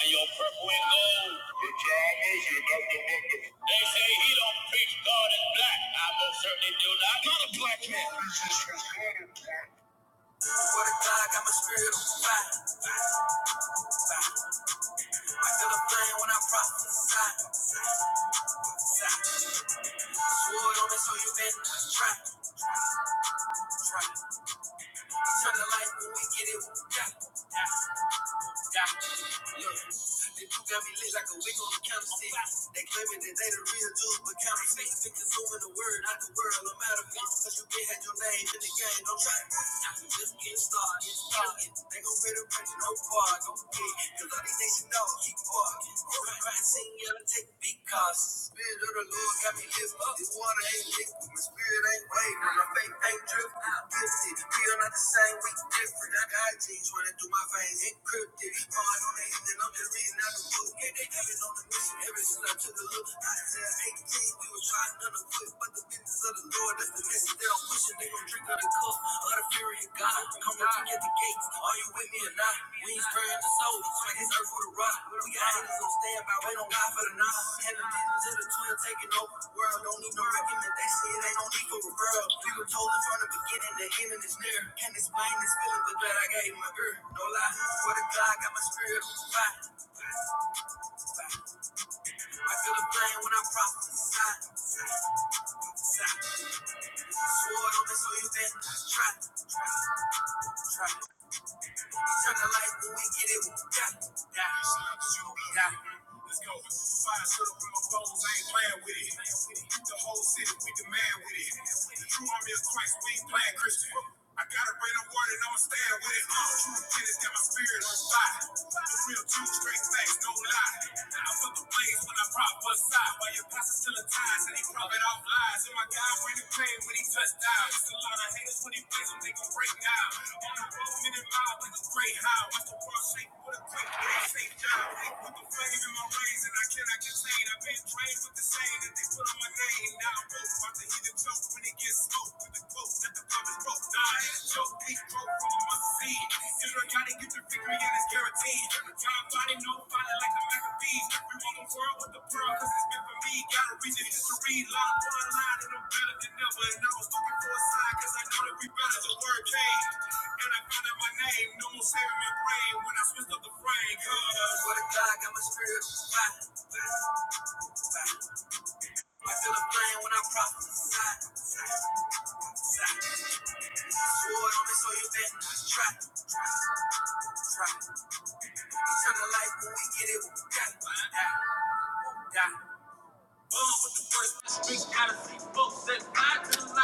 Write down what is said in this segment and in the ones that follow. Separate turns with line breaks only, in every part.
and your purple and gold. They say he don't preach God is black. I most certainly do not. I'm not a black man.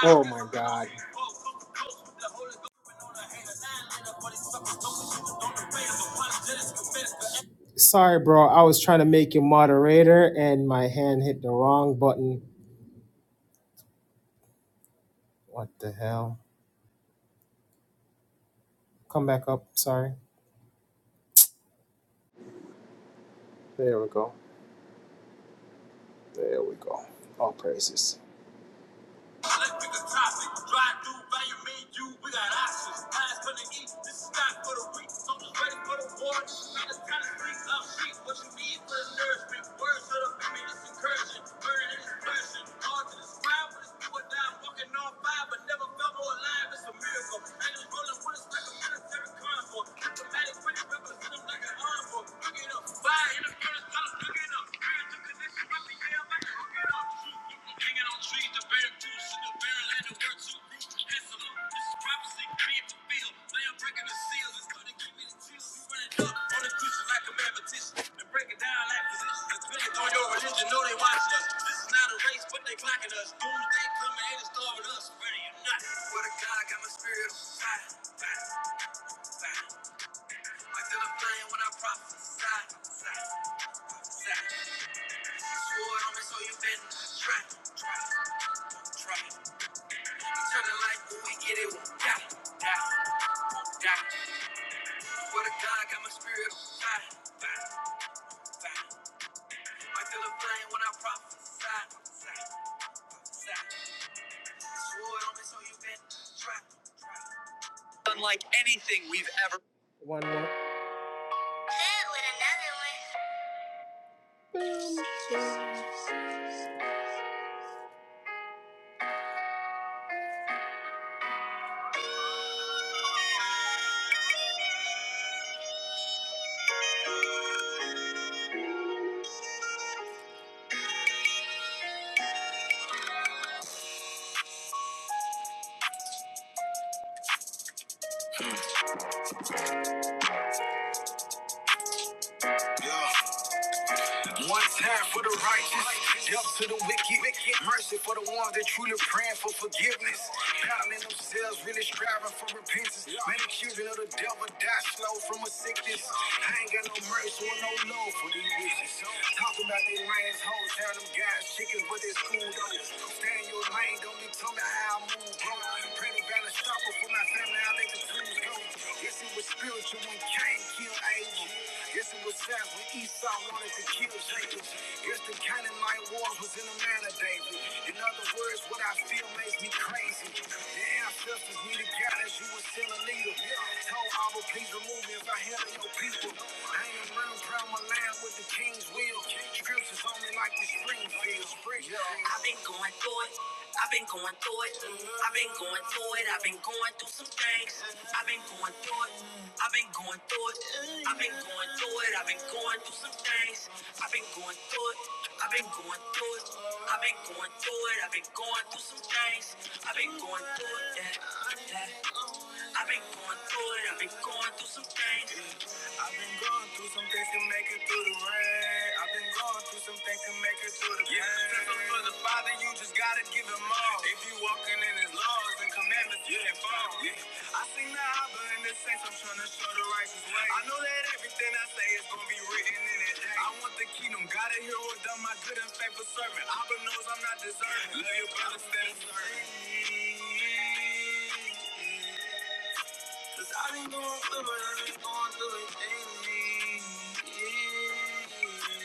Oh my God. Sorry, bro. I was trying to make you moderator and my hand hit the wrong button. What the hell? Come back up. Sorry. There we go. There we go. All praises. One more. One time for the righteous, death to the wicked, mercy for the ones that truly praying for forgiveness, pounding themselves, really striving for repentance. Many children of the devil die slow from a sickness. I ain't got no mercy or no love for these witches. Talking about they lines, hoes, how them guys chickens, but they school though. Stay in your lane, don't be telling me how I move, bro. Pray to God to stop it for my family, I make it through. Yes, it was spiritual when Cain killed Abel. Yes, it was sad when Esau wanted to kill Jacob. Yes, the Canaanite war was in the man of David. In other words, what I feel makes me crazy. The ancestors needed guidance, you were still a leader. Told Abba, please remove me if I handle your people. I ain't running around my land with the king's will. Scriptures on me like the Springfield. Springfield. I've been going through it, I've been going through some things. I've been going through some things to make it through the rain. I've been going through some things to make it through the yeah, pain. Since i for the Father, you just gotta give him all. If you walking in his laws and commandments, you didn't fall. Yeah.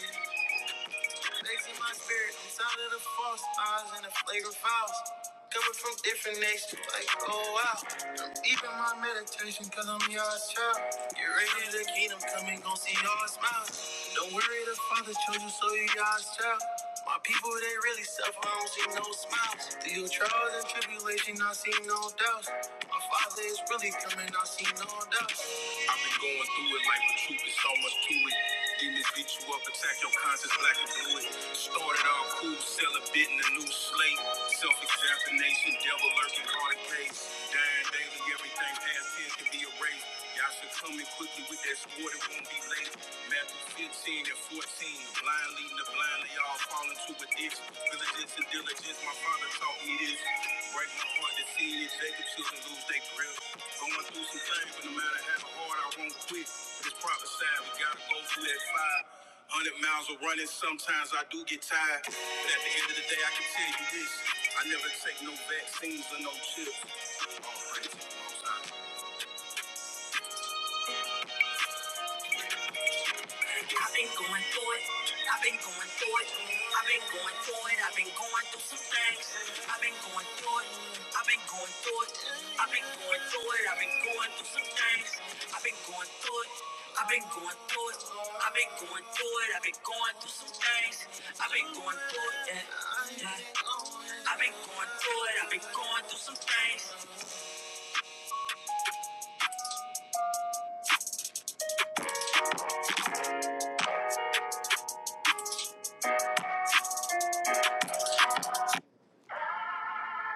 I- They see my spirit inside of the false eyes and the flagrant files. Coming from different nations, like, oh wow. I'm deep in my meditation, cause I'm your child. Get ready, the kingdom coming, gon' see all smiles. Don't worry, the father chose you, so you God's child. My people, they really suffer, I don't see no smiles. Through your trials and tribulation, I see no doubts. My father is really coming, I see no doubts.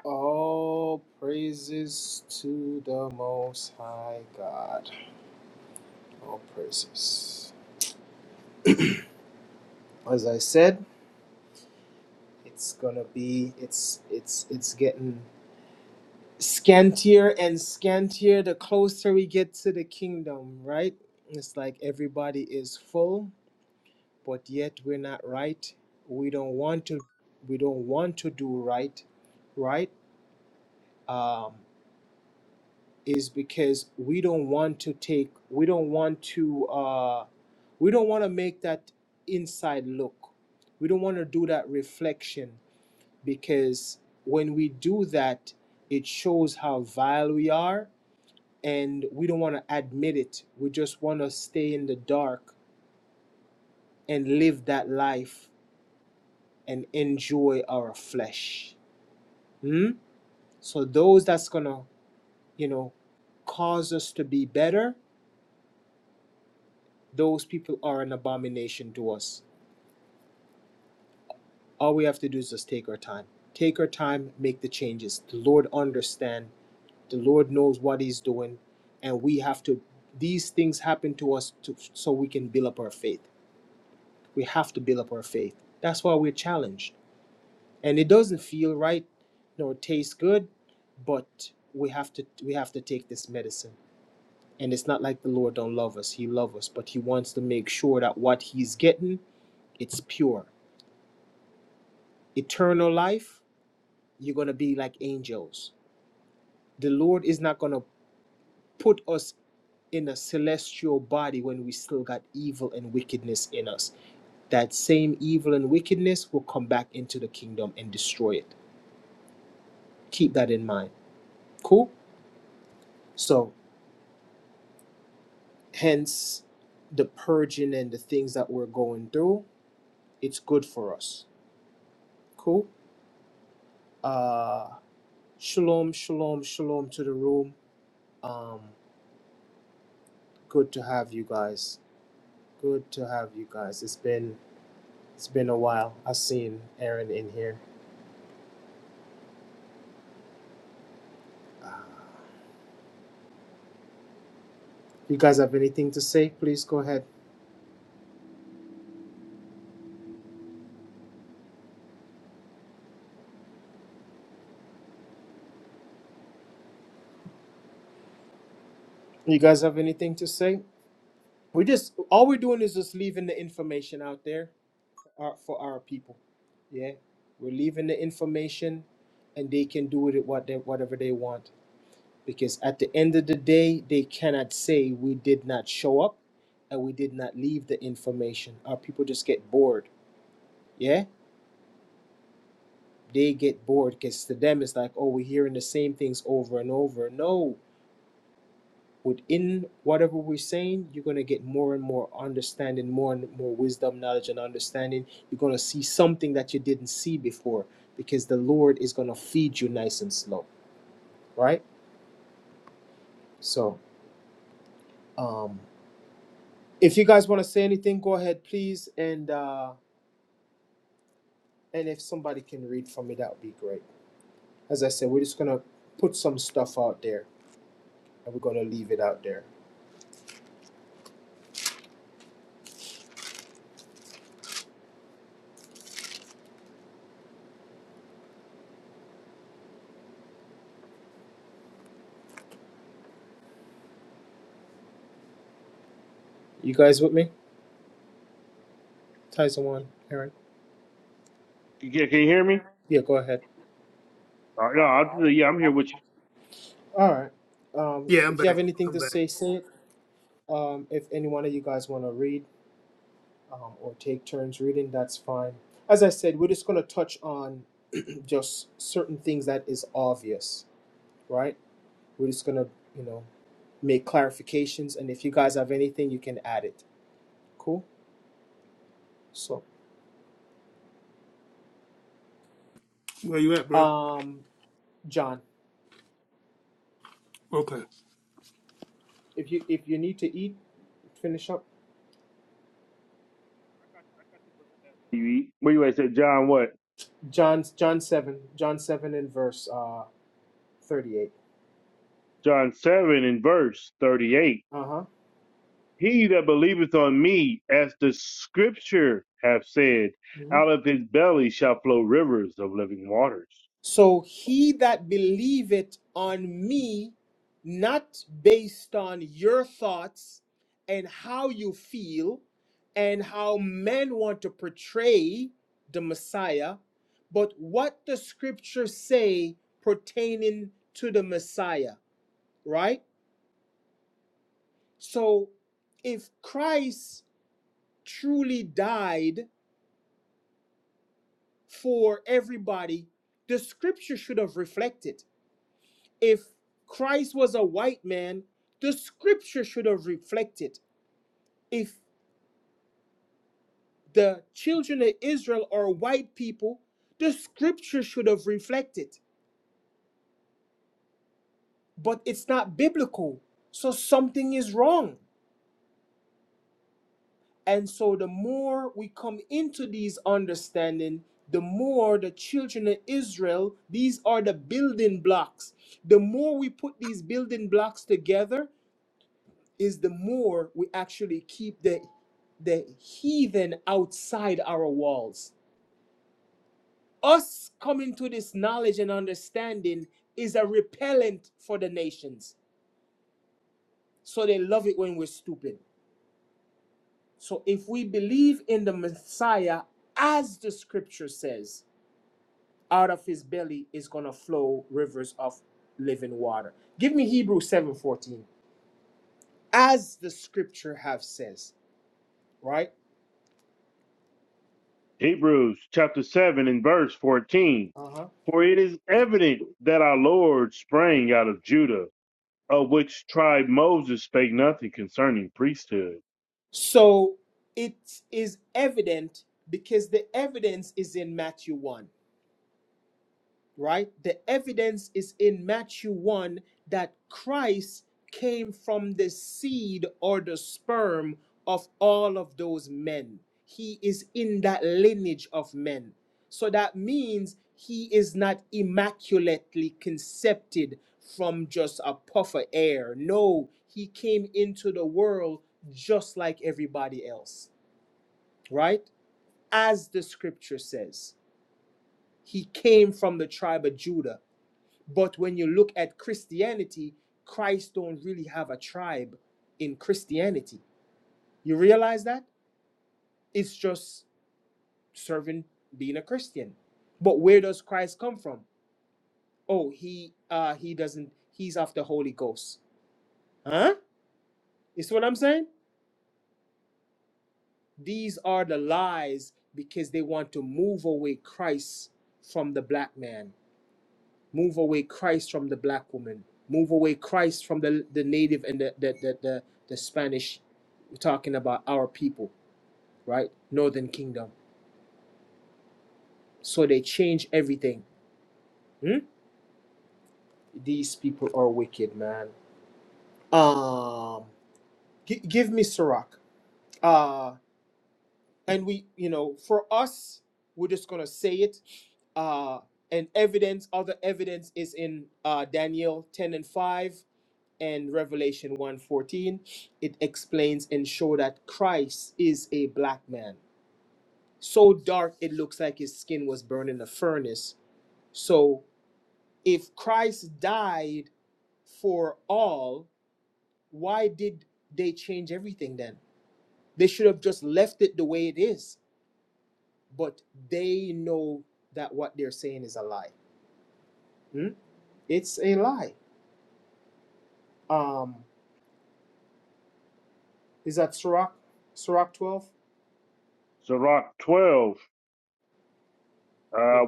All praises to the Most High God. All praises. As I said, it's gonna be it's it's it's getting scantier and scantier the closer we get to the kingdom, right? It's like everybody is full, but yet we're not right. We don't want to we don't want to do right, right? Um is because we don't want to take we don't want to uh we don't want to make that inside look. We don't want to do that reflection because when we do that, it shows how vile we are, and we don't want to admit it. We just want to stay in the dark and live that life and enjoy our flesh. Hmm? So those that's gonna, you know, cause us to be better, those people are an abomination to us. All we have to do is just take our time. Take our time, make the changes. The Lord understand The Lord knows what He's doing, and we have to. These things happen to us to, so we can build up our faith. We have to build up our faith. That's why we're challenged, and it doesn't feel right nor taste good, but we have to we have to take this medicine. And it's not like the Lord don't love us; He loves us, but He wants to make sure that what He's getting it's pure, eternal life. You're gonna be like angels. The Lord is not gonna put us in a celestial body when we still got evil and wickedness in us. That same evil and wickedness will come back into the kingdom and destroy it. Keep that in mind. Cool? So, hence the purging and the things that we're going through, it's good for us. Cool? Uh, shalom, shalom, shalom to the room. Um, good to have you guys. Good to have you guys. It's been it's been a while. I've seen Aaron in here. Uh, You guys have anything to say? Please go ahead. You guys have anything to say? We just all we're doing is just leaving the information out there uh, for our people. Yeah, we're leaving the information, and they can do with it what they, whatever they want. Because at the end of the day, they cannot say we did not show up, and we did not leave the information. Our people just get bored. Yeah, they get bored because to them it's like, oh, we're hearing the same things over and over. No, within whatever we're saying, you're going to get more and more understanding, more and more wisdom, knowledge, and understanding. You're going to see something that you didn't see before because the Lord is going to feed you nice and slow, right? So, um, if you guys want to say anything, go ahead, please. And uh, and if somebody can read for me, that would be great. As I said, we're just going to put some stuff out there and we're going to leave it out there. You guys with me? Tyson one, Aaron?
Can, can can you hear me?
Yeah, go ahead.
All right, no, I'll, yeah, I'm here with you.
All right. Um,
Yeah, I'm
if you have
back.
anything
I'm
to
back.
say, say it. Um, if any one of you guys want to read um, or take turns reading, that's fine. As I said, we're just going to touch on just certain things that is obvious, right? We're just going to, you know, make clarifications. And if you guys have anything, you can add it. Cool? So,
Where you at, bro?
um, John,
Okay.
if you if you need to eat, finish up.
I you, eat. What you at? Said John what?
John John seven John seven in verse uh thirty eight.
John seven in verse thirty eight.
Uh huh.
He that believeth on me, as the scripture have said, out of his belly shall flow rivers of living waters.
So he that believeth on me, not based on your thoughts and how you feel and how men want to portray the Messiah, but what the scriptures say pertaining to the Messiah, right? So if Christ truly died for everybody, the scripture should have reflected If Christ was a white man, the scripture should have reflected. If the children of Israel are white people, the scripture should have reflected. But it's not biblical. So something is wrong. And so the more we come into these understanding, the more the children of Israel, these are the building blocks. The more we put these building blocks together, is the more we actually keep the the heathen outside our walls. Us coming to this knowledge and understanding is a repellent for the nations. So they love it when we're stupid. So if we believe in the Messiah as the scripture says, out of his belly is going to flow rivers of living water. Give me Hebrews 7:14. As the scripture have says, right?
Hebrews chapter seven in verse fourteen.
Uh huh.
For it is evident that our Lord sprang out of Judah, of which tribe Moses spake nothing concerning priesthood.
So it is evident because the evidence is in Matthew 1, right? The evidence is in Matthew 1 that Christ came from the seed or the sperm of all of those men. He is in that lineage of men. So that means he is not immaculately concepted from just a puff of air. No, he came into the world just like everybody else right? As the scripture says, he came from the tribe of Judah. But when you look at Christianity, Christ don't really have a tribe in Christianity. You realize that? It's just serving being a Christian. But where does Christ come from? Oh, he uh he doesn't he's of the Holy Ghost. Huh? You see what I'm saying? These are the lies because they want to move away Christ from the black man move away Christ from the black woman, move away Christ from the, the native and the, the, the, the, the Spanish. We're talking about our people, right? Northern Kingdom. So they change everything. Hmm? These people are wicked, man. Um, gi- give me Sirach. Uh, and we, you know, for us, we're just gonna say it. Uh, and evidence, other evidence is in uh, Daniel ten and five and Revelation one fourteen, it explains and show that Christ is a black man. So dark it looks like his skin was burned in a furnace. So if Christ died for all, why did they change everything then? They should have just left it the way it is. But they know that what they're saying is a lie. Hmm? It's a lie. Um, is that Sirach, Sirach 12?
Sirach 12, uh,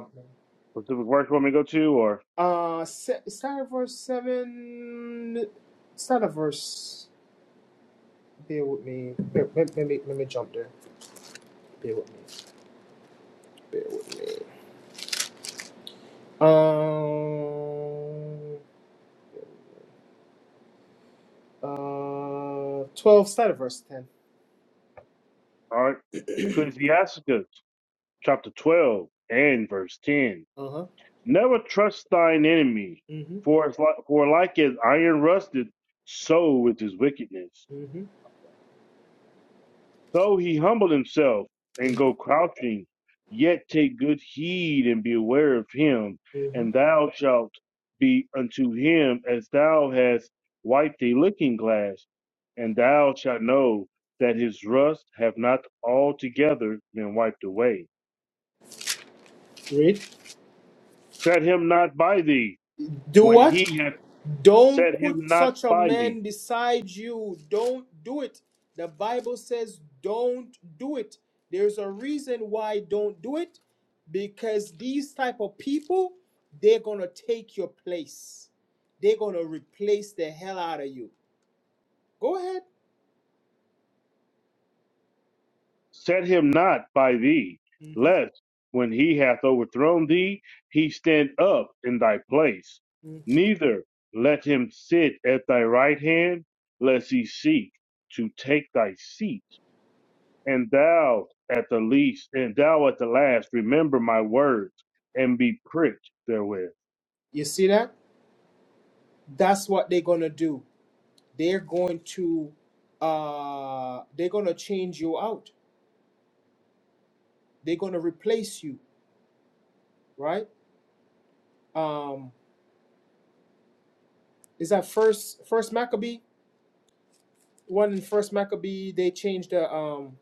Specific verse you want me to go to, or
Uh, se- start at verse seven. Start at verse. Bear with me. Bear- Let, let me let me jump there. Bear with me. Um. Uh. Twelve. Start at verse ten.
all right, Ecclesiasticus chapter twelve and verse ten.
Uh huh.
Never trust thine enemy,
Mhm.
for it's like, for like as iron rusted, so with his wickedness.
Mhm.
Though he humble himself and
Mhm.
go crouching, yet take good heed and be aware of him,
Mhm.
and thou shalt be unto him as thou hast wiped a looking glass, and thou shalt know that his rust have not altogether been wiped away.
Read.
Set him not by thee
Do
when
what?
he hath
Don't
set him
put
not
such a
by thee
man beside you. Don't do it. The Bible says, don't do it. There's a reason why don't do it because these type of people, they're going to take your place. They're going to replace the hell out of you. Go ahead.
Set him not by thee,
Mhm.
lest when he hath overthrown thee, he stand up in thy place.
Mhm.
Neither let him sit at thy right hand, lest he seek to take thy seat. And thou at the least, and thou at the last, remember my words and be pricked therewith.
You see that? That's what they're going to do. They're going to uh they're going to change you out. They're going to replace you, right? Um is that first first Maccabee one in first Maccabee they changed the um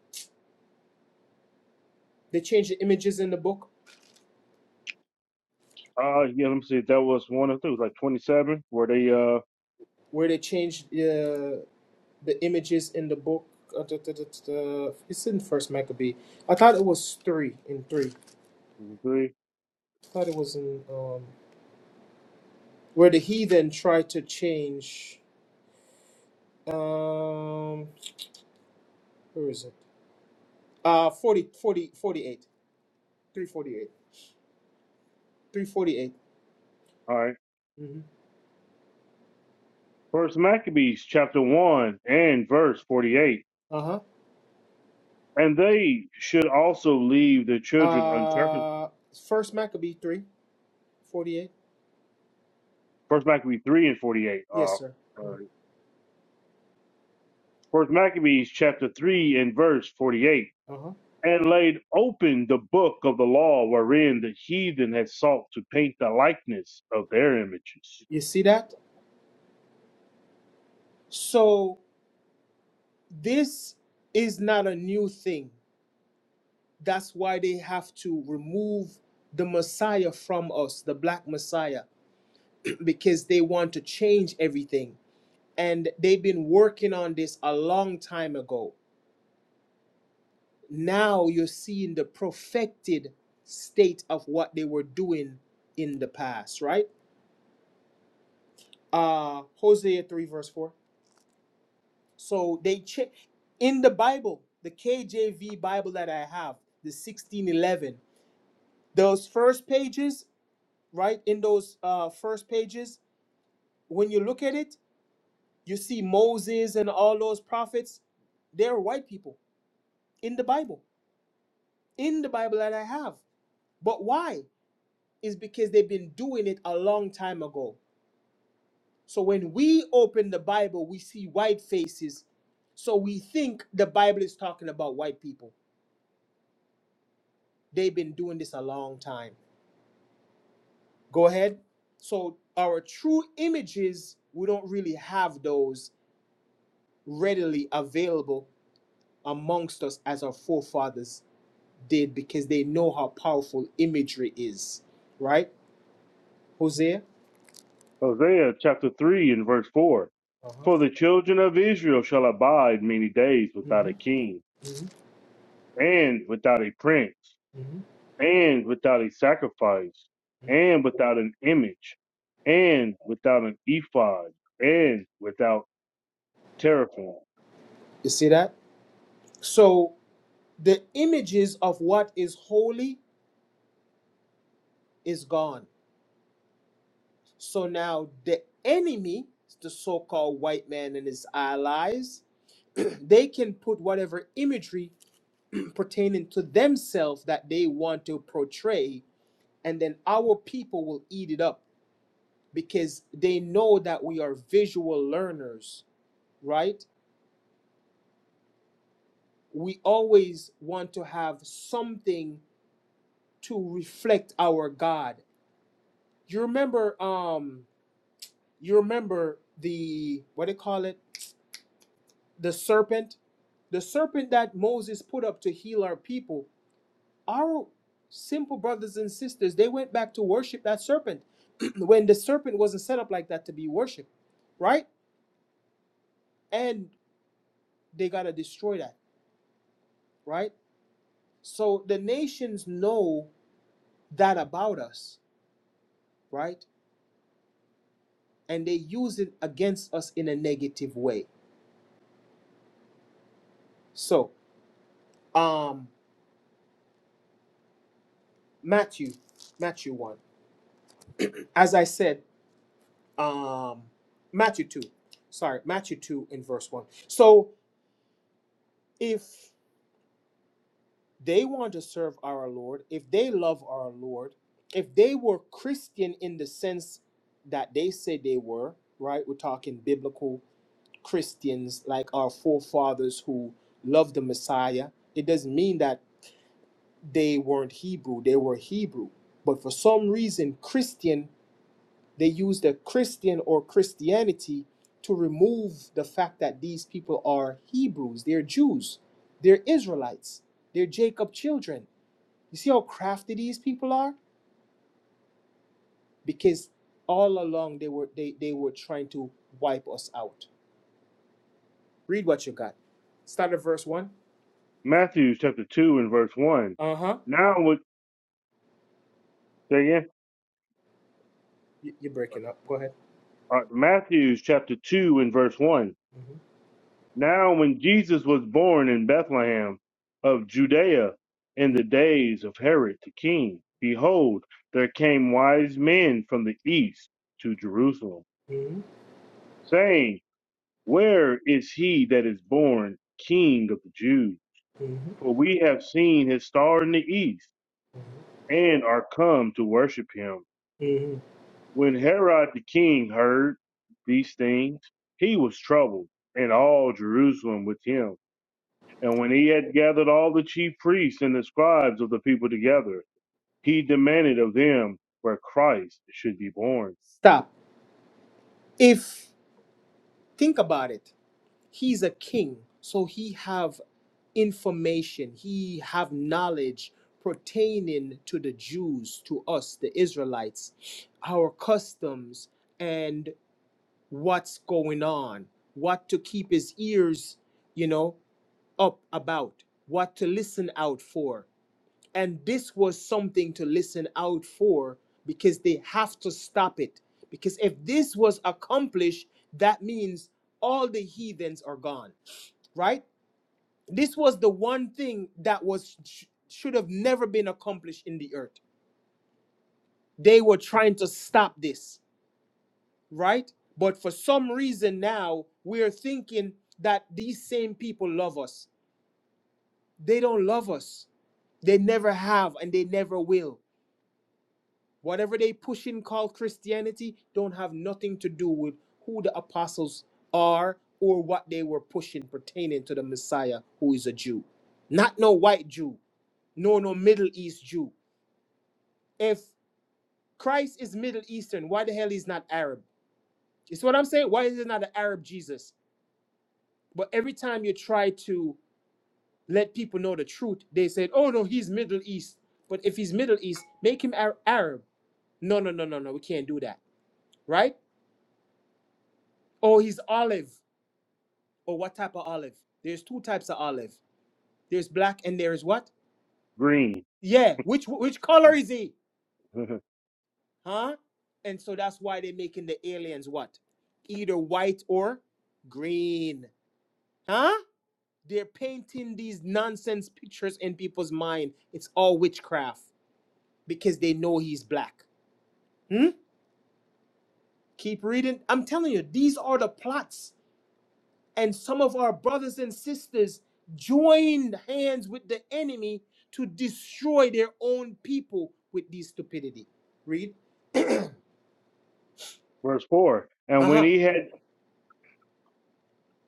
they changed the images in the book
Uh, yeah, let me see. That was one of those, like 27. Were they, uh,
where they changed the uh, the images in the book uh, duh, duh, duh, duh, duh. it's in first Maccabee I thought it was three in three
three?
I thought it was in um where the heathen tried to change um where is it uh forty forty forty 348 348
All right.
mm-hmm.
First Maccabees chapter 1 and verse 48.
uh-huh
And they should also leave their children uncircumcised.
uh first Maccabee 3 48.
First Maccabee three and forty eight. Uh,
Yes, sir.
uh, First Maccabees chapter three and verse forty eight.
Uh huh.
And laid open the book of the law wherein the heathen had sought to paint the likeness of their images.
You see that? So this is not a new thing. That's why they have to remove the Messiah from us, the black Messiah, because they want to change everything. And they've been working on this a long time ago. Now you're seeing the perfected state of what they were doing in the past, right? Uh Hosea 3 verse 4. So they cha- in the Bible, the KJV Bible that I have, the 1611, those first pages, right? In those uh, first pages, when you look at it, you see Moses and all those prophets. They're white people in the Bible, in the Bible that I have. But why? Is because they've been doing it a long time ago. So when we open the Bible, we see white faces. So we think the Bible is talking about white people They've been doing this a long time. Go ahead. So our true images, we don't really have those readily available amongst us as our forefathers did because they know how powerful imagery is. Right, Hosea?
Hosea chapter three and verse four.
Uh-huh.
For the children of Israel shall abide many days
hmm
without a king
hmm
and without a prince.
hmm
and without a sacrifice, and without an image, and without an ephod, and without teraphim.
You see that? So the images of what is holy is gone. So now the enemy, the so-called white man and his allies, they can put whatever imagery pertaining to themselves that they want to portray, and then our people will eat it up because they know that we are visual learners, right? We always want to have something to reflect our God. You remember, um, you remember the what do you call it? The serpent, the serpent that Moses put up to heal our people Our simple brothers and sisters, they went back to worship that serpent when the serpent wasn't set up like that to be worshiped, right? And they got to destroy that, right? So the nations know that about us, right? And they use it against us in a negative way. So, um, Matthew, Matthew 1. As I said, um, Matthew 2. Sorry, Matthew 2 in verse 1. So if they want to serve our Lord, if they love our Lord, if they were Christian in the sense that they say they were, right? We're talking biblical Christians like our forefathers who loved the Messiah. It doesn't mean that they weren't Hebrew, they were Hebrew. But for some reason, Christian, they used the Christian or Christianity to remove the fact that these people are Hebrews, they're Jews, they're Israelites, they're Jacob children you see how crafty these people are? Because all along they were they, they were trying to wipe us out. Read what you got. Start at verse one.
Matthew chapter 2 and verse 1.
Uh huh.
Now, with, say again,
You, you're breaking up. Go ahead.
uh, Matthew chapter 2 and verse 1. Now, when Jesus was born in Bethlehem of Judea in the days of Herod the king, behold, there came wise men from the east to Jerusalem,
hmm
saying, Where is he that is born King of the Jews?
hmm
For we have seen his star in the east, and are come to worship him.
hmm
When Herod the king heard these things, he was troubled, and all Jerusalem with him. And when he had gathered all the chief priests and the scribes of the people together, he demanded of them where Christ should be born.
Stop. If think about it, he's a king, so he have information. He have knowledge pertaining to the Jews, to us, the Israelites, our customs, and. what's going on, what to keep his ears, you know, up about, what to listen out for. And this was something to listen out for because they have to stop it. Because if this was accomplished, that means all the heathens are gone, right? This was the one thing that was sh- should have never been accomplished in the earth. They were trying to stop this right? But for some reason now, we're thinking that these same people love us. They don't love us. They never have and they never will. Whatever they push in called Christianity don't have nothing to do with who the apostles are or what they were pushing pertaining to the Messiah who is a Jew. Not no white Jew, no no Middle East Jew. If Christ is Middle Eastern, why the hell is not Arab? It's what I'm saying. Why is it not an Arab Jesus? But every time you try to let people know the truth, they said, "Oh no, he's Middle East." But if he's Middle East, make him Ar- Arab. No, no, no, no, no. We can't do that, right? Oh, he's olive. Or what type of olive? There's two types of olive. There's black and there is what?
Green.
Yeah. Which which color is he? Huh? And so that's why they're making the aliens what? Either white or green. Huh? They're painting these nonsense pictures in people's mind. It's all witchcraft. because they know he's black. Hmm? Keep reading. I'm telling you, these are the plots. And some of our brothers and sisters joined hands with the enemy to destroy their own people with these stupidity. Read.
Verse 4. And
Uh
when
huh.
he had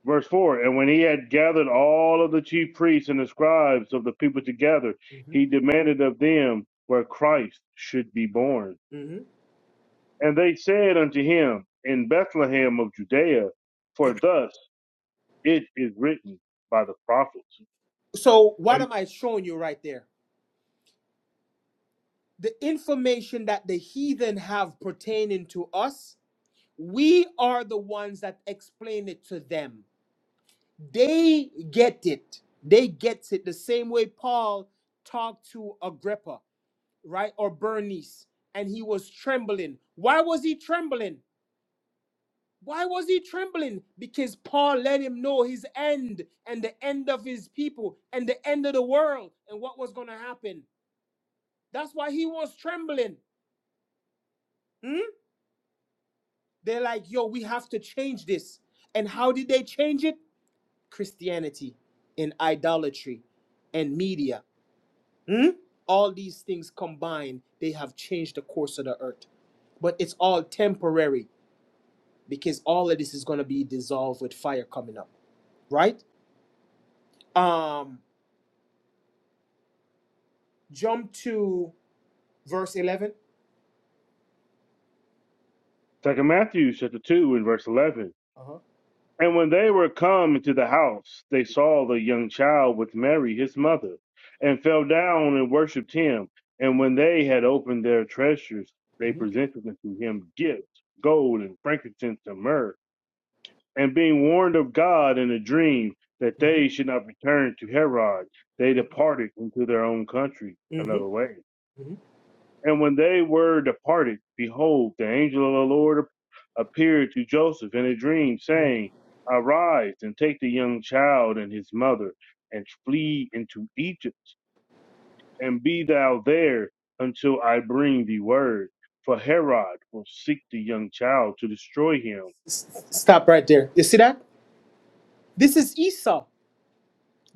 Verse 4 And when he had gathered all of the chief priests and the scribes of the people together, he demanded of them where Christ should be born.
hmm
And they said unto him, In Bethlehem of Judea, for thus it is written by the prophets.
So, what
And
am I showing you right there? The information that the heathen have pertaining to us, we are the ones that explain it to them. They get it. They get it the same way Paul talked to Agrippa, right? Or Bernice, and he was trembling. Why was he trembling? Why was he trembling? Because Paul let him know his end and the end of his people and the end of the world and what was going to happen. That's why he was trembling. Hmm? They're like, yo, we have to change this. And how did they change it? Christianity and idolatry and media Hmm? All these things combined, they have changed the course of the earth. But it's all temporary because all of this is going to be dissolved with fire coming up, right? Um, jump to verse 11.
second Matthew chapter 2 and verse 11.
Uh-huh.
And when they were come into the house, they saw the young child with Mary his mother, and fell down and worshipped him. And when they had opened their treasures, they presented unto him gifts, gold and frankincense and myrrh. And being warned of God in a dream that
hmm
they should not return to Herod, they departed into their own country
hmm
another way. And when they were departed, behold, the angel of the Lord appeared to Joseph in a dream,
hmm
saying, Arise and take the young child and his mother, and flee into Egypt, and be thou there until I bring thee word. For Herod will seek the young child to destroy him.
Stop right there. You see that? This is Esau.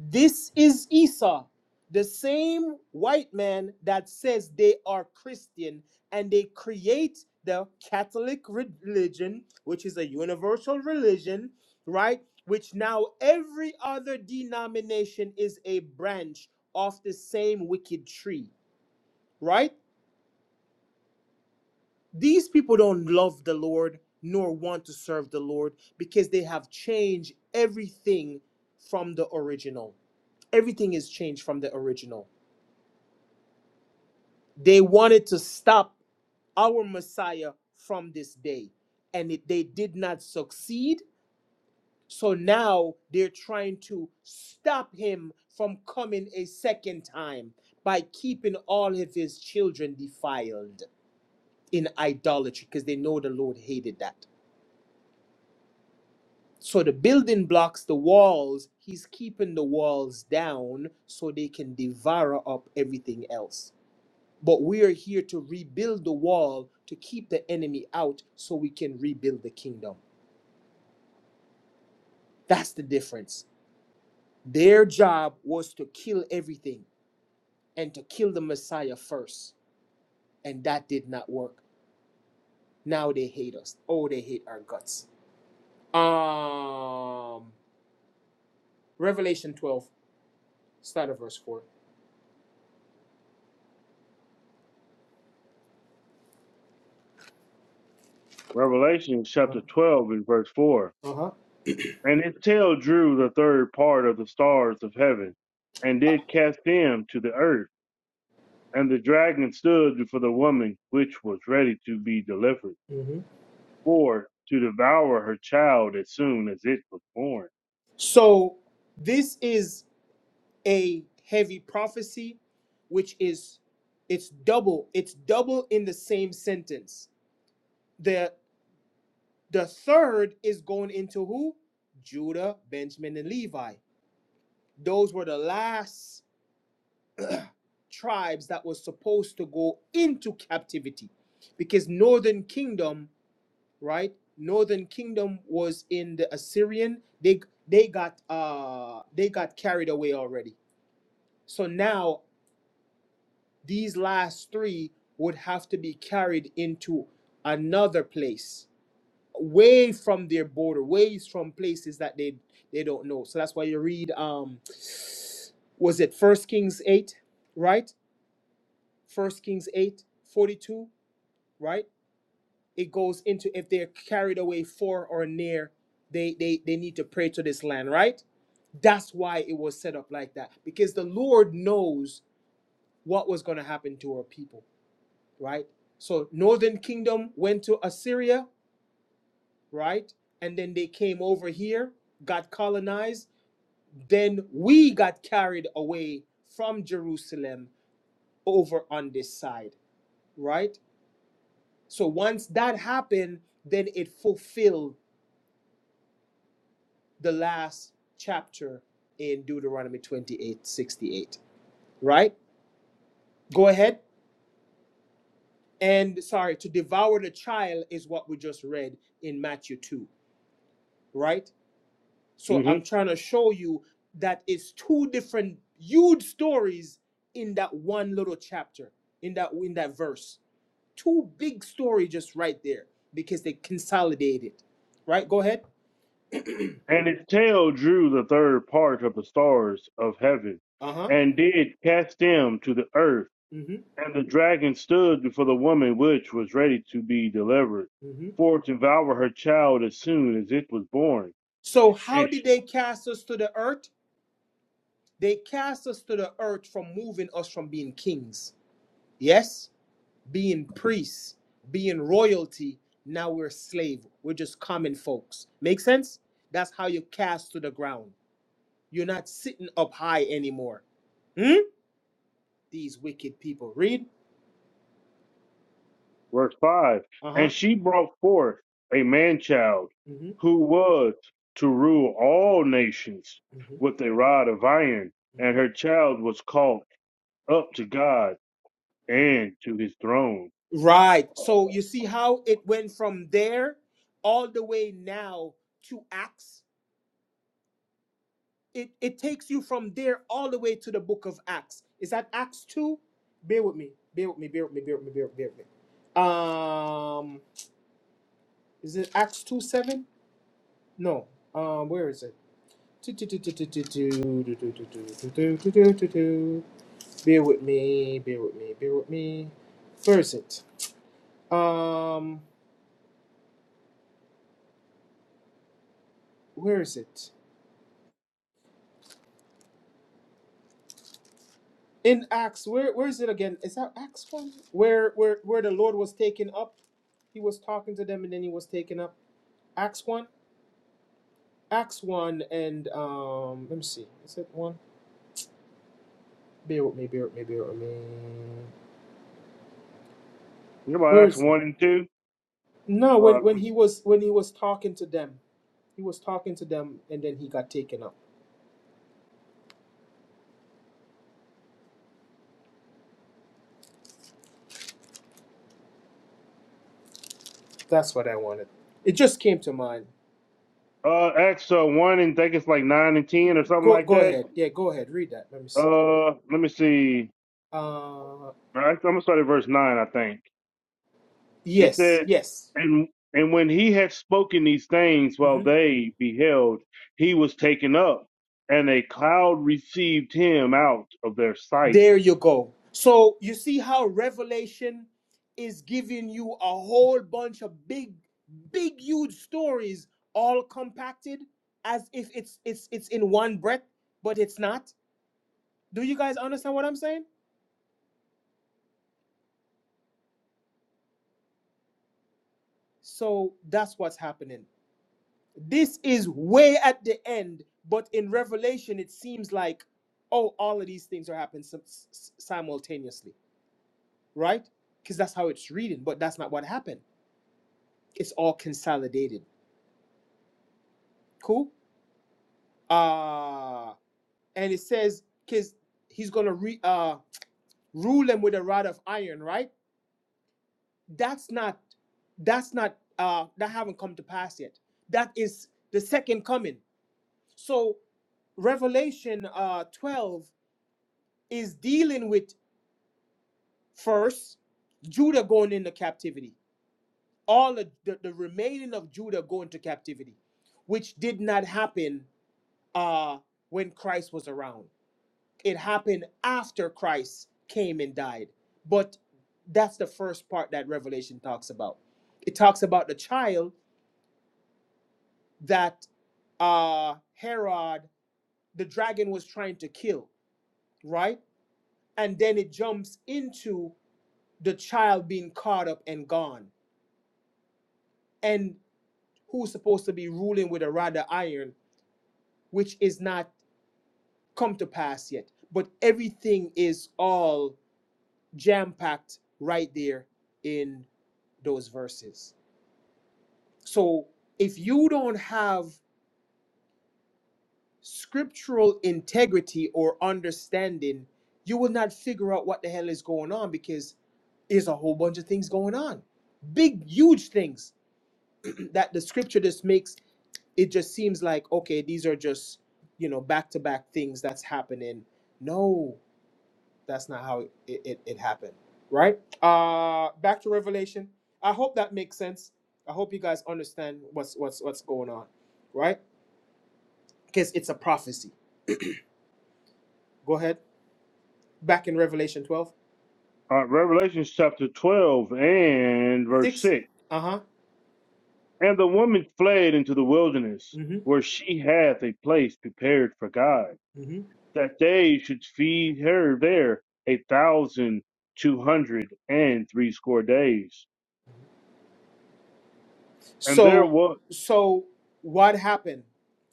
This is Esau, the same white man that says they are Christian and they create the Catholic religion, which is a universal religion, right? Which now every other denomination is a branch of the same wicked tree, right? These people don't love the Lord nor want to serve the Lord because they have changed everything from the original everything is changed from the original They wanted to stop our Messiah from this day, and it, they did not succeed. So now they're trying to stop him from coming a second time by keeping all of his children defiled in idolatry because they know the Lord hated that. So the building blocks, the walls, he's keeping the walls down so they can devour up everything else. But we are here to rebuild the wall to keep the enemy out so we can rebuild the kingdom. That's the difference. Their job was to kill everything and to kill the Messiah first. And that did not work. Now they hate us. Oh, they hate our guts. Um Revelation 12, start at verse 4.
Revelation chapter
Uh-huh.
12 and verse 4.
Uh-huh.
And his tail drew the third part of the stars of heaven, and did cast them to the earth And the dragon stood before the woman which was ready to be delivered,
Mhm.
for to devour her child as soon as it was born.
So this is a heavy prophecy which is it's double it's double in the same sentence the the third is going into who judah benjamin and levi those were the last tribes that was supposed to go into captivity because northern kingdom right northern kingdom was in the assyrian they they got uh they got carried away already so now these last three would have to be carried into another place away from their border ways from places that they they don't know so that's why you read um was it first kings 8 right first kings 8 42, right it goes into if they're carried away for or near they they they need to pray to this land right that's why it was set up like that because the lord knows what was going to happen to our people right? So northern kingdom went to Assyria, right? And then they came over here, got colonized. Then we got carried away from Jerusalem over on this side, right? So once that happened, then it fulfilled the last chapter in Deuteronomy 28 68, right? Go ahead. And sorry, to devour the child is what we just read in Matthew 2, right? So
hmm
I'm trying to show you that it's two different huge stories in that one little chapter, in that in that verse. Two big story just right there because they consolidated. Right? Go ahead.
And its tail drew the third part of the stars of heaven,
Uh-huh.
and did cast them to the earth.
Mm-hmm.
And the dragon stood before the woman which was ready to be delivered,
Mm-hmm.
for to devour her child as soon as it was born.
So how
And she.
did they cast us to the earth? They cast us to the earth from moving us from being kings. Yes? being priests, being royalty. Now we're slave. We're just common folks. Make sense? That's how you cast to the ground. You're not sitting up high anymore. Hmm? These wicked people. Read.
verse 5
Uh huh.
and she brought forth a man child
hmm
who was to rule all nations
hmm
with a rod of iron and
hmm
her child was called up to god and to his throne
Right. So you see how it went from there all the way now to Acts. It it takes you from there all the way to the book of Acts. Is that Acts two? Bear with me. Bear with me. Bear with me. Bear with me. Bear with me. Bear with me. Um, Is it Acts 2 7? No. Um, where is it? Bear with me, bear with me, bear with me. Where is it? Um, where is it? In Acts, where where is it again? Is that Acts one? Where where where the Lord was taken up? He was talking to them and then he was taken up. Acts one? Acts one and um let me see. Is it one? Bear with me, bear with me, bear with me.
you know about
Where
acts
is it?
1 and 2
No, when when he
uh,
was when he was talking to them, he was talking to them, and then he got taken up. That's what I wanted. It just came to mind.
uh acts uh, 1 and I think it's like 9 and 10 or something
Go
like
go
that
ahead. Yeah, go ahead. Read that. Let me see.
uh let me see
Uh,
All right, i'm gonna start at verse 9 i think It
yes,
says,
yes.
and and when he had spoken these things while
hmm
they beheld, he was taken up, and a cloud received him out of their sight.
There you go. So you see how Revelation is giving you a whole bunch of big, big, huge stories all compacted as if it's it's it's in one breath, but it's not. Do you guys understand what I'm saying? So that's what's happening. This is way at the end, but in Revelation, it seems like, oh, all of these things are happening sim- s- simultaneously, right? Because that's how it's reading, but that's not what happened. It's all consolidated. Cool. Uh, and it says, because he's gonna re- uh, rule them with a rod of iron, right? That's not. That's not. Uh, that haven't come to pass yet. That is the second coming. So Revelation uh, 12 is dealing with First, Judah going into captivity. All of the, the remaining of Judah going to captivity, which did not happen uh, when Christ was around. It happened after Christ came and died. But that's the first part that Revelation talks about. It talks about the child that uh, Herod, the dragon, was trying to kill, right? And then it jumps into the child being caught up and gone. and who's supposed to be ruling with a rod of iron, which is not come to pass yet. But everything is all jam packed right there in those verses. So if you don't have scriptural integrity or understanding, you will not figure out what the hell is going on because there's a whole bunch of things going on. Big, huge things that the scripture just makes it just seems like okay these are just you know back to back things that's happening no that's not how it, it, it happened right uh back to revelation i hope that makes sense i hope you guys understand what's what's what's going on right because it's a prophecy go ahead back in revelation twelve
Uh, Revelation chapter 12 and verse
six.
6.
uh-huh
And the woman fled into the wilderness,
mm-hmm
where she hath a place prepared for God,
mm-hmm
that they should feed her there a thousand two hundred and threescore days. And there
so
was
so what happened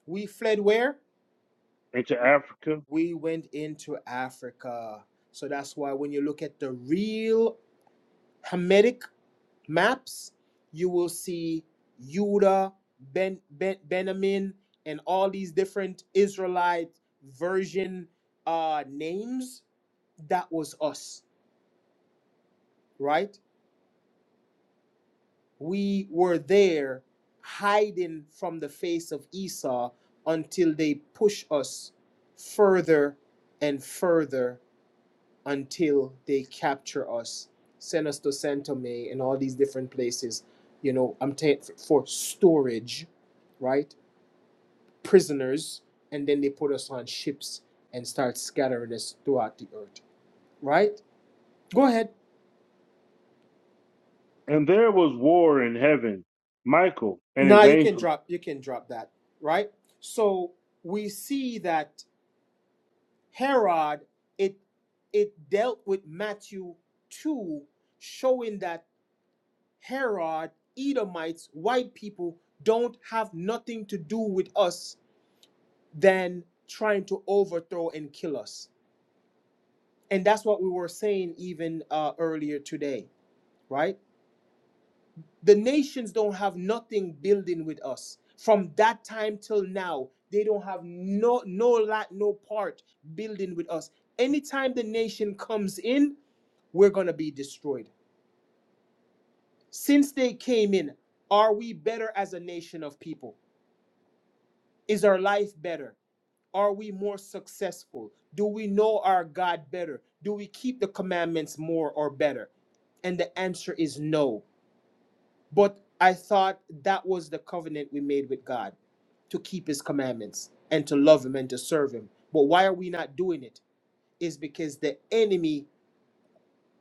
we fled where
into Africa
we went into Africa. So that's why when you look at the real Hamitic maps, you will see Judah, ben, ben, Benjamin, and all these different Israelite version uh, names. That was us, right? We were there hiding from the face of Esau until they push us further and further until they capture us, send us to Saint Tome and all these different places, you know, I'm ta- for storage, right? Prisoners, and then they put us on ships and start scattering us throughout the earth, right? Go ahead.
And there was war in heaven. Michael and his
Now you can
angels.
drop you can drop that, right? So we see that Herod it it dealt with Matthew 2 showing that Herod, Edomites, white people don't have nothing to do with us than trying to overthrow and kill us. And that's what we were saying even uh, earlier today, right? The nations don't have nothing building with us. From that time till now, they don't have no no lot no part building with us. Anytime the nation comes in, we're gonna be destroyed. Since they came in, are we better as a nation of people? Is our life better? Are we more successful? Do we know our God better? Do we keep the commandments more or better? And the answer is no. But I thought that was the covenant we made with God to keep his commandments and to love him and to serve him. But why are we not doing it? Is because the enemy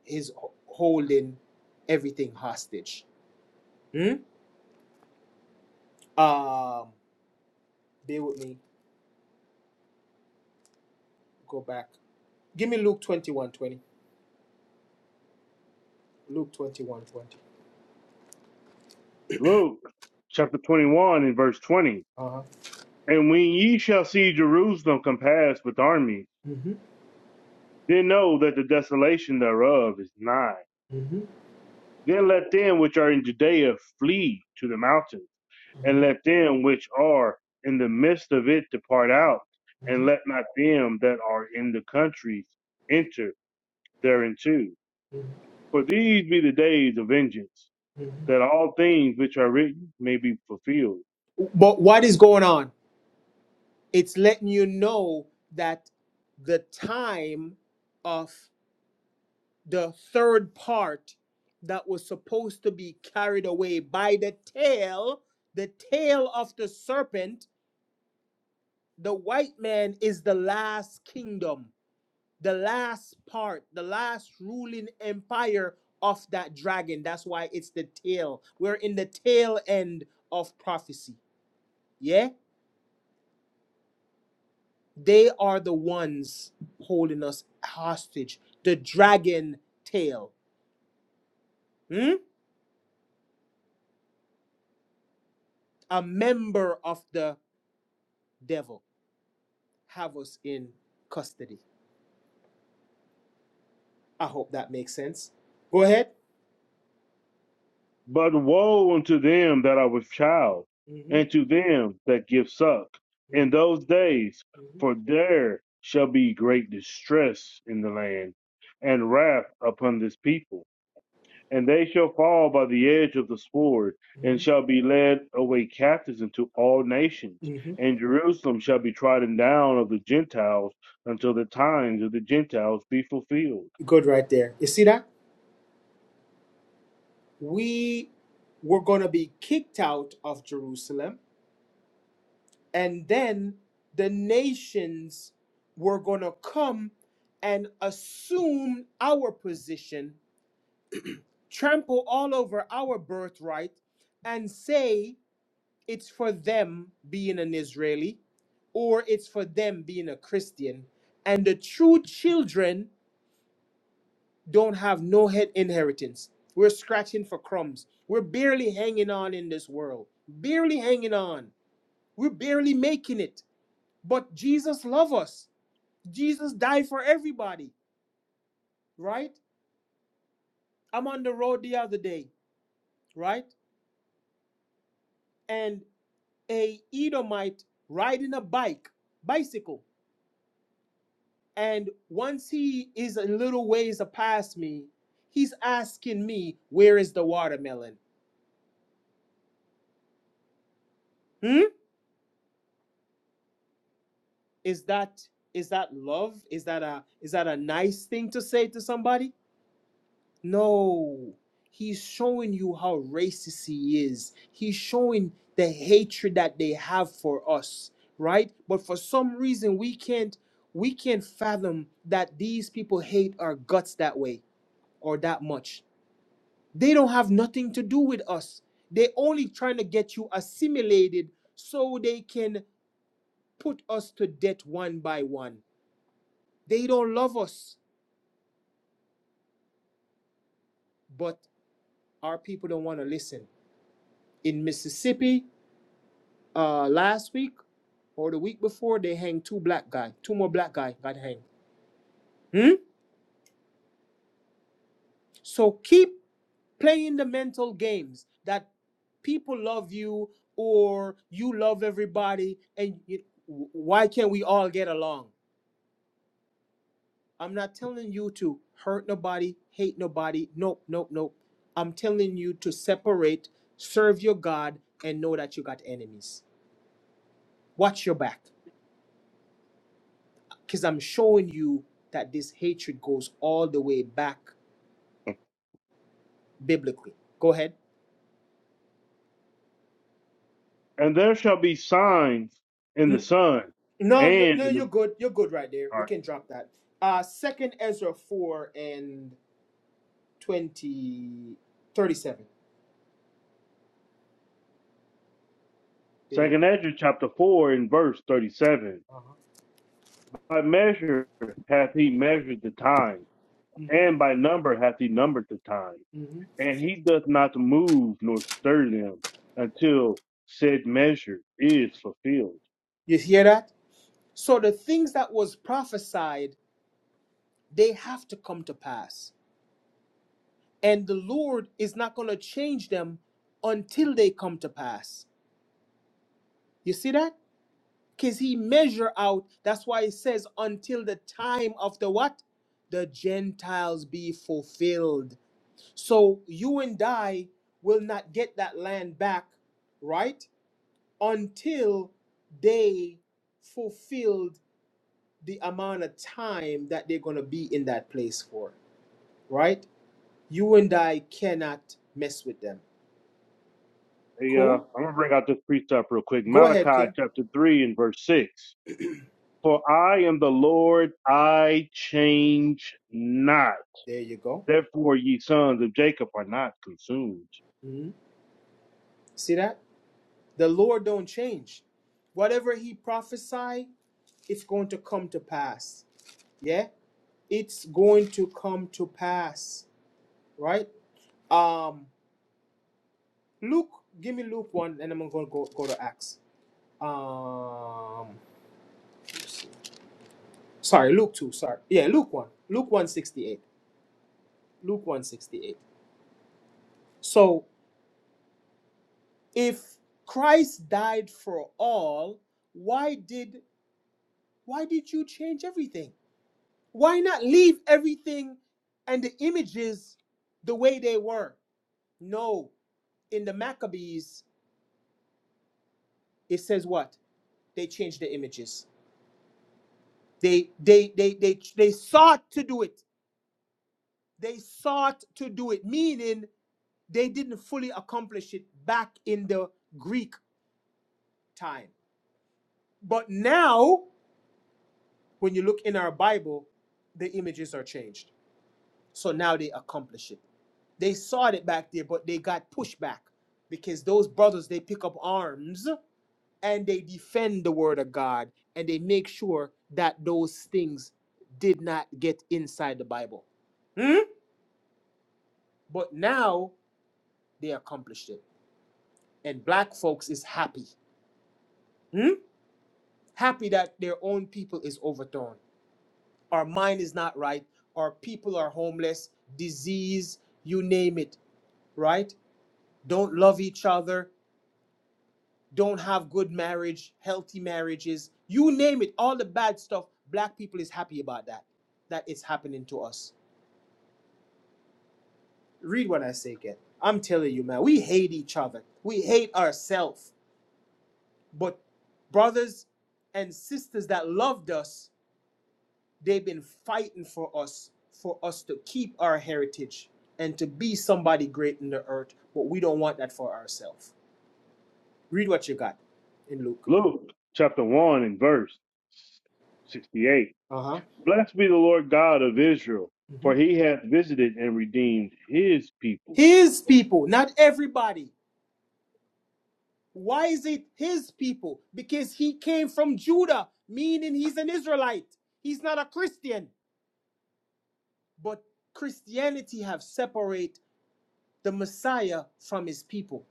is h- holding everything hostage. Hmm? Um, bear with me. Go back. Give me Luke twenty one twenty. 20. Luke 21 20.
Luke chapter 21 and verse 20.
Uh-huh.
And when ye shall see Jerusalem compassed with armies,
hmm
then know that the desolation thereof is nigh.
hmm
Then let them which are in Judea flee to the mountains, and let them which are in the midst of it depart out, and let not them that are in the countries enter thereinto.
hmm
For these be the days of vengeance that all things which are written may be fulfilled.
But what is going on? It's letting you know that the time of the third part that was supposed to be carried away by the tail, the tail of the serpent, the white man is the last kingdom, the last part, the last ruling empire of that dragon. That's why it's the tail. We're in the tail end of prophecy. Yeah? They are the ones holding us hostage. The dragon tail, hmm? a member of the devil, have us in custody. I hope that makes sense. Go ahead.
But woe unto them that are with child,
hmm
and to them that give suck in
hmm
those days, for there shall be great distress in the land, and wrath upon this people. And they shall fall by the edge of the sword, and
hmm
shall be led away captives into all nations.
hmm
And Jerusalem shall be trodden down of the Gentiles until the times of the Gentiles be fulfilled.
Good, right there. You see that? We were going to be kicked out of Jerusalem, and then the nations were going to come and assume our position trample all over our birthright and say it's for them being an Israeli or it's for them being a Christian. And the true children don't have no head inheritance. We're scratching for crumbs. We're barely hanging on in this world, barely hanging on. We're barely making it. But Jesus loves us. Jesus died for everybody, right? I'm on the road the other day, right? And. a Edomite riding a bike, bicycle, and once he is a little ways past me, he's asking me, "Where is the watermelon?" Hmm? Is that is that love? Is that a is that a nice thing to say to somebody? No. He's showing you how racist he is. He's showing the hatred that they have for us, right? But for some reason we can't we can't fathom that these people hate our guts that way or that much. They don't have nothing to do with us. They only trying to get you assimilated so they can put us to death one by one. They don't love us, but our people don't want to listen. In Mississippi, uh, last week or the week before, they hanged two black guy. Two more black guy got hanged. Hmm? So keep playing the mental games that people love you or you love everybody and you, why can't we all get along? I'm not telling you to hurt nobody, hate nobody. Nope, nope, nope. I'm telling you to separate, serve your God, and know that you got enemies. Watch your back, because I'm showing you that this hatred goes all the way back biblically. Go ahead.
And there shall be signs in the
N-
sun
No, no,
and
no,
in
you're
the
good. You're good right there.
all
We
right.
can drop that. Uh, second Ezra 4 and twenty thirty-seven. 37. Bear with
Second
me.
Ezra chapter four and verse thirty seven.
Uh-huh.
By measure hath he measured the time,
hmm
and by number hath he numbered the time.
hmm
And he doth not move nor stir them until said measure is fulfilled.
You hear that? So the things that was prophesied they have to come to pass. And the Lord is not going to change them until they come to pass. You see that? Because he measure out. That's why it says until the time of the what? The Gentiles be fulfilled. So you and I will not get that land back, right? Until they fulfilled the amount of time that they're going to be in that place for, right? You and I cannot mess with them.
Hey, uh,
Cool?
I'm gonna bring out this precept real quick.
Go ahead,
Malachi
King.
chapter three and verse six. For I am the Lord, I change not.
There you go.
Therefore, ye sons of Jacob are not consumed.
Mhm. See that? The Lord don't change. Whatever he prophesy, it's going to come to pass. Yeah? It's going to come to pass. Right? Um Luke, give me Luke 1 and I'm going to go go to Acts. Um sorry, Luke 2, sorry. Yeah, Luke 1. Luke 168. Luke 168. So. if Christ died for all, why did why did you change everything? Why not leave everything and the images the way they were? No, in the Maccabees, it says what? They changed the images. They they they they they sought to do it. They sought to do it, meaning they didn't fully accomplish it back in the Greek time. But now, when you look in our Bible, the images are changed So now they accomplish it. They saw it back there, but they got pushed back because those brothers they pick up arms and they defend the word of God and they make sure that those things did not get inside the Bible. Hmm? But now they accomplished it. And black folks is happy. Hmm? Happy that their own people is overthrown. Our mind is not right. Our people are homeless, disease, you name it, right? Don't love each other don't have good marriage, healthy marriages, you name it, all the bad stuff, black people is happy about that. That is happening to us. Read what I say again. I'm telling you, man, we hate each other. We hate ourselves. But brothers and sisters that loved us, they've been fighting for us, for us to keep our heritage and to be somebody great in the earth. But we don't want that for ourselves. Read what you got in Luke.
Luke chapter 1 and verse 68.
Uh huh.
Blessed be the Lord God of Israel, for he hath visited and redeemed his people.
His people, not everybody. Why is it his people? Because he came from Judah, meaning he's an Israelite. He's not a Christian. But Christianity have separated the Messiah from his people.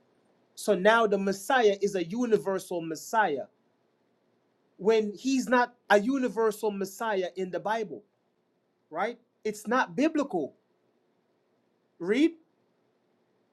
So now the Messiah is a universal Messiah when he's not a universal Messiah in the Bible, right? It's not biblical. Read.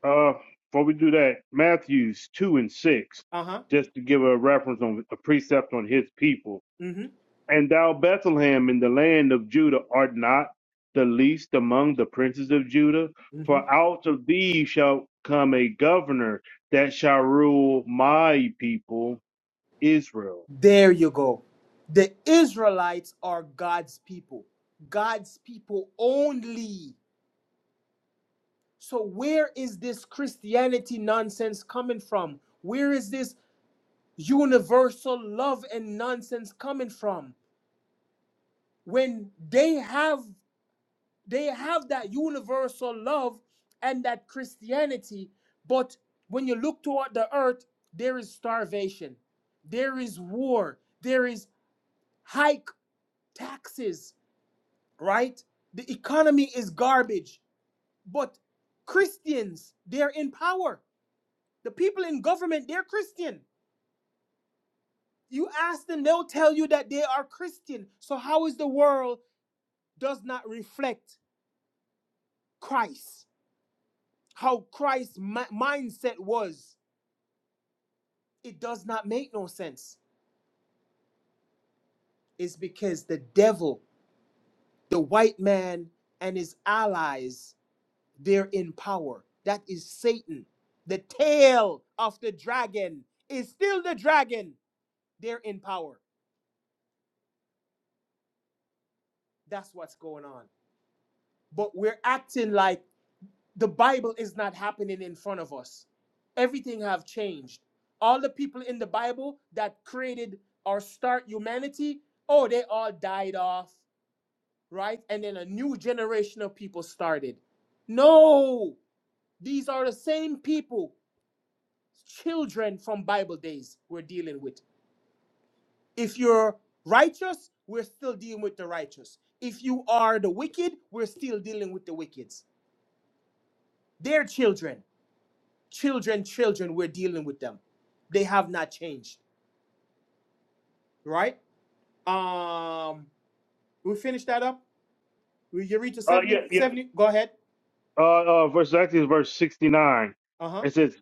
Uh, before we do that, Matthews 2 and 6,
Uh-huh.
just to give a reference on a precept on his people.
Mhm.
And thou, Bethlehem, in the land of Judah, art not the least among the princes of Judah,
Mhm.
for out of thee shall come a governor that shall rule my people, Israel.
There you go. The Israelites are God's people. God's people only. So, where is this Christianity nonsense coming from? Where is this universal love and nonsense coming from? When they have they have that universal love and that Christianity, but when you look toward the earth, there is starvation, there is war, there is hike taxes, right? The economy is garbage, but Christians, they're in power The people in government, they're Christian. You ask them, they'll tell you that they are Christian. So how is the world does not reflect Christ? How Christ's mi- mindset was? It does not make no sense. It's because the devil, the white man, and his allies, they're in power. That is Satan. The tail of the dragon is still the dragon. They're in power. That's what's going on. But we're acting like the bible is not happening in front of us everything have changed all the people in the bible that created or start humanity oh they all died off right and then a new generation of people started no these are the same people children from bible days we're dealing with if you're righteous we're still dealing with the righteous if you are the wicked we're still dealing with the wicked They're children children children we're dealing with them they have not changed right um we finish that up we you read to
Uh,
seventy,
yeah, yeah.
seventy. go ahead
Uh, uh, verse actually it's verse sixty-nine.
uh-huh
It says,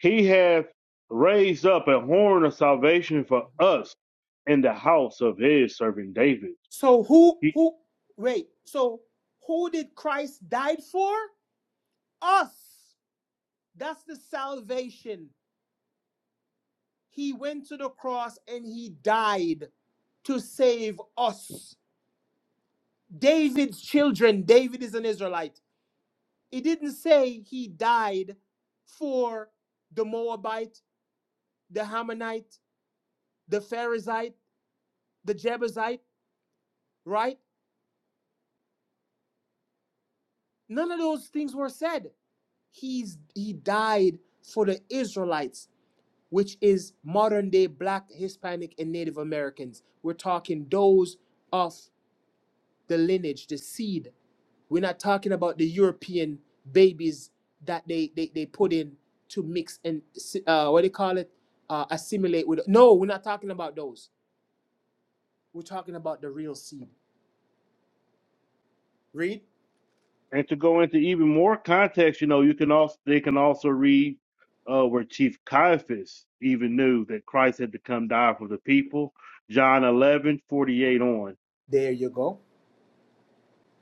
"He hath raised up a horn of salvation for us in the house of his servant David."
so who
He
who wait so who did christ died for us that's the salvation he went to the cross and he died to save us david's children david is an israelite it didn't say he died for the Moabite the Hamanite, the Pharisite, the Jebusite, right? None of those things were said. He's he died for the Israelites, which is modern day black, Hispanic, and Native Americans. We're talking those of the lineage, the seed. We're not talking about the European babies that they they, they put in to mix and si- uh, what do you call it? Uh, assimilate with. No, we're not talking about those. We're talking about the real seed. Read.
And to go into even more context, you know, you can also they can also read uh, where Chief Caiaphas even knew that Christ had to come die for the people. John 11 48 on.
There you go.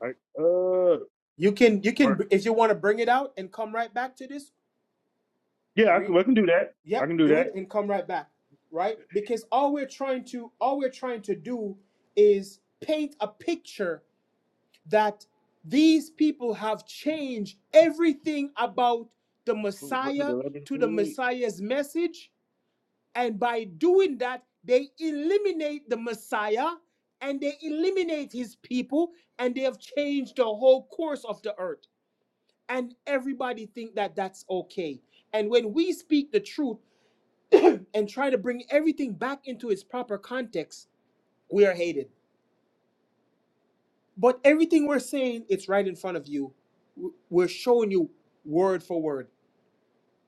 Right? Uh,
You can you can
ver-
if you want to bring it out and come right back to this.
yeah, I
Re-
can, I can do that. I
yep,
can do
do
that.
it and come right back, right? Because all we're trying to all we're trying to do is paint a picture that these people have changed everything about the
What's it,
Messiah
11,
to the
forty eight?
Messiah's message, and by doing that, they eliminate the Messiah and they eliminate his people, and they have changed the whole course of the earth. and everybody think that that's okay and when we speak the truth and try to bring everything back into its proper context we are hated but everything we're saying it's right in front of you W- we're showing you word for word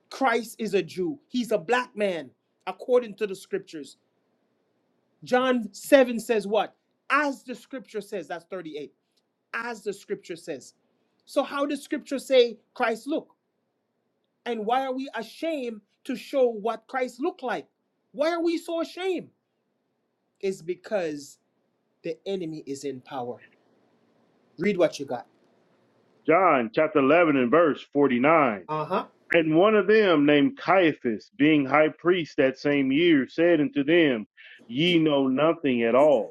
christ is a jew he's a black man according to the scriptures john 7 says what as the scripture says that's 38 as the scripture says so how does scripture say christ look And why are we ashamed to show what Christ looked like? Why are we so ashamed? It's because the enemy is in power. Read what you got.
John chapter 11 and verse 49.
Uh huh.
And one of them named Caiaphas, being high priest that same year, said unto them, Ye know nothing at all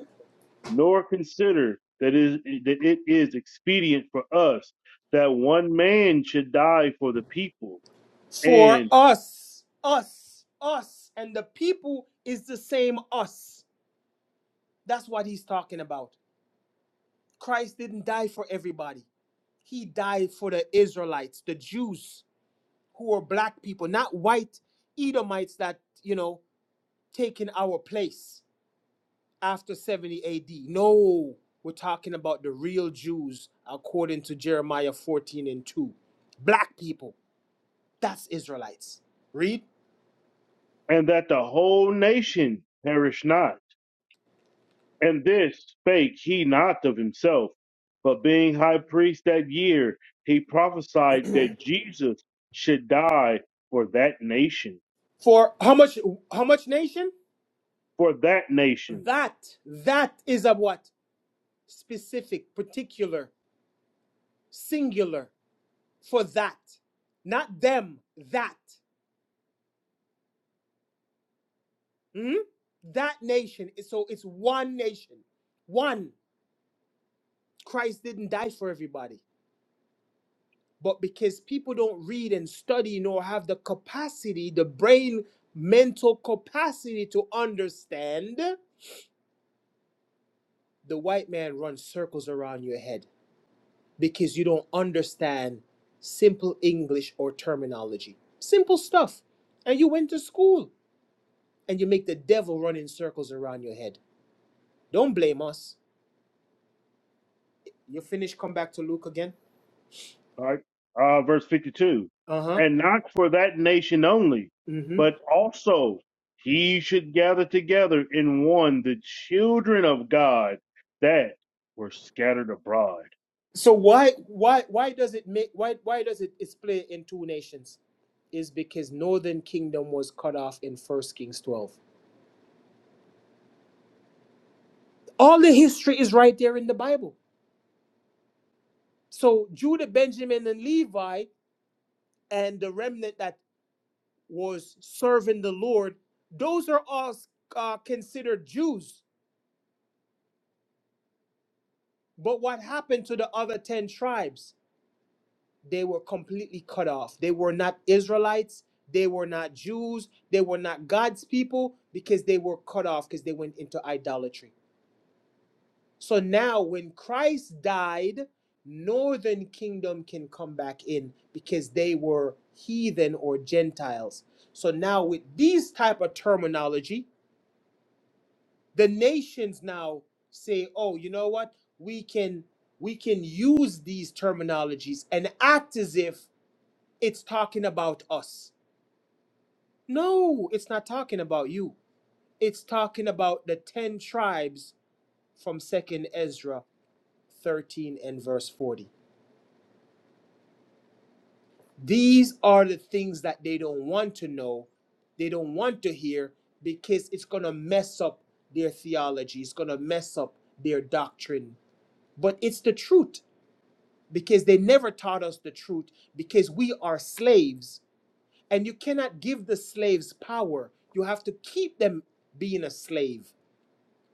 nor consider that is that it is expedient for us that one man should die for the people
For
and
us, us, us, and the people is the same us. That's what he's talking about. Christ didn't die for everybody, he died for the Israelites, the Jews, who were black people, not white Edomites that, you know, taking our place. after 70 AD. No, we're talking about the real Jews according to Jeremiah 14 and 2. Black people, that's Israelites. Read.
and that the whole nation perish not and this spake he not of himself but being high priest that year he prophesied that jesus should die for that nation
For how much how much nation?
for that nation
That that is a what? Specific, particular, singular for that. Not them, that. Hmm? That nation. So it's one nation. One. Christ didn't die for everybody. but because people don't read and study nor have the capacity, the brain mental capacity to understand, the white man runs circles around your head because you don't understand simple English or terminology. Simple stuff. And you went to school and you make the devil run in circles around your head. Don't blame us. You finish, come back to Luke again.
All right. Uh, verse 52.
Uh huh.
And not for that nation only,
Mm hmm.
but also he should gather together in one the children of God that were scattered abroad.
So why why why does it make why why does it split in two nations? Is because northern kingdom was cut off in First Kings twelve. All the history is right there in the Bible. So Judah, Benjamin, and Levi, and the remnant that was serving the Lord, those are all uh, considered Jews. But what happened to the other ten tribes? they were completely cut off. They were not Israelites, they were not Jews, they were not God's people because they were cut off because they went into idolatry. So now when Christ died, northern kingdom can come back in because they were heathen or gentiles. So now with these type of terminology, the nations now say, "Oh, you know what? We can we can use these terminologies and act as if it's talking about us. No, it's not talking about you. It's talking about the 10 tribes from 2nd Ezra 13 and verse 40. These are the things that they don't want to know, they don't want to hear because it's going to mess up their theology, it's going to mess up their doctrine. But it's the truth because they never taught us the truth because we are slaves and you cannot give the slaves power. You have to keep them being a slave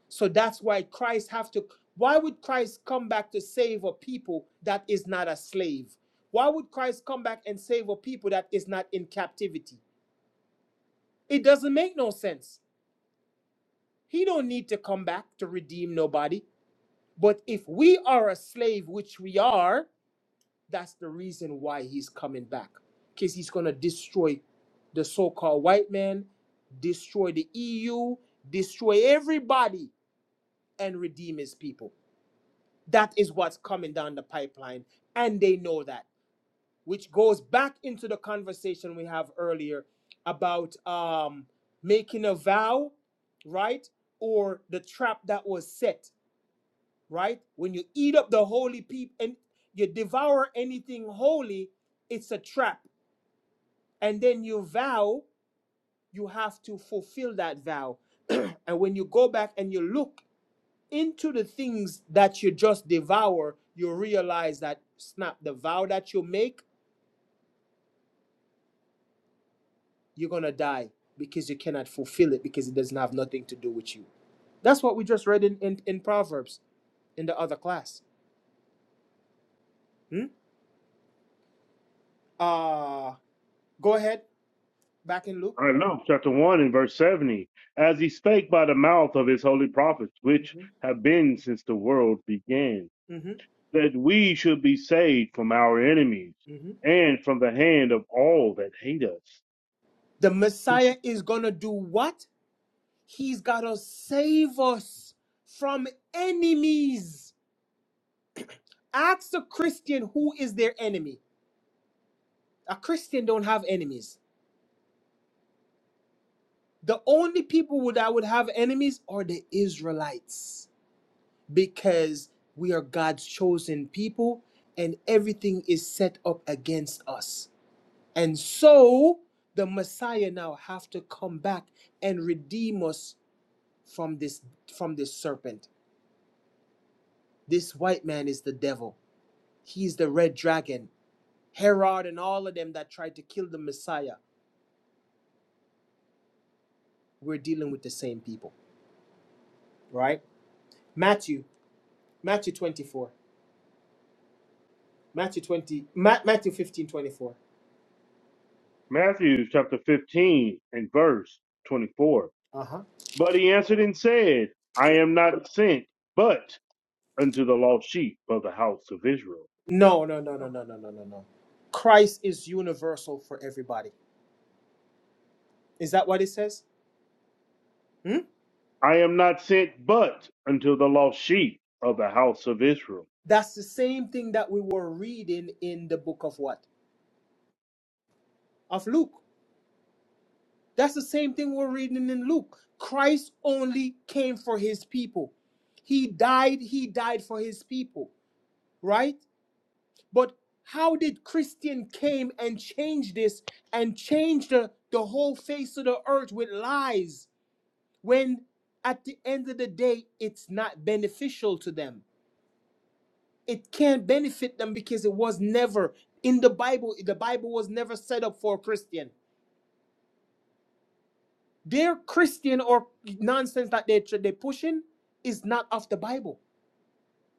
So that's why Christ have to why would Christ come back to save a people that is not a slave? Why would Christ come back and save a people that is not in captivity? It doesn't make no sense. He don't need to come back to redeem nobody. But if we are a slave, which we are, that's the reason why he's coming back. Because he's gonna destroy the so-called white man, destroy the EU, destroy everybody, and redeem his people. That is what's coming down the pipeline. And they know that, which goes back into the conversation we have earlier about um, making a vow, right? Or the trap that was set, right? When you eat up the holy people and you devour anything holy, it's a trap. And then you vow, you have to fulfill that vow. and when you go back and you look into the things that you just devour, you realize that snap, the vow that you make, you're gonna die because you cannot fulfill it because it doesn't have nothing to do with you. That's what we just read in in, in Proverbs in the other class. Hmm? Uh go ahead back in Luke.
I know. Chapter 1 and verse 70. As he spake by the mouth of his holy prophets, which
hmm
have been since the world began,
hmm
that we should be saved from our enemies
hmm
and from the hand of all that hate us.
The Messiah is gonna do what? He's gotta save us from enemies. Ask a Christian who is their enemy. A Christian don't have enemies. The only people that would have enemies are the Israelites because we are God's chosen people and everything is set up against us. And so the Messiah now have to come back and redeem us from this from this serpent. This white man is the devil. He's the red dragon. Herod and all of them that tried to kill the Messiah. We're dealing with the same people, right? Matthew, Matthew 24. Matthew 20, Ma- Matthew 15 24.
Matthew chapter 15 and verse 24.
Uh-huh.
But he answered and said, I am not sent but unto the lost sheep of the house of Israel.
No, no, no, no, no, no, no, no, no. Christ is universal for everybody. Is that what it says? Hmm?
I am not sent but unto the lost sheep of the house of Israel.
That's the same thing that we were reading in the book of what? Of Luke. That's the same thing we're reading in Luke. Christ only came for his people. He died, he died for his people, right? But how did Christian came and change this and change the, the whole face of the earth with lies? when at the end of the day it's not beneficial to them it can't benefit them because it was never in the bible the bible was never set up for a christian their christian or nonsense that they, they're pushing is not of the bible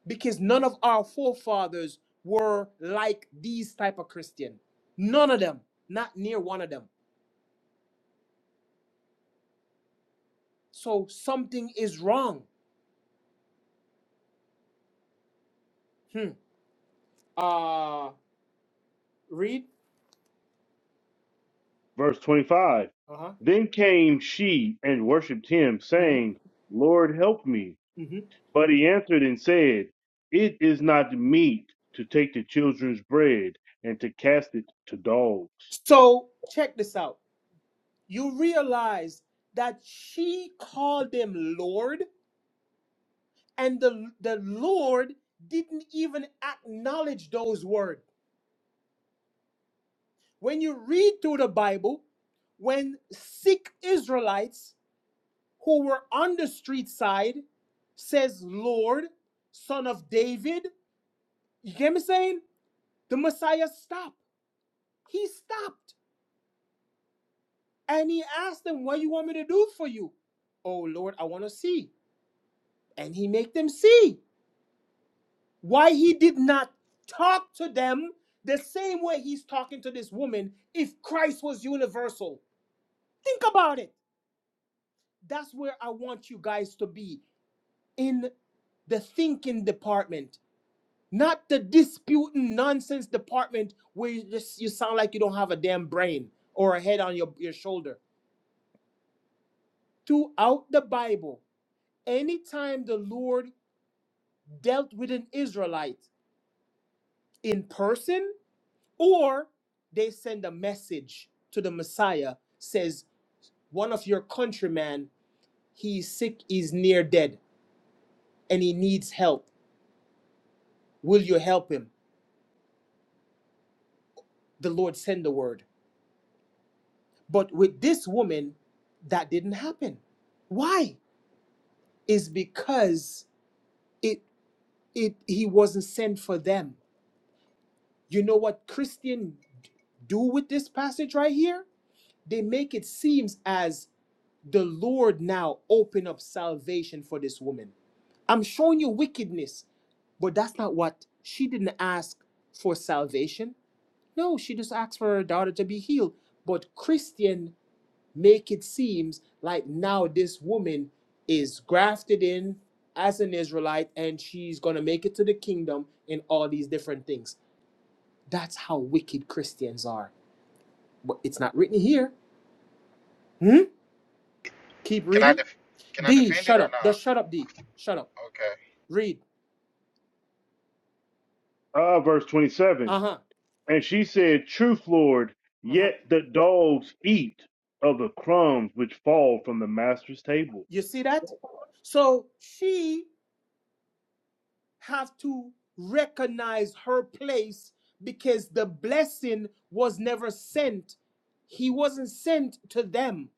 because none of our forefathers were like these type of christian none of them not near one of them so something is wrong hmm. uh read
Verse 25.
uh-huh
Then came she and worshipped him,
hmm
saying, Lord, help me.
hmm
But he answered and said, It is not meet to take the children's bread and to cast it to dogs.
so check this out you realize that she called him Lord, and the, the Lord didn't even acknowledge those words. When you read through the Bible, when sick Israelites who were on the street side says, Lord, son of David, you get me saying? The Messiah stopped. He stopped. And he asked them, what you want me to do for you? Oh, Lord, I want to see. And he make them see. why he did not talk to them the same way he's talking to this woman if Christ was universal. Think about it. That's where I want you guys to be in the thinking department, not the disputing nonsense department where you just you sound like you don't have a damn brain or a head on your, your shoulder. Throughout the Bible, anytime the Lord dealt with an Israelite in person or they send a message to the messiah says one of your countrymen he's sick he's near dead and he needs help will you help him the lord send the word but with this woman that didn't happen why is because it it he wasn't sent for them you know what Christians do with this passage right here they make it seems as the Lord now opened up salvation for this woman. I'm showing you wickedness, but that's not what she didn't ask for salvation. No, she just asked for her daughter to be healed. But Christian make it seems like now this woman is grafted in as an Israelite and she's gonna make it to the kingdom in all these different things. That's how wicked Christians are. But it's not written here. Hmm? Keep
Can I
reading.
def- can I
D,
defend it
shut
or
up.
not?
Just shut up, D. Shut up.
Okay.
Read.
Ah, verse 27.
Uh-huh.
And she said, Truth, Lord,
Uh-huh.
yet the dogs eat of the crumbs which fall from the master's table.
You see that? So she have to recognize her place because the blessing was never sent. He wasn't sent to them.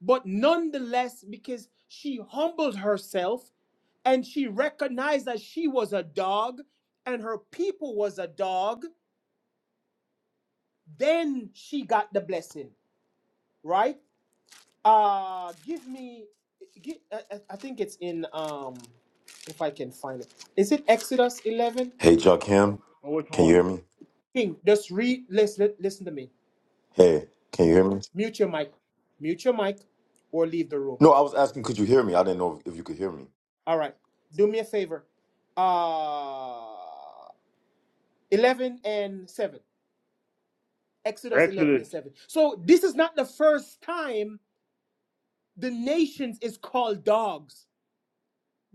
But nonetheless, because she humbled herself and she recognized that she was a dog and her people was a dog, then she got the blessing, right? Uh, give me. Give, I, I I think it's in um, if I can find it. Is it Exodus eleven?
Hey, Joakim,
Oh, which
can you
one?
hear me?
King, just read. Listen, listen to me.
Hey, can you hear me?
Mute your mic. Mute your mic, or leave the room.
No, I was asking, could you hear me? I didn't know if you could hear me.
All right. Do me a favor. Uh, eleven and seven. Exodus eleven and
Exodus.
seven. So this is not the first time the nations is called dogs.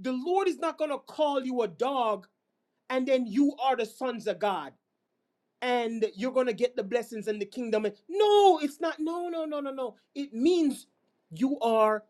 The Lord is not gonna call you a dog, and then you are the sons of God. and you're going to get the blessings and the kingdom. No, it's not. No, no, no, no, no. It means you are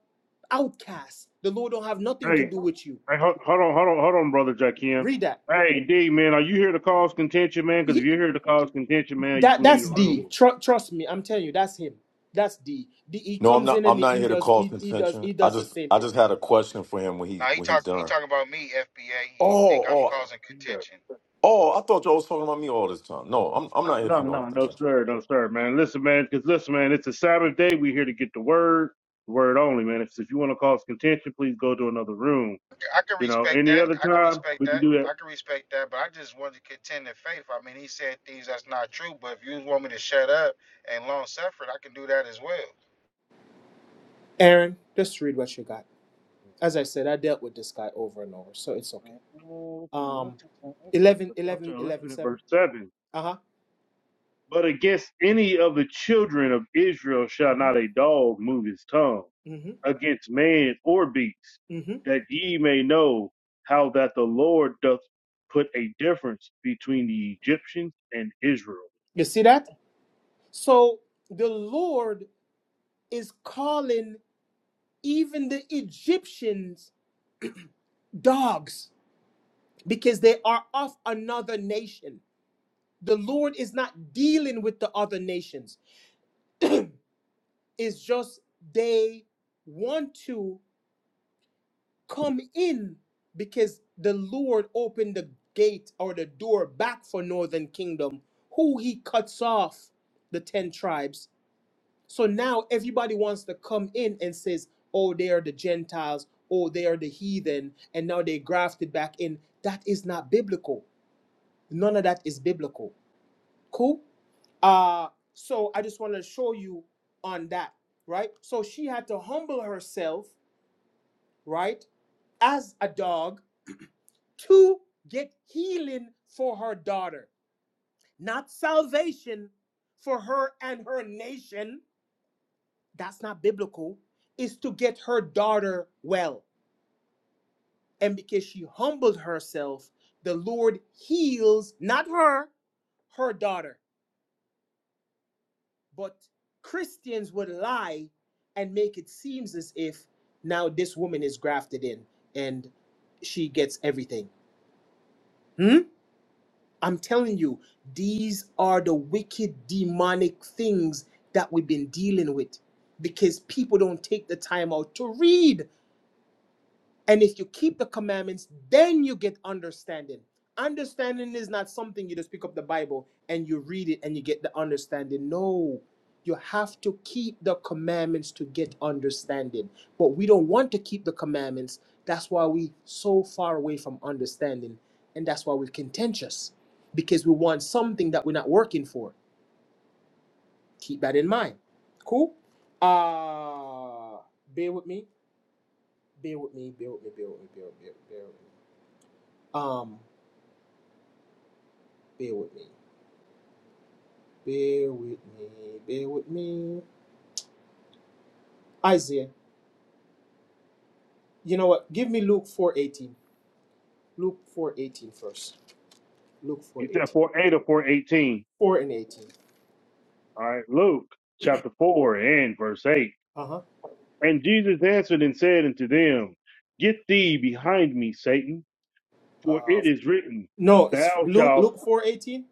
outcast. The Lord don't have nothing to
Hey,
do with you.
hey, hold, hold on, hold on, hold on, brother Jackim.
Read that.
Hey, D, man, are you here to cause contention, man? Because if
Ye-
you're here to cause contention, man, you
That
can leave
that's
the
D.
room.
Tru- trust me, I'm telling you, that's him. That's D. D. He
No, I'm
comes
not.
in
I'm
and
not
he
here to
does
cause
he, he does
contention.
he
I
does the
just,
same
I
thing.
just had a question for him when he,
Now he
when he
talk he
done.
talking about me, FBA. He think
Oh,
I'm
oh,
causing
Yeah.
contention.
oh! I thought y'all was talking about me all this time. No, I'm, I'm not here
No, no,
for no
no, no,
contention.
sir, no, sir, man. Listen, man, because listen, man, it's a Sabbath day. We're here to get the word, the word only, man. If, if you want to cause contention, please go to another room.
Okay, I can
You know,
respect
any
that.
other
I can
time
respect
we can
that.
do that.
I can respect that. But I just wanted to contend in faith. I mean, he said things that's not true. But if you want me to shut up and long suffering, I can do that as well.
Aaron, just read what you got. As I said, I dealt with this guy over and over, so it's okay.
Oh, okay.
Um,
Let's look at Exodus
eleven,
Chapter
eleven,
11
eleven,
and
seven.
verse 7.
Uh huh.
But against any of the children of Israel shall
7.
not a dog move his tongue,
Uh huh. Mm-hmm.
against man or beast,
Mm-hmm.
that ye may know how that the Lord doth put a difference between the Egyptians and Israel.
You see that? So the Lord is calling even the Egyptians dogs because they are of another nation. The Lord is not dealing with the other nations. It's just they want to come in because the Lord opened the gate or the door back for northern kingdom who he cuts off the 10 tribes So now everybody wants to come in and says, "Oh, they are the Gentiles. Oh, they are the heathen," and now they grafted back in. That is not biblical. None of that is biblical. Cool. Uh, so I just want to show you on that, right? So she had to humble herself, right, as a dog to get healing for her daughter, not salvation for her and her nation That's not biblical. Is to get her daughter well. And because she humbled herself, the Lord heals not her, her daughter. But Christians would lie and make it seems as if now this woman is grafted in and she gets everything. Hmm? I'm telling you, these are the wicked demonic things that we've been dealing with because people don't take the time out to read And if you keep the commandments, then you get understanding. Understanding is not something you just pick up the Bible and you read it and you get the understanding. No, you have to keep the commandments to get understanding. But we don't want to keep the commandments. That's why we so far away from understanding. And that's why we're contentious because we want something that we're not working for. Keep that in mind. Cool? Uh, bear with me. Bear with me. Bear with me. Bear with me. Bear with me. Bear with me. Um, bear with me. Bear with me. Bear with me. Isaiah, you know what? Give me Luke 4.18. Luke four eighteen, first. Luke
He said
4.18.
4 8 or 4 18.
4 and 18.
All right, Luke chapter 4 and verse 8.
Uh-huh.
And Jesus answered and said unto them, Get thee behind me, Satan. For
Uh,
it is written,
no, it's
Thou
Luke
shalt.
Luke 4.18.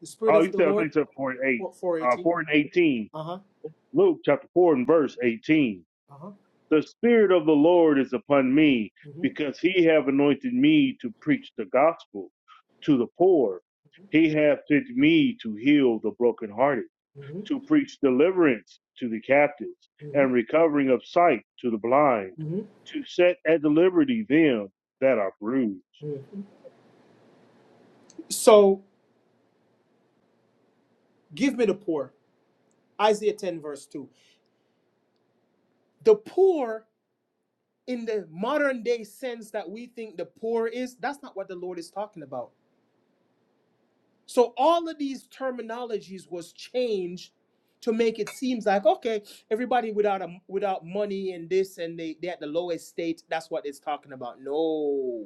The Spirit
Oh,
of
you
the
said I think
Lord.
you said four and eight,
4,
uh,
4.18.
four and eighteen.
Uh-huh.
Luke chapter four and verse eighteen.
Uh-huh.
The spirit of the Lord is upon me,
hmm
because He have anointed me to preach the gospel to the poor. He hath sent me to heal the brokenhearted,
hmm
to preach deliverance to the captives, and recovering of sight to the blind,
hmm
to set at liberty them that are bruised.
hmm hmm So give me the poor. Isaiah 10 verse 2. The poor in the modern day sense that we think the poor is that's not what the lord is talking about so all of these terminologies was changed to make it seems like okay everybody without a, without money and this and they they at the lowest state that's what it's talking about no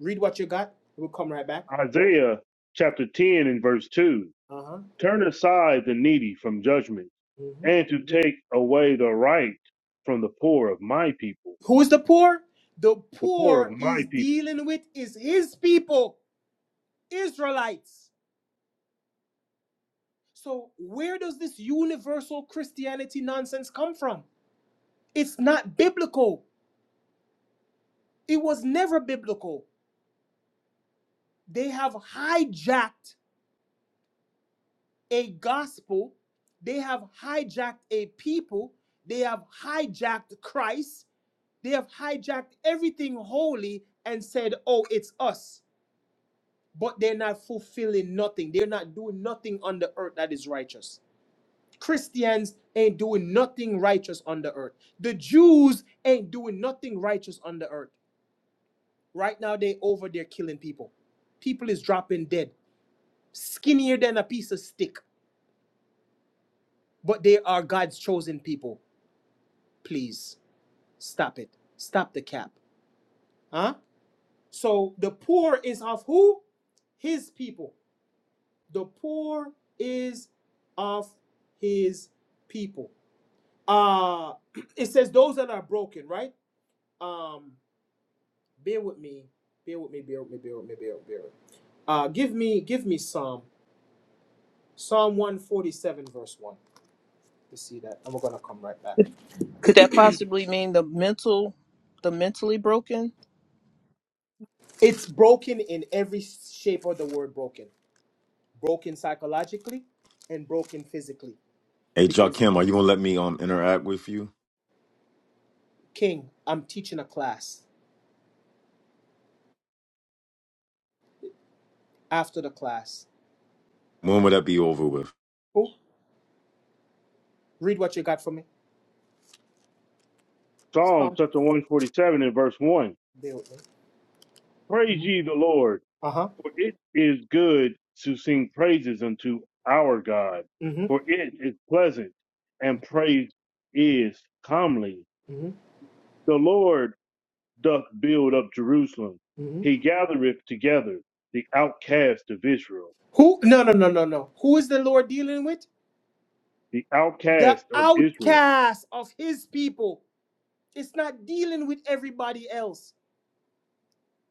read what you got we'll come right back
Isaiah chapter ten and verse two.
uh-huh
turn aside the needy from judgment,
Mhm.
and to take away the right from the poor of my people.
Who is the poor the
The poor of
poor
my
he's
people.
dealing with is his people israelites so where does this universal christianity nonsense come from It's not biblical. It was never biblical. They have hijacked a gospel. They have hijacked a people. They have hijacked Christ. They have hijacked everything holy and said, oh, it's us. But they're not fulfilling nothing. They're not doing nothing on the earth that is righteous. Christians ain't doing nothing righteous on the earth. The Jews ain't doing nothing righteous on the earth. Right now, they over there killing people. People is dropping dead, skinnier than a piece of stick. But they are God's chosen people. Please stop it. Stop the cap. Huh? So the poor is of who? His people. The poor is of his people. Uh it says those that are broken, right? Um, bear with me. Bear with me, bear with me, bear with me, bear with me. Bear with me. Uh give me give me some. Psalm 147, verse 1. You see that? And we're going to come right back.
Could that possibly mean the mental, the mentally broken?
It's broken in every shape of the word broken. Broken psychologically and broken physically.
Hey,
Because,
Joakim, are you gonna let me um interact with you?
King, I'm teaching a class after the class.
When would that be over with?
Oh, read what you got for me.
Psalm
Psalm.
chapter 147 and verse 1.
Bear with
Praise
me.
ye the Lord,
Uh huh.
for it is good to sing praises unto our God,
Mm hmm.
for it is pleasant, and praise is comely.
Mm hmm.
The Lord doth build up Jerusalem.
Mm hmm.
He gathereth together the outcast of Israel.
Who? No, no, no, no, no. Who is the Lord dealing with?
The
The
outcast of Israel
outcast of his people. It's not dealing with everybody else.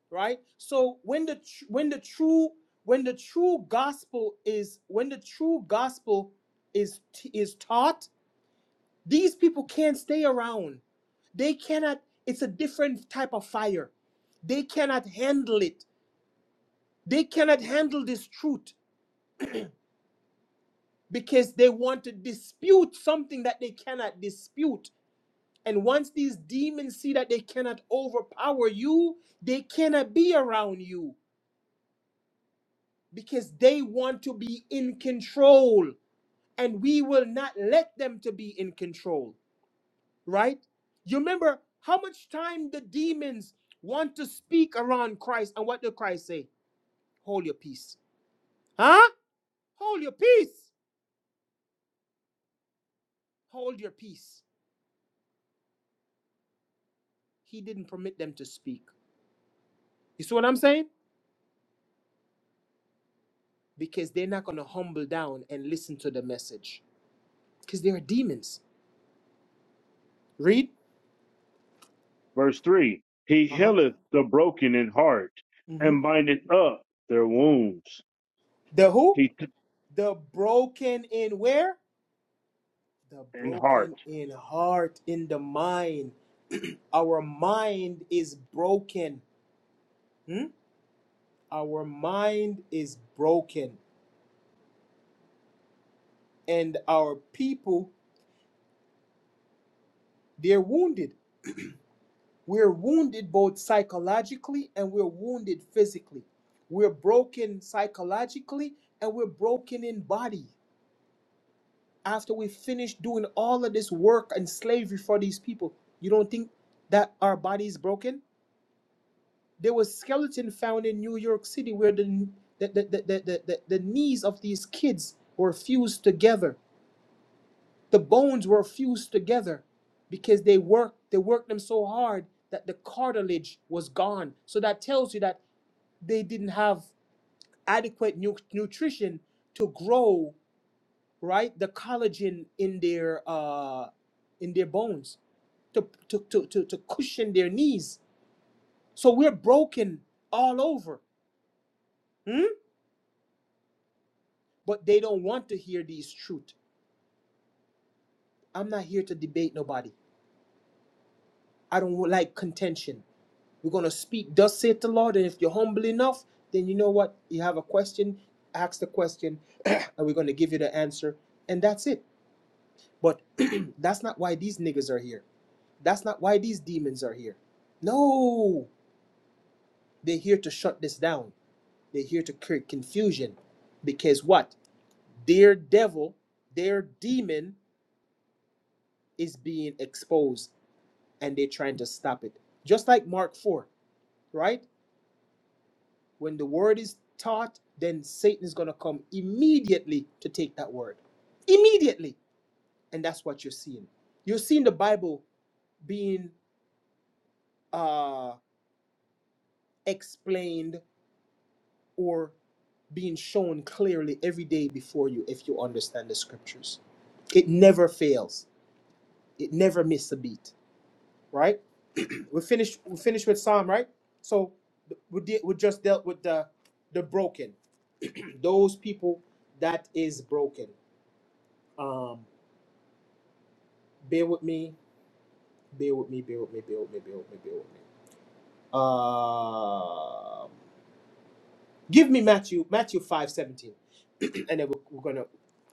right so when the tr- when the true when the true gospel is when the true gospel is t- is taught these people can't stay around they cannot it's a different type of fire they cannot handle it they cannot handle this truth because they want to dispute something that they cannot dispute and once these demons see that they cannot overpower you they cannot be around you because they want to be in control and we will not let them to be in control right you remember how much time the demons want to speak around christ and what did christ say hold your peace huh hold your peace hold your peace he didn't permit them to speak you see what i'm saying because they're not going to humble down and listen to the message because they are demons read
Verse 3 He
uh-huh
healeth the broken in heart
hmm
and bindeth up their wounds.
the who
He t-
the broken in where the
in heart.
broken in heart in the mind Our mind is broken. hmm? Our mind is broken. And our people, they're wounded. We're wounded both psychologically and we're wounded physically. We're broken psychologically and we're broken in body. After we finish doing all of this work and slavery for these people, you don't think that our body is broken? There was skeleton found in New York City where the the, the, the, the, the, the knees of these kids were fused together. The bones were fused together because they worked they worked them so hard that the cartilage was gone. So that tells you that they didn't have adequate nu- nutrition to grow right the collagen in their uh, in their bones to, to, to, to, to cushion their knees. So we're broken all over. Hmm? but they don't want to hear these truth. I'm not here to debate nobody. I don't like contention. We're gonna speak, thus saith the Lord, and if you're humble enough, then you know what? You have a question, ask the question, and we're gonna give you the answer, and that's it. But that's not why these niggas are here. That's not why these demons are here. No, they're here to shut this down. They're here to create confusion, because what? Their devil, their demon is being exposed and they're trying to stop it. Just like Mark 4, right? When the word is taught, then Satan is going to come immediately to take that word. Immediately. And that's what you're seeing. You're seeing the Bible being uh, explained or being shown clearly every day before you if you understand the scriptures. It never fails, it never misses a beat, right? we finished we finished with Psalm, right? So we did, we just dealt with the the broken. those people that is broken. Um, bear with me, bear with me, bear with me, bear with me, bear with me, bear with me. Um, give me Matthew, Matthew five seventeen, and then we're, we're gonna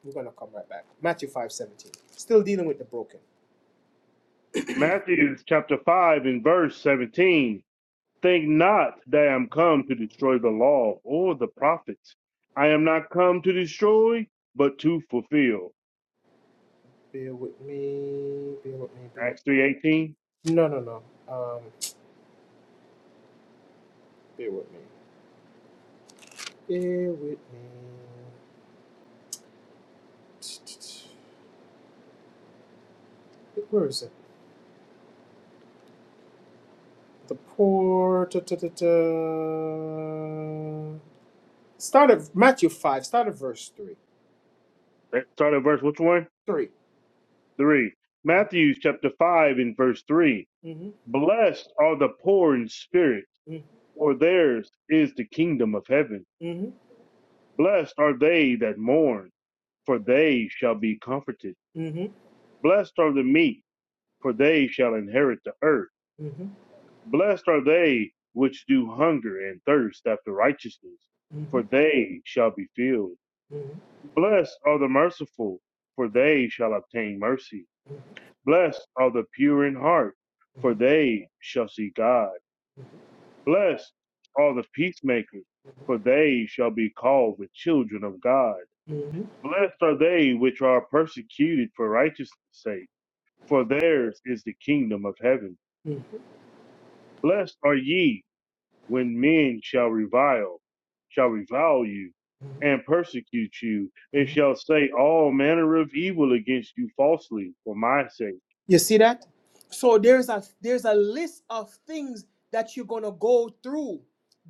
we're gonna come right back. Matthew five seventeen. Still dealing with the broken.
Matthew chapter 5 and verse 17 Think not that I am
Uh,
come to destroy the law or the prophets. I am not come to destroy, but to fulfill.
bear with me, bear with me, bear. With
Acts 3.18.
No, no, no. Um, bear with me, bear with me. Where is it? The poor. Da, da, da, da. Start at Matthew 5, start at verse 3.
Let's Start at verse which one?
3.
3.
Uh-huh.
Matthew chapter 5 and verse 3.
Mm-hmm.
Blessed are the poor in spirit, for theirs is the kingdom of heaven.
Mm-hmm.
Blessed are they that mourn, for they shall be comforted.
Mm-hmm.
Blessed are the meek, for they shall inherit the earth.
Mm-hmm.
Blessed are they which do hunger and thirst after righteousness,
Mm-hmm.
for they shall be filled.
Mm-hmm.
Blessed are the merciful, for they shall obtain mercy. Blessed are the pure in heart, for they shall see God. Blessed are the peacemakers, for they shall be called the children of God.
Mm-hmm.
Blessed are they which are persecuted for righteousness' sake, for theirs is the kingdom of heaven.
Mm-hmm.
Blessed are ye when men shall revile, shall revile you, and persecute you, and shall say all manner of evil against you falsely for my sake.
You see that? So there's a there's a list of things that you're gonna go through.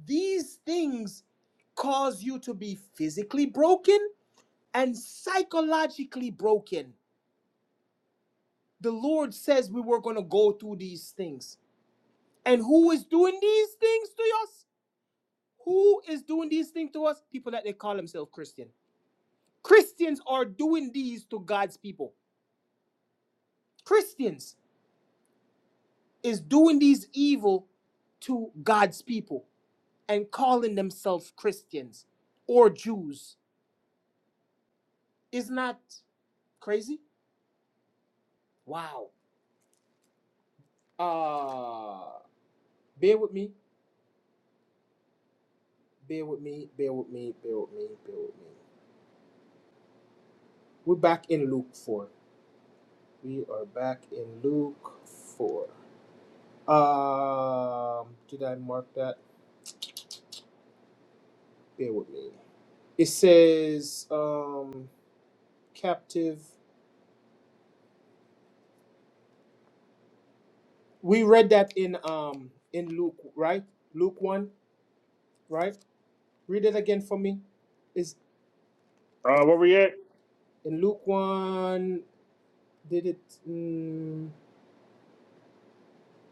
These things cause you to be physically broken and psychologically broken. The Lord says we were gonna go through these things. And who is doing these things to us? Who is doing these things to us? People that they call themselves Christian. Christians are doing these to God's people. Christians is doing these evil to God's people and calling themselves Christians or Jews. Isn't that crazy? Wow. Uh bear with me, bear with me, bear with me, bear with me, bear with me. We're back in Luke 4. We are back in Luke 4. Um, did I mark that? bear with me. It says um captive. We read that in um in Luke, right? Luke one, right? Read it again for me. Is
Uh,
let me
where we
see.
at?
in Luke one? Did it? Mm,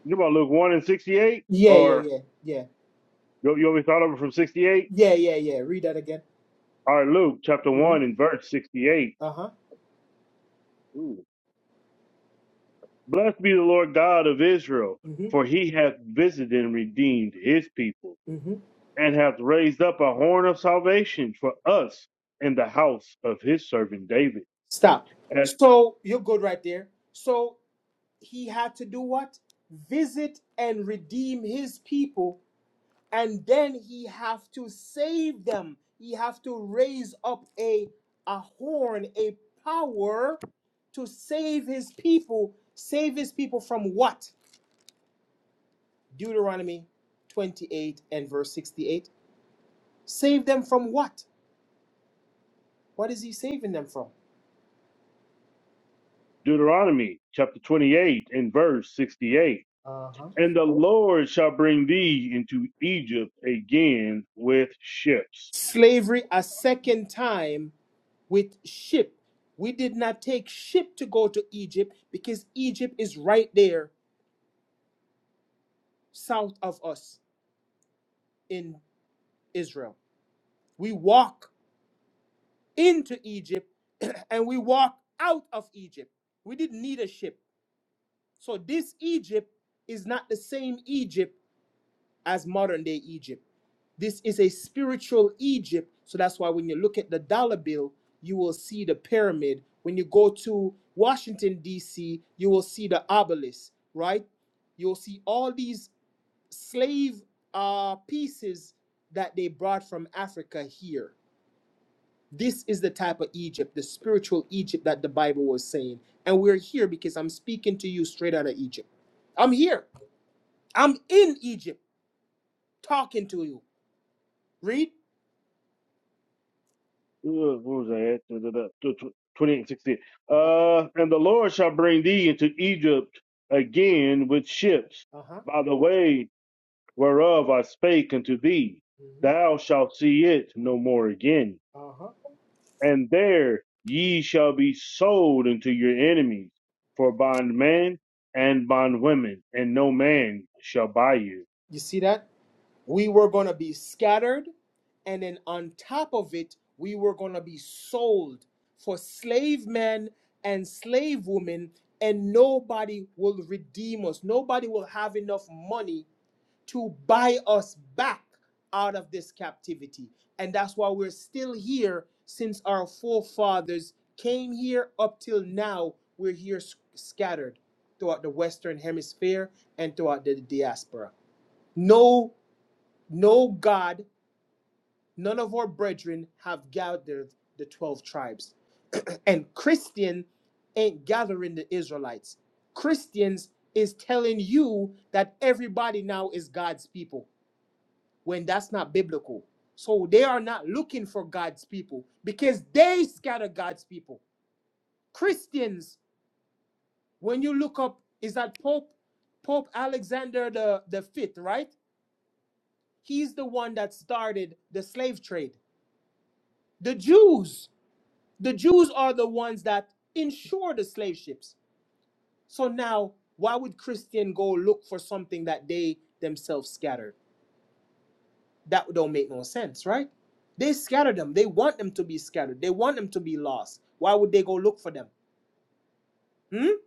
You about Luke 1 and 68?
yeah, yeah,
Or
yeah, yeah,
you, you want me to start over from 68?
yeah, yeah, yeah. Read that again.
All right, Luke chapter
Mm-hmm.
1 and verse 68.
Uh huh.
Ooh, Blessed be the Lord God of Israel,
Mm-hmm.
for he hath visited and redeemed his people,
Mm-hmm.
and hath raised up a horn of salvation for us in the house of his servant David.
Stop.
As
So you're good right there. So he had to do what? Visit and redeem his people and then he have to save them he have to raise up a a horn a power to save his people save his people from what deuteronomy 28 and verse 68 save them from what what is he saving them from
Deuteronomy chapter 28 and verse 68. And the Lord shall bring thee into Egypt again with ships.
slavery a second time with ship we did not take ship to go to egypt because egypt is right there south of us in israel we walk into Egypt and we walked out of Egypt. We didn't need a ship. So this Egypt is not the same Egypt as modern day Egypt. This is a spiritual Egypt. So that's why when you look at the dollar bill, you will see the pyramid. When you go to Washington, D.C., you will see the obelisk, right? You'll see all these slave uh, pieces that they brought from Africa here this is the type of Egypt, the spiritual Egypt that the Bible was saying. And we're here because I'm speaking to you straight out of Egypt. I'm here. I'm in Egypt talking to you. Read.
Uh, What was that? Da, da, da, tw- tw- 28 and 68.
Uh huh.
Uh, and the Lord shall bring thee into Egypt again with ships
Uh huh.
by the way whereof I spake unto thee, thou shalt see it no more again.
Uh huh.
And there ye shall be sold unto your enemies for bondmen and bondwomen, and no man shall buy you.
You see that? We were going to be scattered. And then on top of it, we were going to be sold for slave men and slave women. And nobody will redeem us. Nobody will have enough money to buy us back out of this captivity. And that's why we're still here since our forefathers came here up till now. We're here s- scattered throughout the Western Hemisphere and throughout the diaspora. No, no God, none of our brethren have gathered the 12 tribes. and Christian ain't gathering the Israelites. Christians is telling you that everybody now is God's people when that's not biblical. So they are not looking for God's people because they scatter God's people. Christians, when you look up, is that Pope Pope Alexander the, the Fifth, right? He's the one that started the slave trade. The Jews, the Jews are the ones that insure the slave ships. So now, why would Christian go look for something that they themselves scattered? That don't make no sense, right? They scatter them. They want them to be scattered. They want them to be lost. Why would they go look for them? Hmm?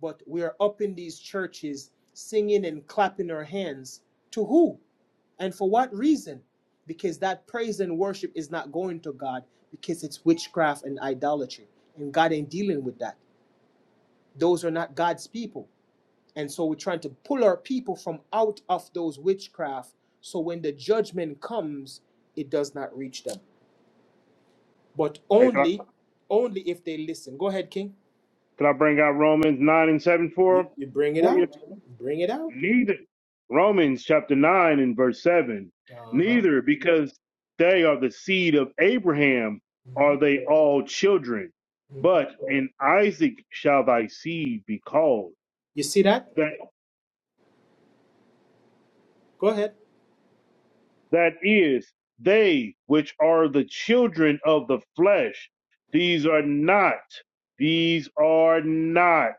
But we are up in these churches singing and clapping our hands to who? And for what reason? Because that praise and worship is not going to God because it's witchcraft and idolatry. And God ain't dealing with that. Those are not God's people. And so we're trying to pull our people from out of those witchcraft so when the judgment comes, it does not reach them. but
Hey, can, I,
only only if they listen go ahead king
can I bring out Romans 9 and 7
you
for,
you bring it
for you?
out bring it out
neither romans chapter 9 and verse 7 neither because they are the seed of abraham are they all children but in isaac shall thy seed be called
you see that
that
go ahead
that is they which are the children of the flesh these are not these are not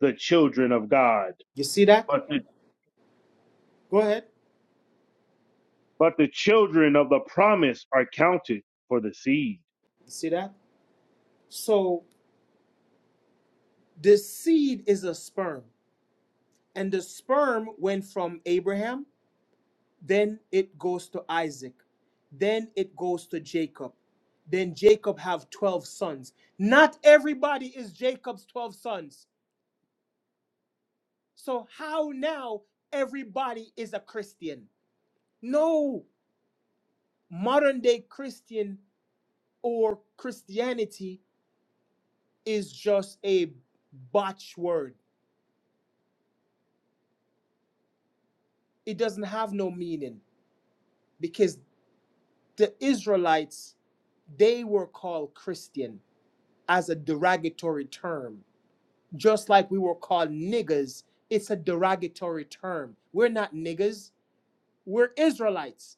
the children of god
you see that
but the,
go ahead
but the children of the promise are counted for the seed
you see that so the seed is a sperm and the sperm went from abraham then it goes to isaac then it goes to jacob then jacob have 12 sons not everybody is jacob's 12 sons so how now everybody is a christian no modern day Christian or Christianity is just a botch word. It doesn't have no meaning because the Israelites, they were called Christian as a derogatory term. Just like we were called niggas, it's a derogatory term. We're not niggas, we're Israelites.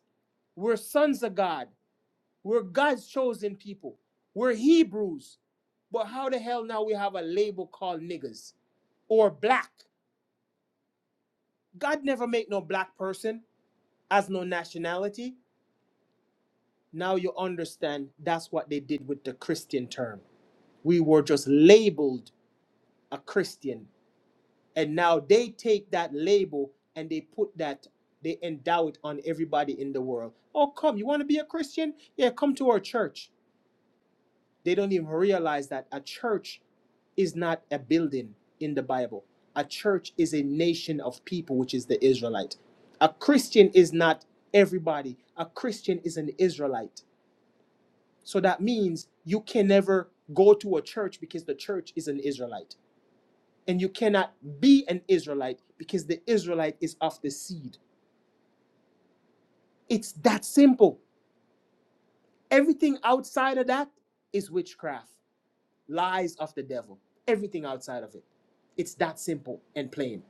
We're sons of God. We're God's chosen people. We're Hebrews. But how the hell now we have a label called niggas or black? God never make no black person as no nationality. Now you understand that's what they did with the Christian term. We were just labeled a Christian. And now they take that label and they put that, they endow it on everybody in the world. Oh, come, you want to be a Christian? Yeah, come to our church. They don't even realize that a church is not a building in the Bible. A church is a nation of people, which is the Israelite. A Christian is not everybody. A Christian is an Israelite. So that means you can never go to a church because the church is an Israelite. And you cannot be an Israelite because the Israelite is of the seed. It's that simple. Everything outside of that is witchcraft. lies of the devil, everything outside of it. It's that simple and plain.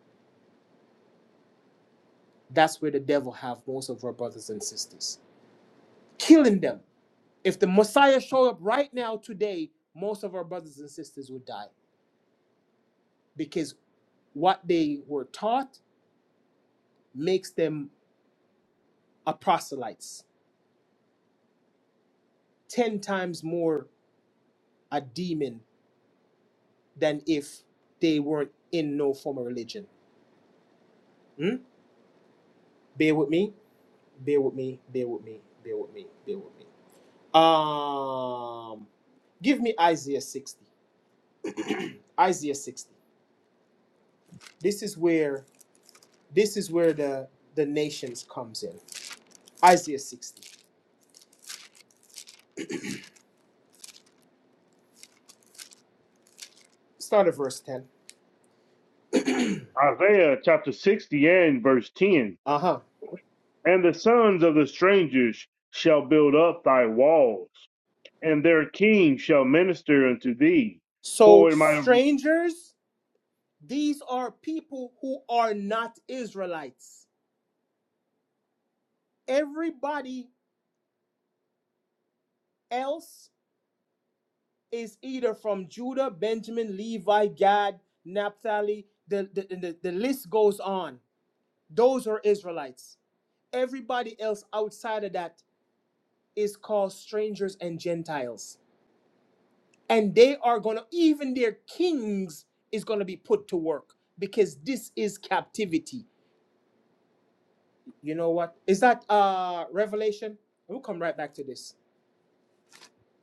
That's where the devil have most of our brothers and sisters, killing them. If the Messiah showed up right now today, most of our brothers and sisters would die because what they were taught makes them a proselytes, 10 times more a demon than if they weren't in no form of religion. Hmm? Bear with me, bear with me, bear with me, bear with me, bear with me. Um, give me Isaiah 60. Isaiah 60. This is where this is where the the nations comes in. Isaiah 60. Start at verse 10.
Isaiah chapter 60 and verse 10.
Uh-huh.
And the sons of the strangers shall build up thy walls, and their king shall minister unto thee.
So
For in my
strangers, these are people who are not Israelites. Everybody else is either from Judah, Benjamin, Levi, Gad, Naphtali. The, the, the, the list goes on. Those are Israelites. Everybody else outside of that is called strangers and Gentiles. And they are going to, even their kings is going to be put to work because this is captivity. You know what? Is that uh Revelation? We'll come right back to this.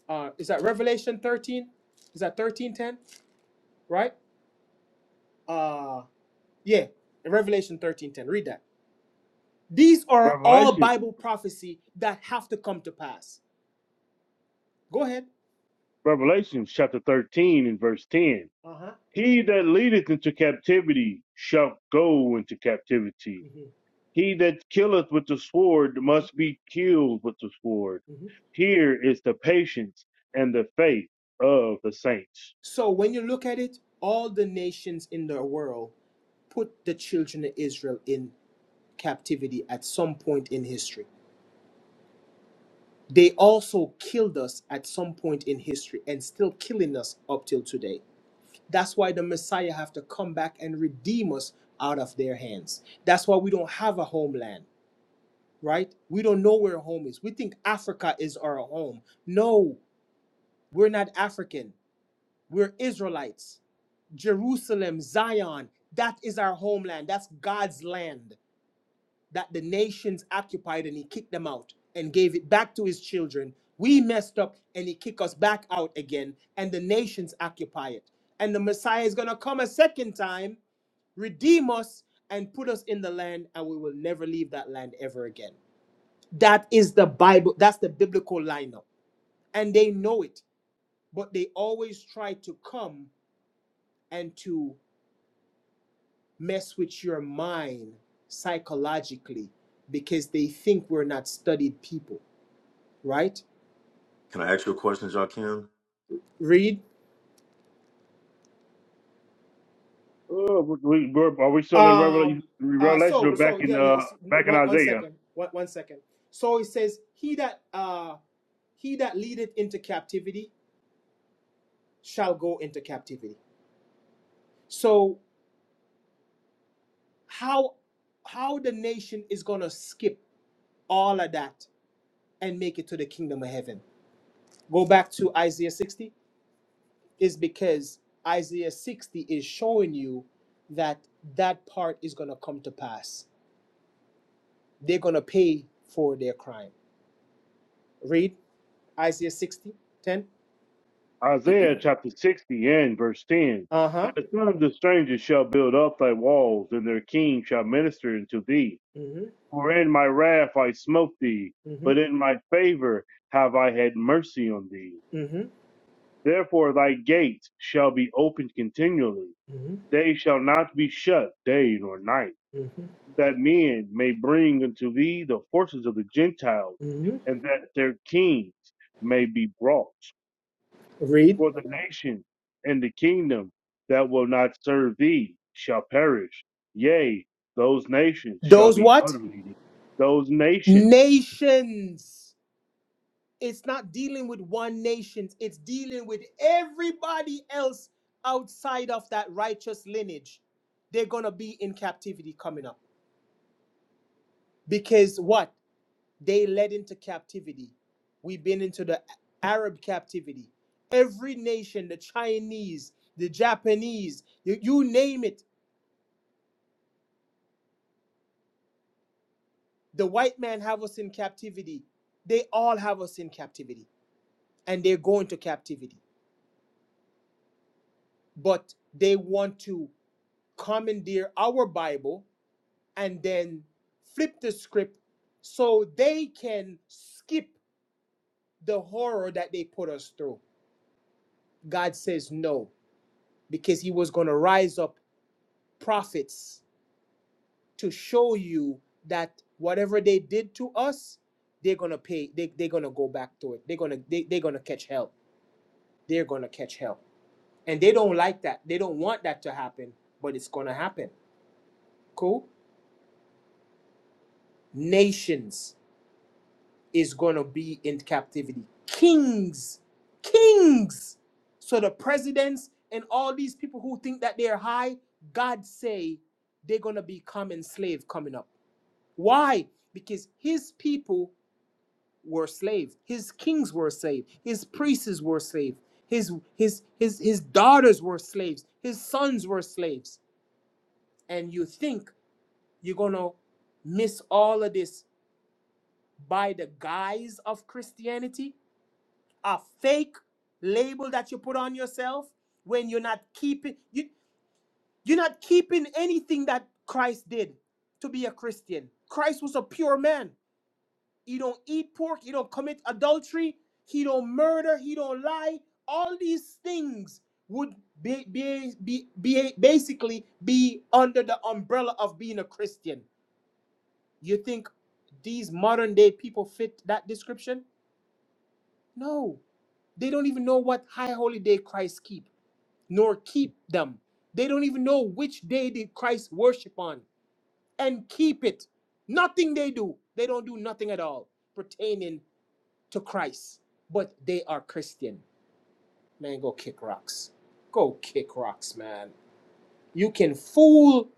Uh is that Revelation 13? Is that 1310? Right? Uh yeah, Revelation 1310. Read that. These are all
revelations,
Bible prophecy that have to come to pass. Go ahead.
Revelations chapter 13 and verse 10,
Uh-huh.
he that leadeth into captivity shall go into captivity.
Mhm,
He that killeth with the sword
mhm,
must be killed with the sword.
mhm.
Here is the patience and the faith of the saints.
So when you look at it, all the nations in the world put the children of Israel in captivity at some point in history. They also killed us at some point in history and still killing us up till today. That's why the Messiah have to come back and redeem us out of their hands. That's why we don't have a homeland, right? We don't know where home is. We think Africa is our home. No, we're not African. We're Israelites. Jerusalem, Zion, that is our homeland. That's God's land that the nations occupied and he kicked them out and gave it back to his children. We messed up and he kicked us back out again and the nations occupy it. And the Messiah is going to come a second time, redeem us and put us in the land and we will never leave that land ever again. That is the Bible. That's the biblical lineup. And they know it, but they always try to come and to mess with your mind psychologically because they think we're not studied people, right?
Can I ask you a question, Joakim?
Read.
Uh, we, we're, are we still in Revelation?
Um. Uh.
Revelation
So.
or back
So.
in
Yeah. Yeah.
uh
it's-
back in
One. One
Isaiah?
second. One. One second. So it says, "He that uh, he that leadeth into captivity shall go into captivity." So how how the nation is gonna skip all of that and make it to the kingdom of heaven? Go back to Isaiah 60. is because Isaiah 60 is showing you that that part is going to come to pass. They're going to pay for their crime. Read Isaiah 60 10.
Isaiah chapter sixty and verse ten.
Uh huh.
And the son of the stranger shall build up thy walls, and their king shall minister unto thee.
Mm hmm.
For in my wrath I smote thee,
Mm
but
hmm.
in my favor have I had mercy on thee.
Mm hmm.
Therefore thy gates shall be opened continually;
Mm hmm.
they shall not be shut day nor night.
Mm hmm.
that men may bring unto thee the forces of the Gentiles,
Mm-hmm.
and that their kings may be brought.
Read.
For the nation and the kingdom that will not serve thee shall perish. Yea, those nations shall
Those
be
what?
utterly. Those nations.
Nations. It's not dealing with one nation, it's dealing with everybody else outside of that righteous lineage. They're going to be in captivity coming up. Because what? They led into captivity. We've been into the Arab captivity. Every nation, the Chinese, the Japanese, you, you name it, the white man have us in captivity. They all have us in captivity and they're going to captivity. But they want to commandeer our Bible and then flip the script so they can skip the horror that they put us through. God says no, because he was going to rise up prophets to show you that whatever they did to us, they're gonna pay. They they're gonna go back to it. They're gonna they, they're gonna catch hell. They're gonna catch hell, and they don't like that. They don't want that to happen, but it's gonna happen. Cool. Nations is gonna be in captivity. Kings, kings. So the presidents and all these people who think that they're high, God say they're gonna be common slave coming up Why? Because his people were slaves. His kings were slaves. His priests were slaves. His his his his daughters were slaves. His sons were slaves. And you think you're gonna miss all of this by the guise of Christianity? A fake label that you put on yourself when you're not keeping you you're not keeping anything that Christ did to be a Christian. Christ was a pure man. He don't eat pork. He don't commit adultery. He don't murder. He don't lie. All these things would be, be, be, be basically be under the umbrella of being a Christian. You think these modern day people fit that description? No. They don't even know what high holy day Christ keep, nor keep them. They don't even know which day did Christ worship on and keep it. Nothing they do. They don't do nothing at all pertaining to Christ, but they are Christian. Man, go kick rocks. Go kick rocks, man. You can fool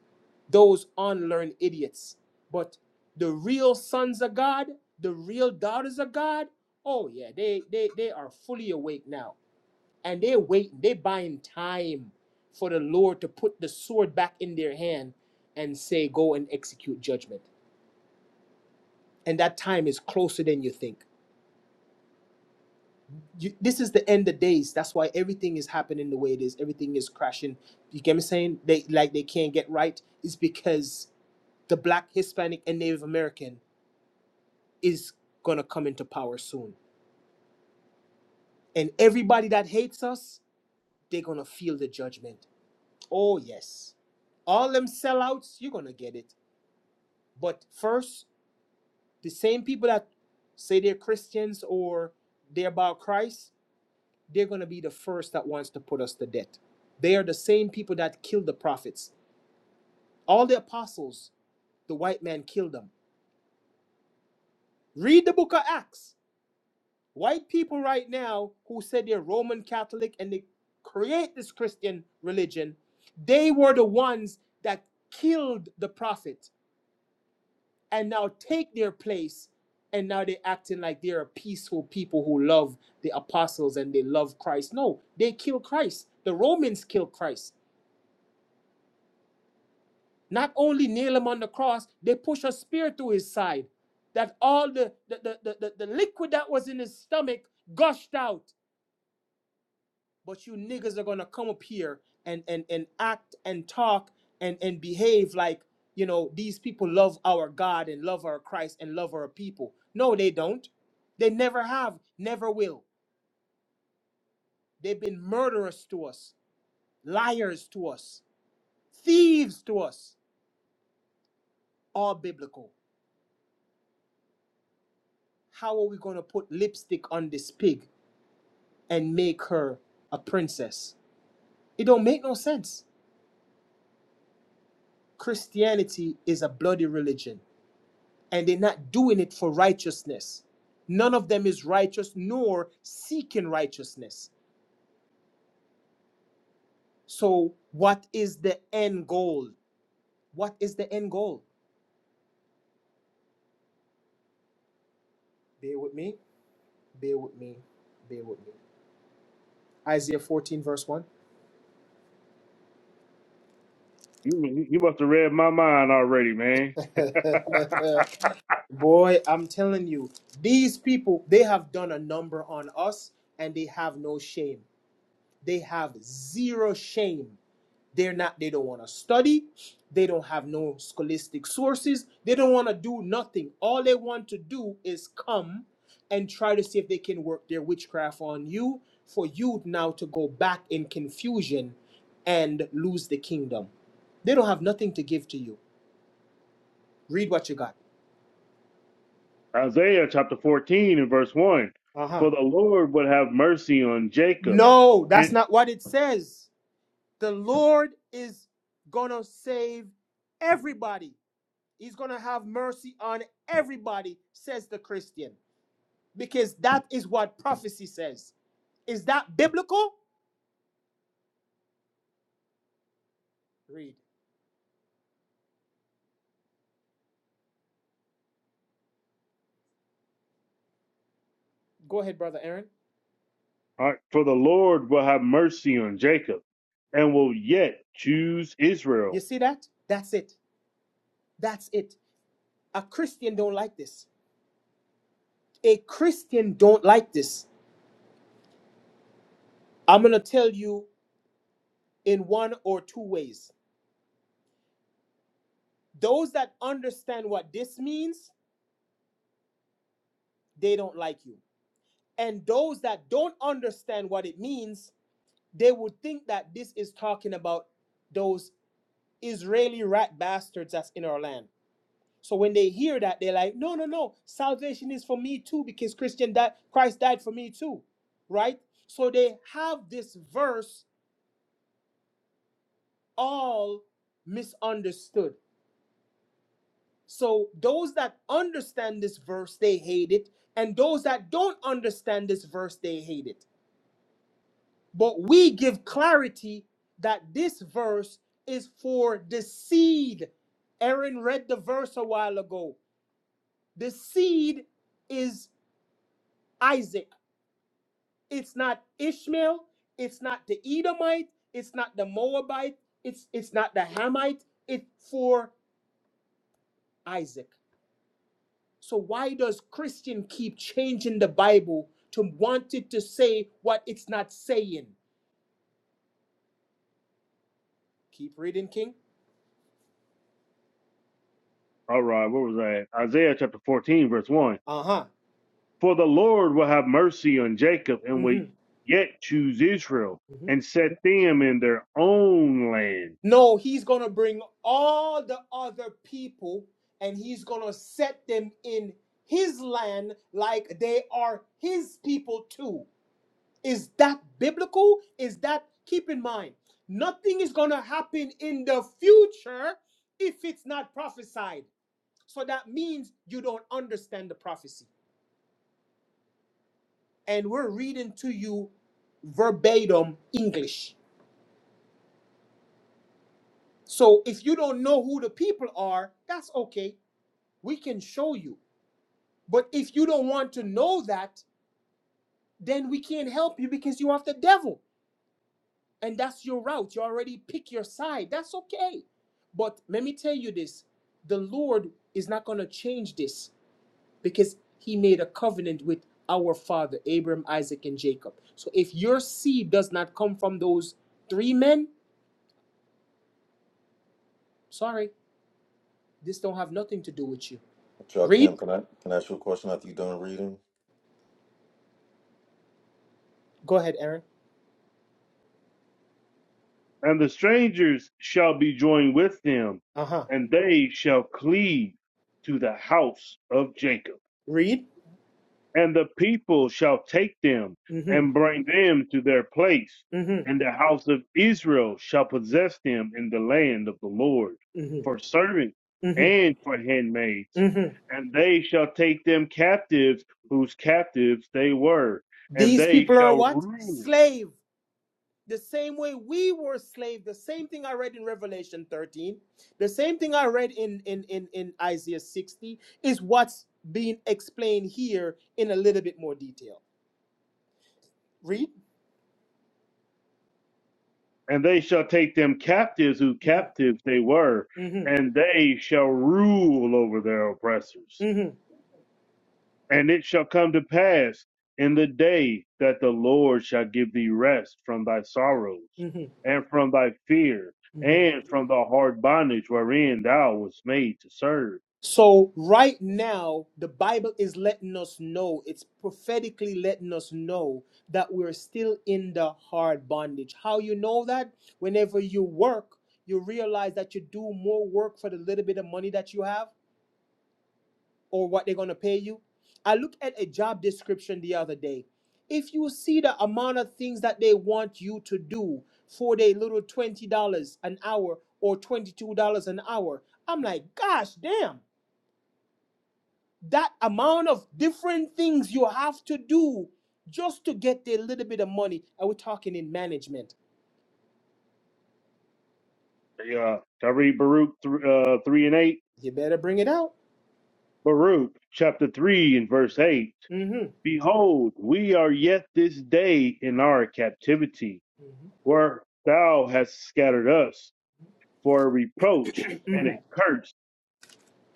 those unlearned idiots, but the real sons of God, the real daughters of God, oh yeah, they they they are fully awake now, and they wait, they buying time for the Lord to put the sword back in their hand and say, go and execute judgment. And that time is closer than you think. you, this is the end of days. That's why everything is happening the way it is. Everything is crashing. You get me saying? They like they can't get right It's because the black, Hispanic, and Native American is gonna come into power soon. And everybody that hates us, they're gonna feel the judgment. Oh yes. All them sellouts, you're gonna get it. But first, the same people that say they're Christians or they're about Christ, they're going to be the first that wants to put us to death. They are the same people that killed the prophets. All the apostles, the white man killed them. Read the book of Acts. White people right now who said they're Roman Catholic and they create this Christian religion, they were the ones that killed the prophet and now take their place and now they're acting like they're a peaceful people who love the apostles and they love Christ. No, they kill Christ. The Romans killed Christ. Not only nail him on the cross, they push a spear through his side. That all the, the, the, the, the, the liquid that was in his stomach gushed out. But you niggas are gonna come up here and and, and act and talk and, and behave like you know these people love our God and love our Christ and love our people. No, they don't. They never have, never will. They've been murderers to us, liars to us, thieves to us, all biblical. How are we going to put lipstick on this pig and make her a princess. It don't make no sense. Christianity is a bloody religion, and they're not doing it for righteousness. None of them is righteous nor seeking righteousness. So, what is the end goal? What is the end goal? Bear with me, bear with me, bear with me. Isaiah 14, verse 1.
You, you must have read my mind already, man.
Boy, I'm telling you, these people, they have done a number on us and they have no shame. they have zero shame they're not they don't want to study they don't have no scholastic sources they don't want to do nothing all they want to do is come and try to see if they can work their witchcraft on you for you now to go back in confusion and lose the kingdom they don't have nothing to give to you read what you got
Isaiah chapter 14 and verse 1.
uh-huh
For the Lord would have mercy on Jacob
no
and
that's not what it says the lord is gonna save everybody He's going to have mercy on everybody, says the Christian, because that is what prophecy says. Is that biblical? Read. Go ahead, brother Aaron.
All right. For the Lord will have mercy on Jacob and will yet choose
You
Israel.
see that? That's it. That's it. A Christian don't like this. A Christian don't like this. I'm going to tell you in one or two ways. Those that understand what this means, they don't like you. And those that don't understand what it means, they would think that this is talking about those Israeli rat bastards that's in our land. So when they hear that, they're like, no, no, no, salvation is for me too, because Christian died, Christ died for me too, right? So they have this verse all misunderstood. So those that understand this verse, they hate it, and those that don't understand this verse, they hate it. But we give clarity that this verse is for the seed. Aaron read the verse a while ago The seed is Isaac. It's not Ishmael. It's not the Edomite. It's not the Moabite. It's it's not the Hamite. It's for Isaac. So why does Christian keep changing the Bible to want it to say what it's not saying? Keep reading, King.
All right, what was that? Isaiah chapter 14, verse 1.
Uh huh.
For the Lord will have mercy on Jacob and will
Mm-hmm.
yet choose Israel and set them in their own land.
No, he's going to bring all the other people and he's going to set them in his land like they are his people too. Is that biblical? Is that, keep in mind, nothing is going to happen in the future if it's not prophesied. So that means you don't understand the prophecy. And we're reading to you verbatim English. So if you don't know who the people are, that's okay. We can show you But if you don't want to know that, then we can't help you because you're the devil. And that's your route. You already pick your side. That's okay. But let me tell you this the Lord is not going to change this because he made a covenant with our father, Abraham, Isaac, and Jacob. So if your seed does not come from those three men, sorry, this don't have nothing to do with you.
Joakim,
Read.
can I, can I ask you a question after you done reading?
Go ahead, Aaron.
And the strangers shall be joined with them,
Uh huh.
and they shall cleave to the house of Jacob.
Read.
and the people shall take them
Mm
and
hmm.
bring them to their place,
Mm hmm.
and the house of Israel shall possess them in the land of the Lord
Mm
for servants
hmm.
and for handmaids,
Mm hmm.
and they shall take them captives whose captives they were, and
These
they
people are
shall
what?
rule,
Slave. The same way we were slave. The same thing I read in Revelation 13. The same thing I read in, in, in, in Isaiah 60 is what's being explained here in a little bit more detail. Read.
and they shall take them captives whose
hmm
captives they were, and they shall rule over their oppressors.
hmm
And it shall come to pass in the day that the Lord shall give thee rest from thy sorrows
hmm
and from thy fear
hmm
and from the hard bondage wherein thou wast made to serve.
So, right now, the Bible is letting us know, it's prophetically letting us know that we're still in the hard bondage. How you know that? Whenever you work, you realize that you do more work for the little bit of money that you have or what they're going to pay you. I looked at a job description the other day. If you see the amount of things that they want you to do for their little $20 an hour or $22 an hour, I'm like, gosh, damn that amount of different things you have to do just to get a little bit of money. And we're talking in management.
Hey, Uh, can I read Baruch th- uh, 3 and 8?
You better bring it out.
Baruch chapter 3 and verse 8.
hmm
Behold, we are yet this day in our captivity, where thou hast scattered us for a reproach and
hmm
a curse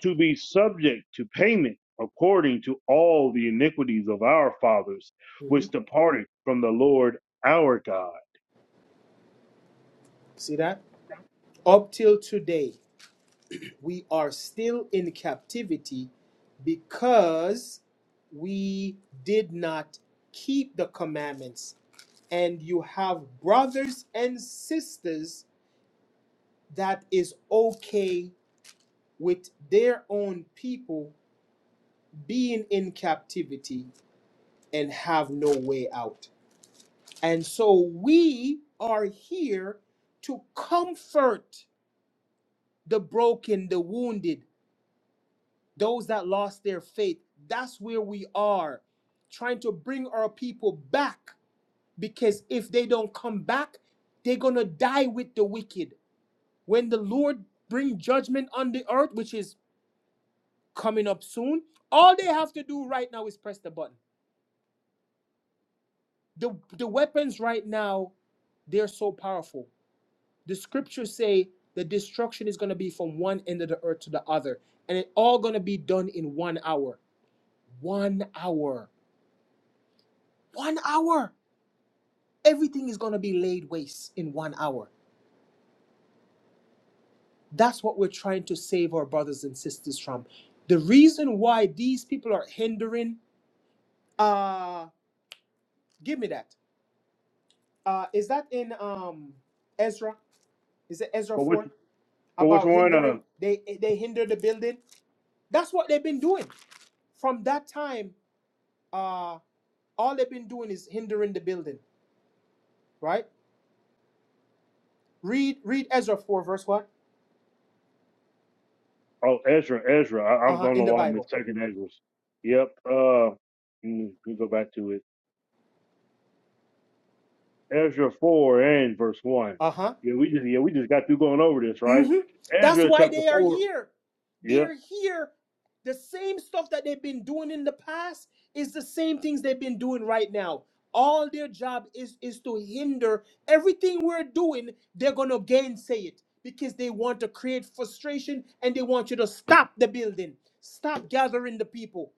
to be subject to payment according to all the iniquities of our fathers,
hmm
which departed from the Lord our God.
See that? Up till today, we are still in captivity because we did not keep the commandments. And you have brothers and sisters that is okay with their own people being in captivity and have no way out. And so we are here to comfort the broken, the wounded, those that lost their faith. That's where we are, trying to bring our people back because if they don't come back, they're going to die with the wicked. When the Lord bring judgment on the earth, which is coming up soon, all they have to do right now is press the button. The, the weapons right now They're so powerful. The scriptures say the destruction is going to be from one end of the earth to the other, and it all going to be done in one hour. One hour. One hour. Everything is going to be laid waste in one hour. That's what we're trying to save our brothers and sisters from. The reason why these people are hindering, uh, give me that. Uh, is that in um Ezra? Is it Ezra
For which,
four
for which
about
one?
hindering?
Uh,
They they hinder the building. That's what they've been doing. From that time, uh, all they've been doing is hindering the building, right? Read read Ezra 4, verse what?
oh, Ezra, Ezra. I, I
Uh-huh,
don't know
in the
why I'm
Bible.
mistaken Ezra's. Yep. Uh, mm, let me go back to it. Ezra four and verse one.
Uh-huh.
Yeah, we just yeah we just got through going over this, right?
Mm-hmm. That's
Ezra
why
chapter
they are
four.
here.
Yeah,
They're here. The same stuff that they've been doing in the past is the same things they've been doing right now. All their job is is to hinder everything we're doing, they're gonna gainsay it because they want to create frustration and they want you to stop the building, stop gathering the people.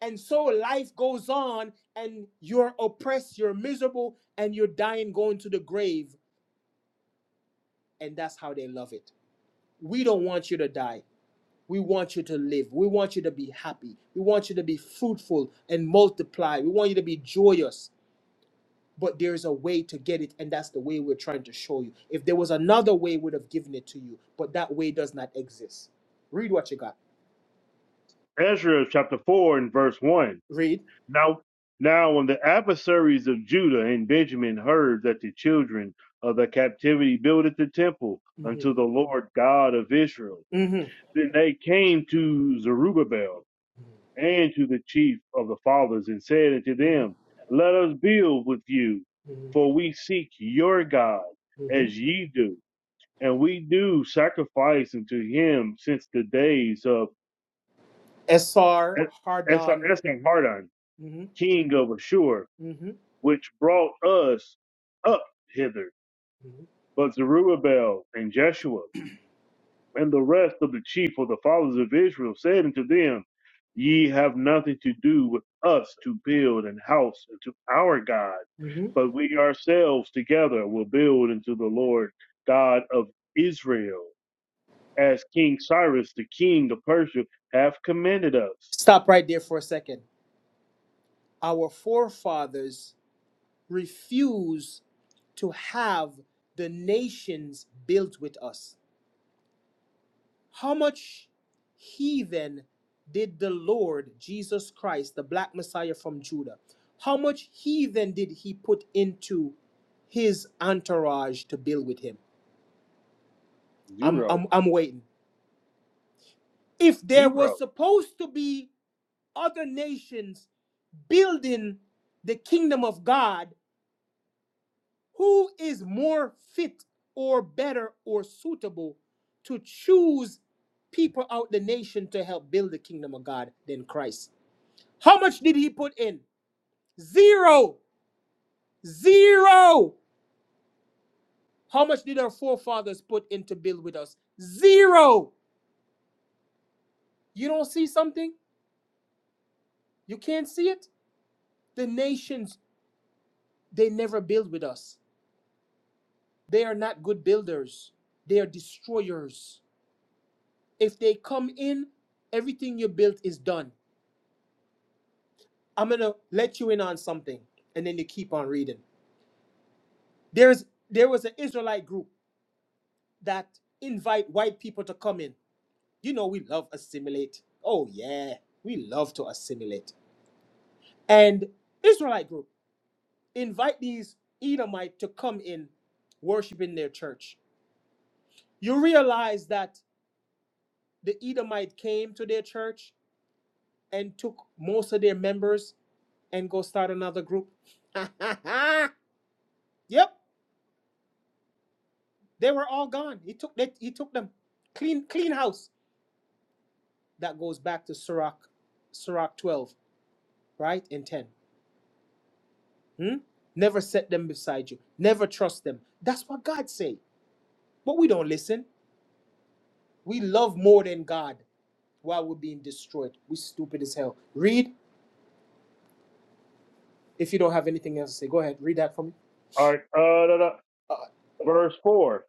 And so life goes on, and you're oppressed, you're miserable, and you're dying, going to the grave. And that's how they love it. We don't want you to die. We want you to live. We want you to be happy. We want you to be fruitful and multiply. We want you to be joyous. But there is a way to get it, and that's the way we're trying to show you. If there was another way, we would have given it to you. But that way does not exist. Read what you got.
Ezra chapter four and verse one.
Read.
Now, now when the adversaries of Judah and Benjamin heard that the children of the captivity builded the temple unto
Mm-hmm.
the Lord God of Israel,
Mm-hmm.
then they came to Zerubbabel and to the chief of the fathers and said unto them, Let us build with you,
Mm-hmm.
for we seek your God
Mm-hmm.
as ye do. And we do sacrifice unto him since the days of
SR
Es-
Hardon
Esarhaddon,
Mhm,
king of Ashur,
mhm,
which brought us up hither.
mhm,
But Zerubbabel and Jeshua and the rest of the chief of the fathers of Israel said unto them, Ye have nothing to do with us to build an house unto our God,
mhm.
but we ourselves together will build unto the Lord God of Israel, as King Cyrus, the king of Persia, hath commanded us.
Stop right there for a second. Our forefathers refused to have the nations built with us. How much heathen did the Lord Jesus Christ, the black Messiah from Judah, how much heathen did he put into his entourage to build with him? I'm,
Zero,
I'm, I'm waiting. If there
zero.
was supposed to be other nations building the kingdom of God, who is more fit or better or suitable to choose people out the nation to help build the kingdom of God than Christ? How much did he put in? Zero. Zero. How much did our forefathers put in to build with us? Zero. You don't see something? You can't see it? The nations, they never build with us. They are not good builders, they are destroyers If they come in, everything you built is done. I'm gonna let you in on something, and then you keep on reading. There's there was an Israelite group that invite white people to come in. You know we love assimilate. Oh yeah, we love to assimilate. And Israelite group invite these Edomite to come in, worship in their church. You realize that the Edomite came to their church and took most of their members and go start another group. yep, they were all gone. He took they, he took them clean clean house. That goes back to Sirach, Sirach twelve, right and ten. Hmm? Never set them beside you. Never trust them. That's what God say. But we don't listen. We love more than God while we're being destroyed. We stupid as hell. Read if you don't have anything else to say. Go ahead, read that for me.
All right, uh, da, da.
Uh,
verse 4.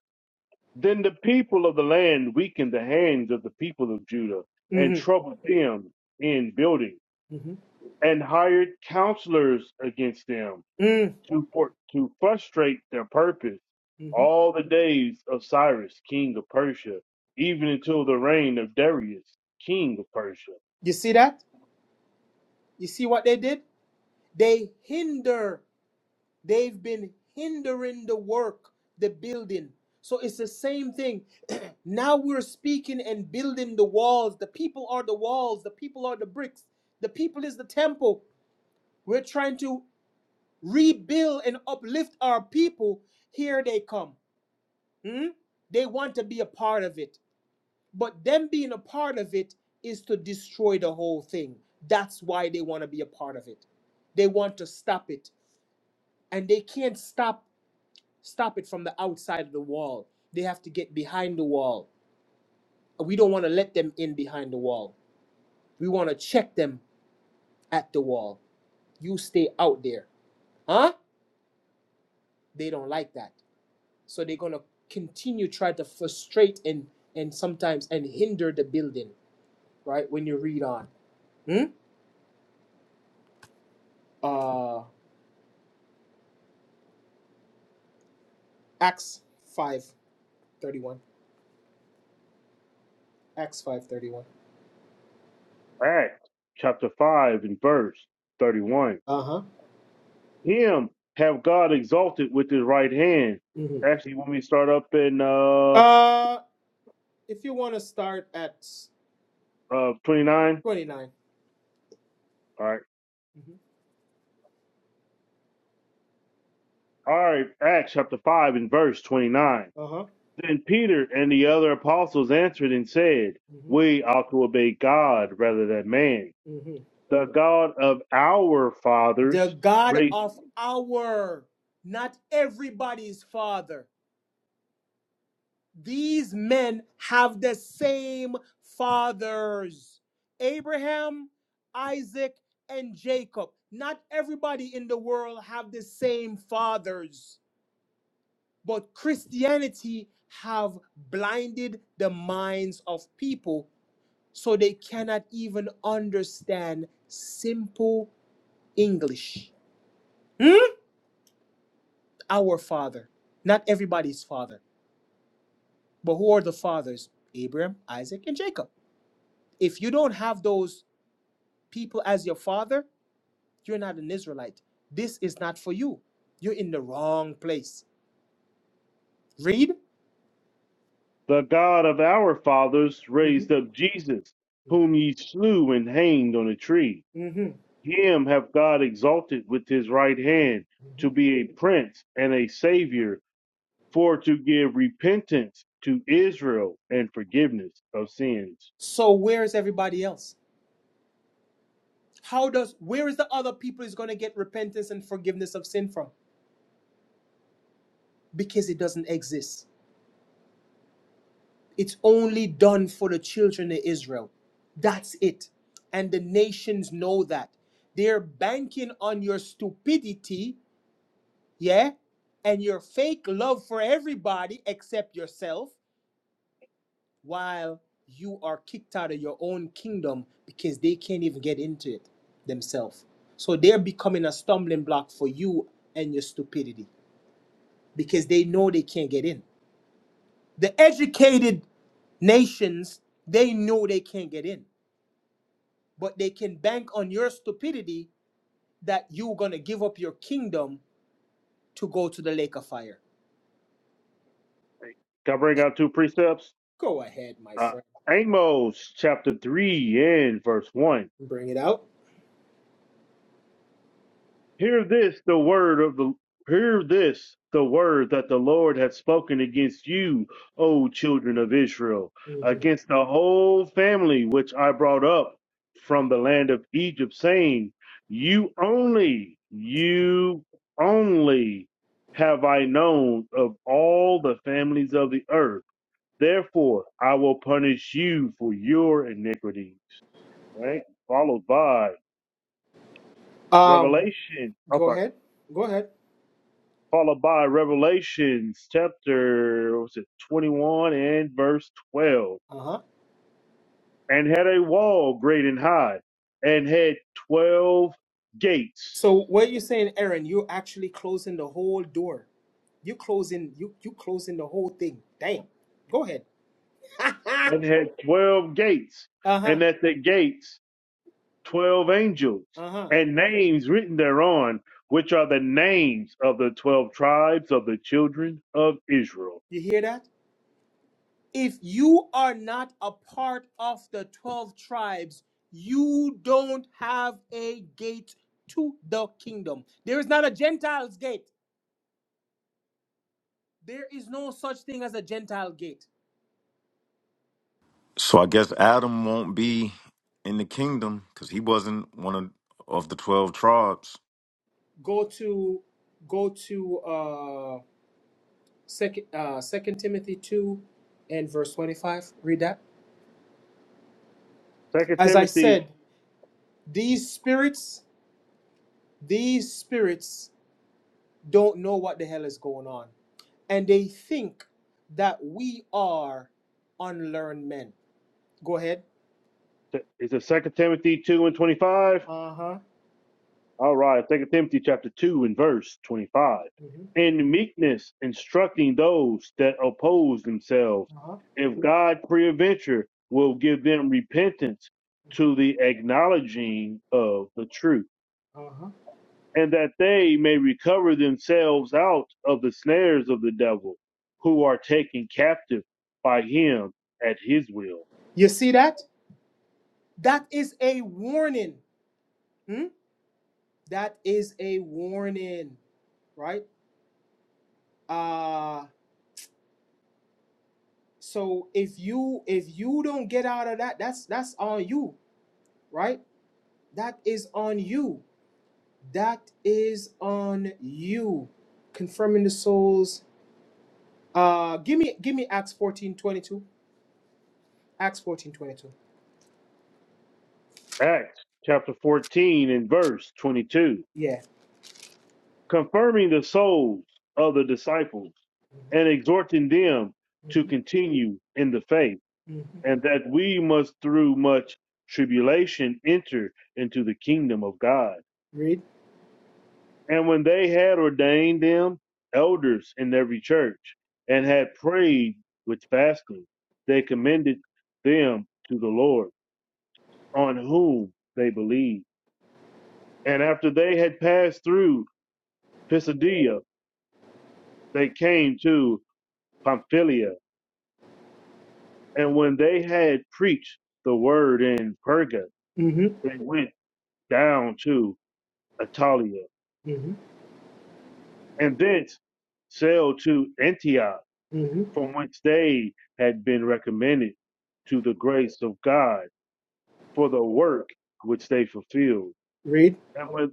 Then the people of the land weakened the hands of the people of Judah and
mm-hmm,
troubled them in building,
mm-hmm,
and hired counselors against them to, for, to frustrate their purpose
mm-hmm.
all the days of Cyrus, king of Persia, even until the reign of Darius, king of Persia.
You see that? You see what they did? They hinder, they've been hindering the work, the building. So it's the same thing. now we're speaking and building the walls. The people are the walls, the people are the bricks, the people is the temple. We're trying to rebuild and uplift our people. Here they come. Hmm? They want to be a part of it. But them being a part of it is to destroy the whole thing. That's why they want to be a part of it. They want to stop it. and they can't stop stop it from the outside of the wall. They have to get behind the wall. We don't want to let them in behind the wall. We want to check them at the wall. You stay out there. Huh? They don't like that. So they're going to continue try to frustrate and and sometimes and hinder the building, right? When you read on. Hmm? Uh Acts 5:31. Acts 5:31.
Acts chapter 5 and verse 31.
Uh-huh.
Him have God exalted with his right hand.
Mhm.
Actually, when we start up in uh,
Uh if you want to start at
uh, 29.
29.
all right.
Mm-hmm.
All right, Acts chapter 5 and verse 29.
Uh huh.
Then Peter and the other apostles answered and said,
hmm
We ought to obey God rather than man.
hmm
The God of our fathers
the God
raised
of our, not everybody's father. These men have the same fathers Abraham, Isaac, and Jacob. Not everybody in the world have the same fathers, but Christianity have blinded the minds of people so they cannot even understand simple English. Hmm? Our father. Not everybody's father. But who are the fathers? Abraham, Isaac, and Jacob. If you don't have those people as your father, you're not an Israelite. This is not for you. You're in the wrong place. Read.
the God of our fathers
hmm
raised up Jesus, whom ye slew and hanged on a tree.
hmm
Him have God exalted with his right hand
hmm
to be a prince and a savior, for to give repentance to Israel and forgiveness of sins.
So where is everybody else? How does where is the other people is going to get repentance and forgiveness of sin from? Because it doesn't exist. It's only done for the children of Israel. That's it. And the nations know that. They're banking on your stupidity, yeah, and your fake love for everybody except yourself, while you are kicked out of your own kingdom because they can't even get into it themselves. So they're becoming a stumbling block for you and your stupidity because they know they can't get in. The educated nations, they know they can't get in but they can bank on your stupidity that you're going to give up your kingdom to go to the lake of fire.
Can I bring out two precepts?
Go ahead, my
Uh,
friend.
Amos chapter 3 and verse 1.
Bring it out.
Hear this, the word of the hear this, the word that the Lord hath spoken against you, O children of Israel, against the whole family which I brought up from the land of Egypt, saying, You only, you only have I known of all the families of the earth Therefore, I will punish you for your iniquities. Right? Followed by
Um,
Revelation. I'm
go
sorry.
ahead. Go ahead.
Followed by Revelations chapter What's it 21 and verse 12.
Uh-huh.
And had a wall great and high, and had twelve gates,
So what you saying, Aaron, you're actually closing the whole door. You closing you you closing the whole thing. Damn. Go ahead.
and
uh-huh.
had twelve gates, and at the gates twelve angels,
Uh-huh.
and names written thereon, which are the names of the twelve tribes of the children of Israel.
You hear that? if you are not a part of the 12 tribes, you don't have a gate to the kingdom. There is not a Gentile's gate. There is no such thing as a Gentile gate.
So I guess Adam won't be in the kingdom because he wasn't one of, of the twelve tribes.
Go to go to uh second uh second Timothy 2 and verse 25. Read that.
Second
As I
Timothy
said, these spirits, these spirits don't know what the hell is going on. And they think that we are unlearned men. Go ahead.
is it Second Timothy two and twenty five?
Uh huh.
All right, Second Timothy chapter two and verse twenty five. In meekness instructing those that oppose themselves,
Uh-huh.
if God peradventure will give them repentance to the acknowledging of the truth, and that they may recover themselves out of the snares of the devil, who are taken captive by him at his will.
You see that? That is a warning. Hmm? That is a warning, right? Uh so if you if you don't get out of that, that's that's on you, right? That is on you. That is on you. Confirming the souls Uh, give me give me Acts fourteen twenty two. Acts fourteen twenty two.
Acts chapter 14 and verse 22,
Yeah.
confirming the souls of the disciples and exhorting them to
Mm-hmm.
continue in the faith,
hmm
and that we must through much tribulation enter into the kingdom of God.
Read.
And when they had ordained them elders in every church and had prayed with fasting, they commended them to the Lord, on whom they believed. And after they had passed through Pisidia, they came to Pamphylia, and when they had preached the word in Perga,
hmm
they went down to Italia,
hmm
and thence sailed to Antioch,
hmm
from whence they had been recommended to the grace of God for the work which they fulfilled.
Read.
And when,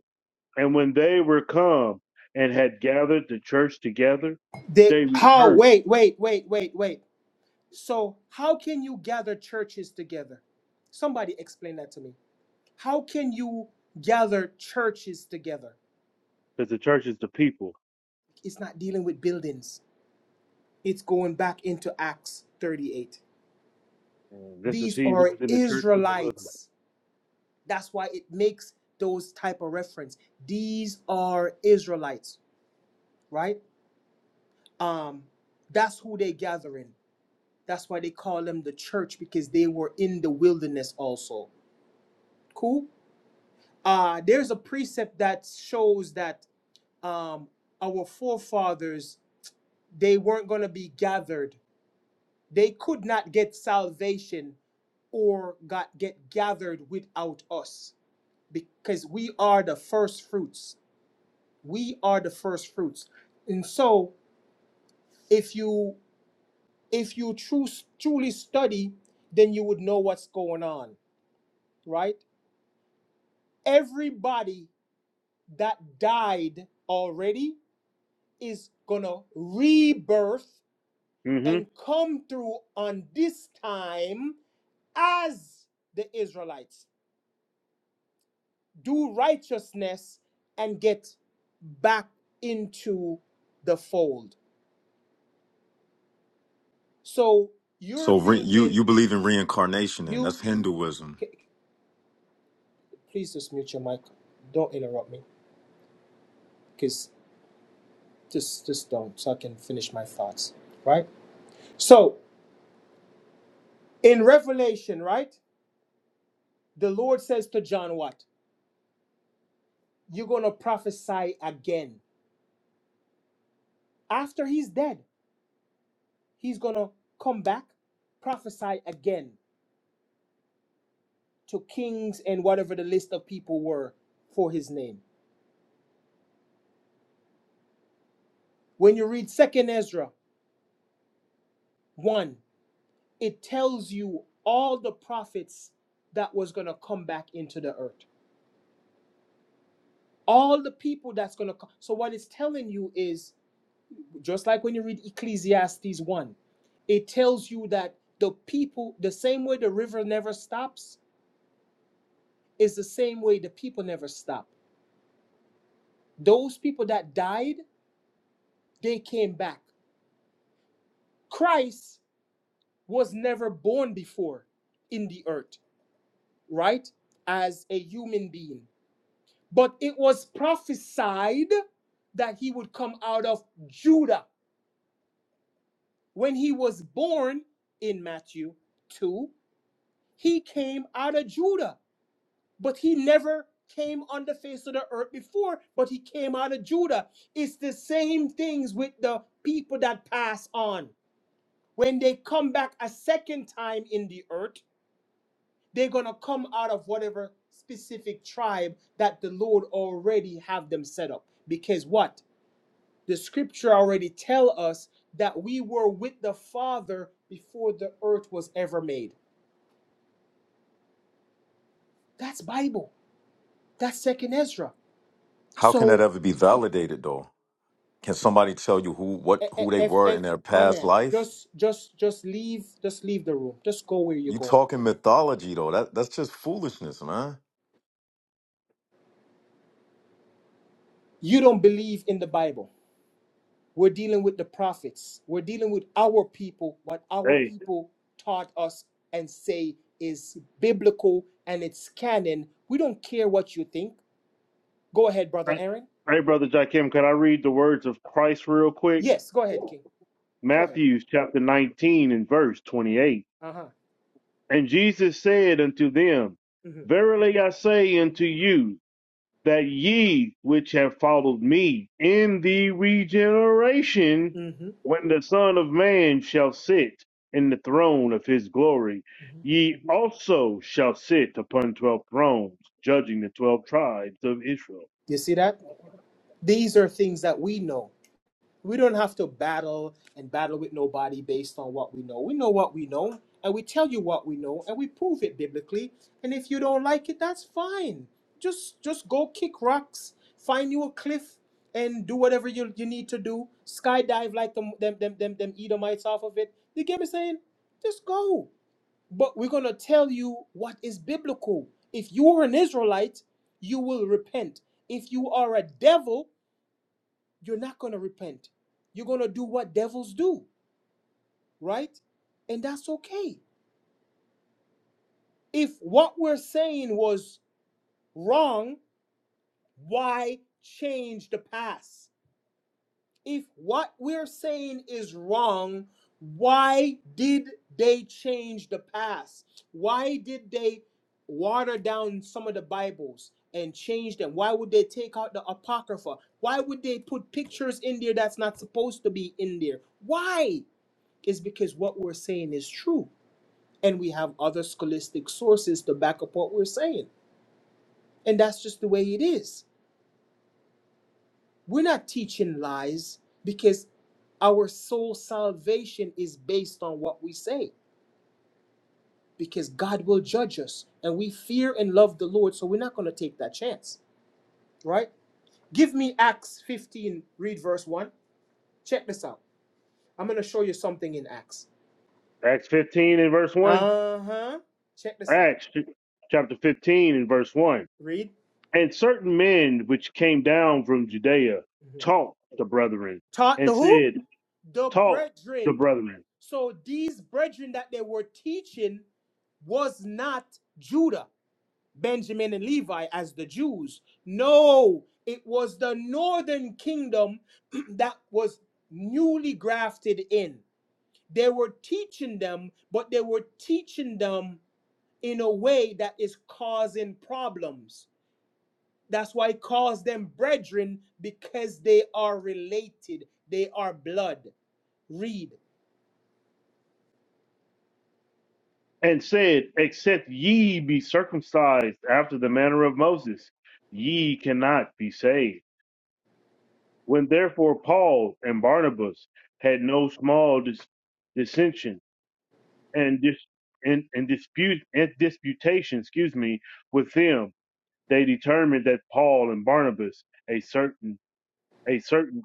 and when they were come and had gathered the church together,
They
they
how?
rehearsed,
Wait, wait, wait, wait, wait. So how can you gather churches together? Somebody explain that to me. How can you gather churches together?
because the church is the people.
It's not dealing with buildings. It's going back into Acts thirty eight.
And this is
These
he who
are
was in the church in the wilderness.
Israelites That's why it makes those type of reference. These are Israelites, right? Um, that's who they gather in. That's why they call them the church because they were in the wilderness also. Cool. Uh, there's a precept that shows that um, our forefathers they weren't going to be gathered. They could not get salvation or got get gathered without us because we are the first fruits we are the first fruits and so if you if you true, truly study then you would know what's going on right everybody that died already is gonna rebirth
hmm
and come through on this time as the israelites do righteousness and get back into the fold so you're
So re, you
thinking
you believe in reincarnation, and
you
that's Hinduism.
c- Please just mute your mic. Don't interrupt me. Because just just don't so I can finish my thoughts. Right? So in Revelation, right? The Lord says to John what? You're gonna prophesy again. After he's dead, he's gonna come back, prophesy again to kings and whatever the list of people were for his name. When you read 2nd Ezra 1, it tells you all the prophets that was gonna come back into the earth all the people that's going to come. So what it's telling you is just like when you read Ecclesiastes 1, it tells you that the people, the same way the river never stops, is the same way the people never stop. Those people that died, they came back. Christ was never born before in the earth, right? As a human being. But it was prophesied that he would come out of Judah When he was born in Matthew 2, he came out of Judah, but he never came on the face of the earth before, but he came out of Judah. It's the same things with the people that pass on. When they come back a second time in the earth, they're going to come out of whatever specific tribe that the Lord already have them set up. Because what? The scripture already tell us that we were with the Father before the earth was ever made. That's Bible. That's second Ezra.
How can that
So
ever be validated, though? Can somebody tell you who what
e- e-
who they
if
were in
if
their
my
past
man,
life?
just just just leave just leave the room. Just go where you're
You
going.
talking mythology though? That that's just foolishness, man.
You don't believe in the Bible. We're dealing with the prophets. We're dealing with our people, what our
Hey,
people taught us and say is biblical and it's canon. We don't care what you think. Go ahead, brother
hey,
Aaron.
hey, brother Jakim, can I read the words of Christ real quick?
Yes, go ahead, King. Go ahead.
Matthew chapter 19 and verse 28.
Uh huh.
And Jesus said unto them,
Mm-hmm.
Verily I say unto you, that ye which have followed me in the regeneration,
Mm-hmm.
when the Son of Man shall sit in the throne of his glory,
hmm
ye also shall sit upon twelve thrones, judging the twelve tribes of Israel.
You see that? These are things that we know. We don't have to battle and battle with nobody based on what we know. We know what we know, and we tell you what we know, and we prove it biblically. And if you don't like it, that's fine. Just just go kick rocks, find you a cliff, and do whatever you, you need to do. Skydive like them them them them, them Edomites off of it. You get me saying? Just go. But we're going to tell you what is biblical. If you are an Israelite, you will repent. If you are a devil, you're not going to repent. You're going to do what devils do, right? And that's okay. If what we're saying was wrong, why change the past? If what we're saying is wrong, why did they change the past? Why did they water down some of the Bibles and change them? Why would they take out the Apocrypha? Why would they put pictures in there that's not supposed to be in there? Why? It's because what we're saying is true. And we have other scholastic sources to back up what we're saying. And that's just the way it is. We're not teaching lies because our soul salvation is based on what we say because God will judge us and we fear and love the Lord, so we're not going to take that chance, right? Give me Acts 15, read verse 1. Check this out. I'm going to show you something in Acts.
Acts 15 and verse 1.
Uh huh. Check this out.
Acts chapter 15 and verse 1.
Read.
And certain men which came down from Judea
Mhm.
taught the brethren
Taught the
and
who?
said,
The
Taught the
brethren.
brethren
So these brethren that they were teaching was not Judah. Benjamin and Levi as the Jews. No, it was the northern kingdom that was newly grafted in. They were teaching them, but they were teaching them in a way that is causing problems. That's why it calls them brethren because they are related, they are blood. Read.
and said, Except ye be circumcised after the manner of Moses, ye cannot be saved. When therefore Paul and Barnabas had no small dis- dissension and, dis- and, and dispute and disputation, excuse me, with them they determined that Paul and Barnabas, a certain a certain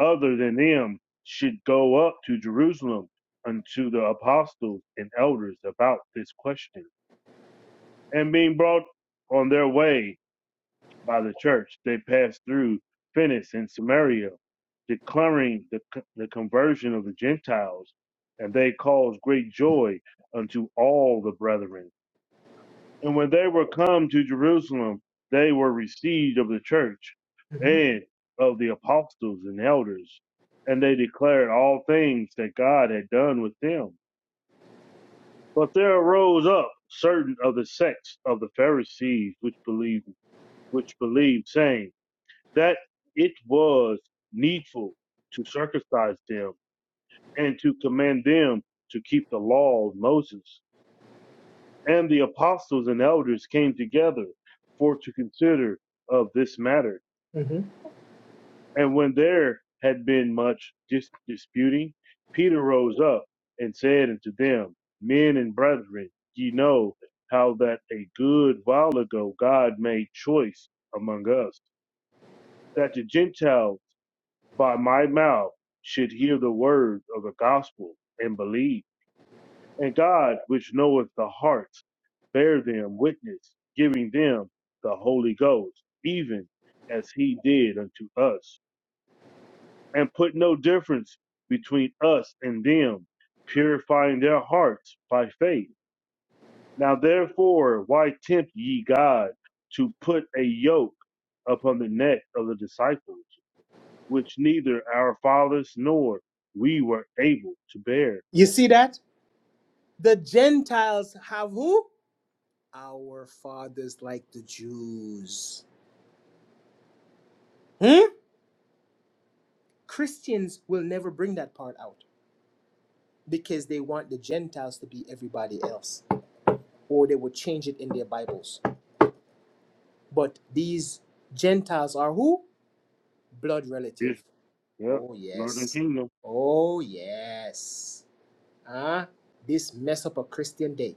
other than them, should go up to Jerusalem unto the apostles and elders about this question. And being brought on their way by the church, they passed through Phoenicia and Samaria, declaring the, the conversion of the Gentiles. And they caused great joy unto all the brethren. And when they were come to Jerusalem, they were received of the church and of the apostles and elders, and they declared all things that God had done with them. But there arose up certain of the sects of the Pharisees which believed, which believed, saying that it was needful to circumcise them and to command them to keep the law of Moses. And the apostles and elders came together for to consider of this matter.
Mhm.
And when there had been much dis- disputing, Peter rose up and said unto them, Men and brethren, ye know how that a good while ago God made choice among us, that the Gentiles by my mouth should hear the word of the gospel and believe. And God, which knoweth the heart, bear them witness, giving them the Holy Ghost, even as he did unto us, and put no difference between us and them, purifying their hearts by faith. Now therefore, why tempt ye God to put a yoke upon the neck of the disciples, which neither our fathers nor we were able to bear?
You see that? The Gentiles have who? Our fathers, like the Jews. Hmm. Christians will never bring that part out because they want the Gentiles to be everybody else, or they would change it in their Bibles. But these Gentiles are who? Blood
Israel.
relative.
Yep.
Oh,
Lord and
yes.
kingdom.
Oh, yes. Huh? This mess up a Christian day.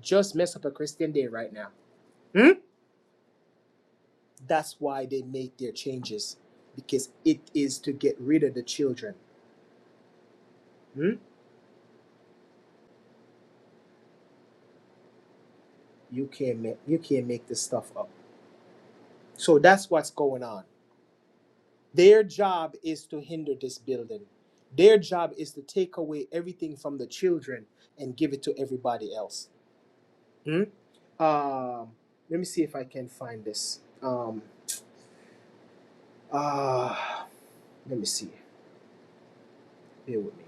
Just mess up a Christian day right now. Hmm? That's why they make their changes because it is to get rid of the children. Hmm? You can't make you can't make this stuff up. So that's what's going on. Their job is to hinder this building. Their job is to take away everything from the children and give it to everybody else. Hmm? Um, let me see if I can find this. Um, uh, let me see. Bear with me.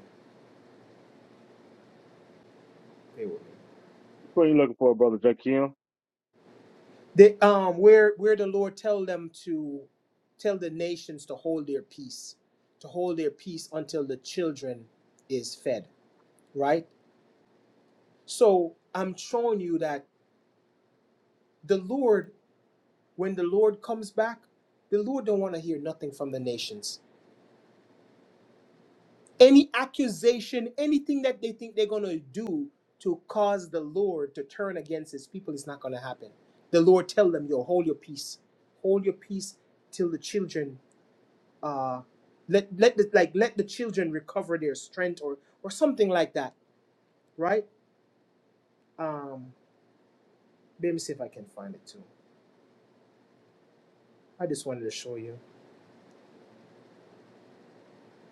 Bear with me.
What are you looking for, brother Jakim?
They, um, where where the Lord tell them to tell the nations to hold their peace, to hold their peace until the children is fed. Right. So I'm showing you that the Lord when the Lord comes back, the Lord don't want to hear nothing from the nations. Any accusation, anything that they think they're going to do to cause the Lord to turn against his people is not going to happen. The Lord tell them, yo, hold your peace. Hold your peace till the children uh let let the like let the children recover their strength or or something like that, right? Um let me see if I can find it too. I just wanted to show you.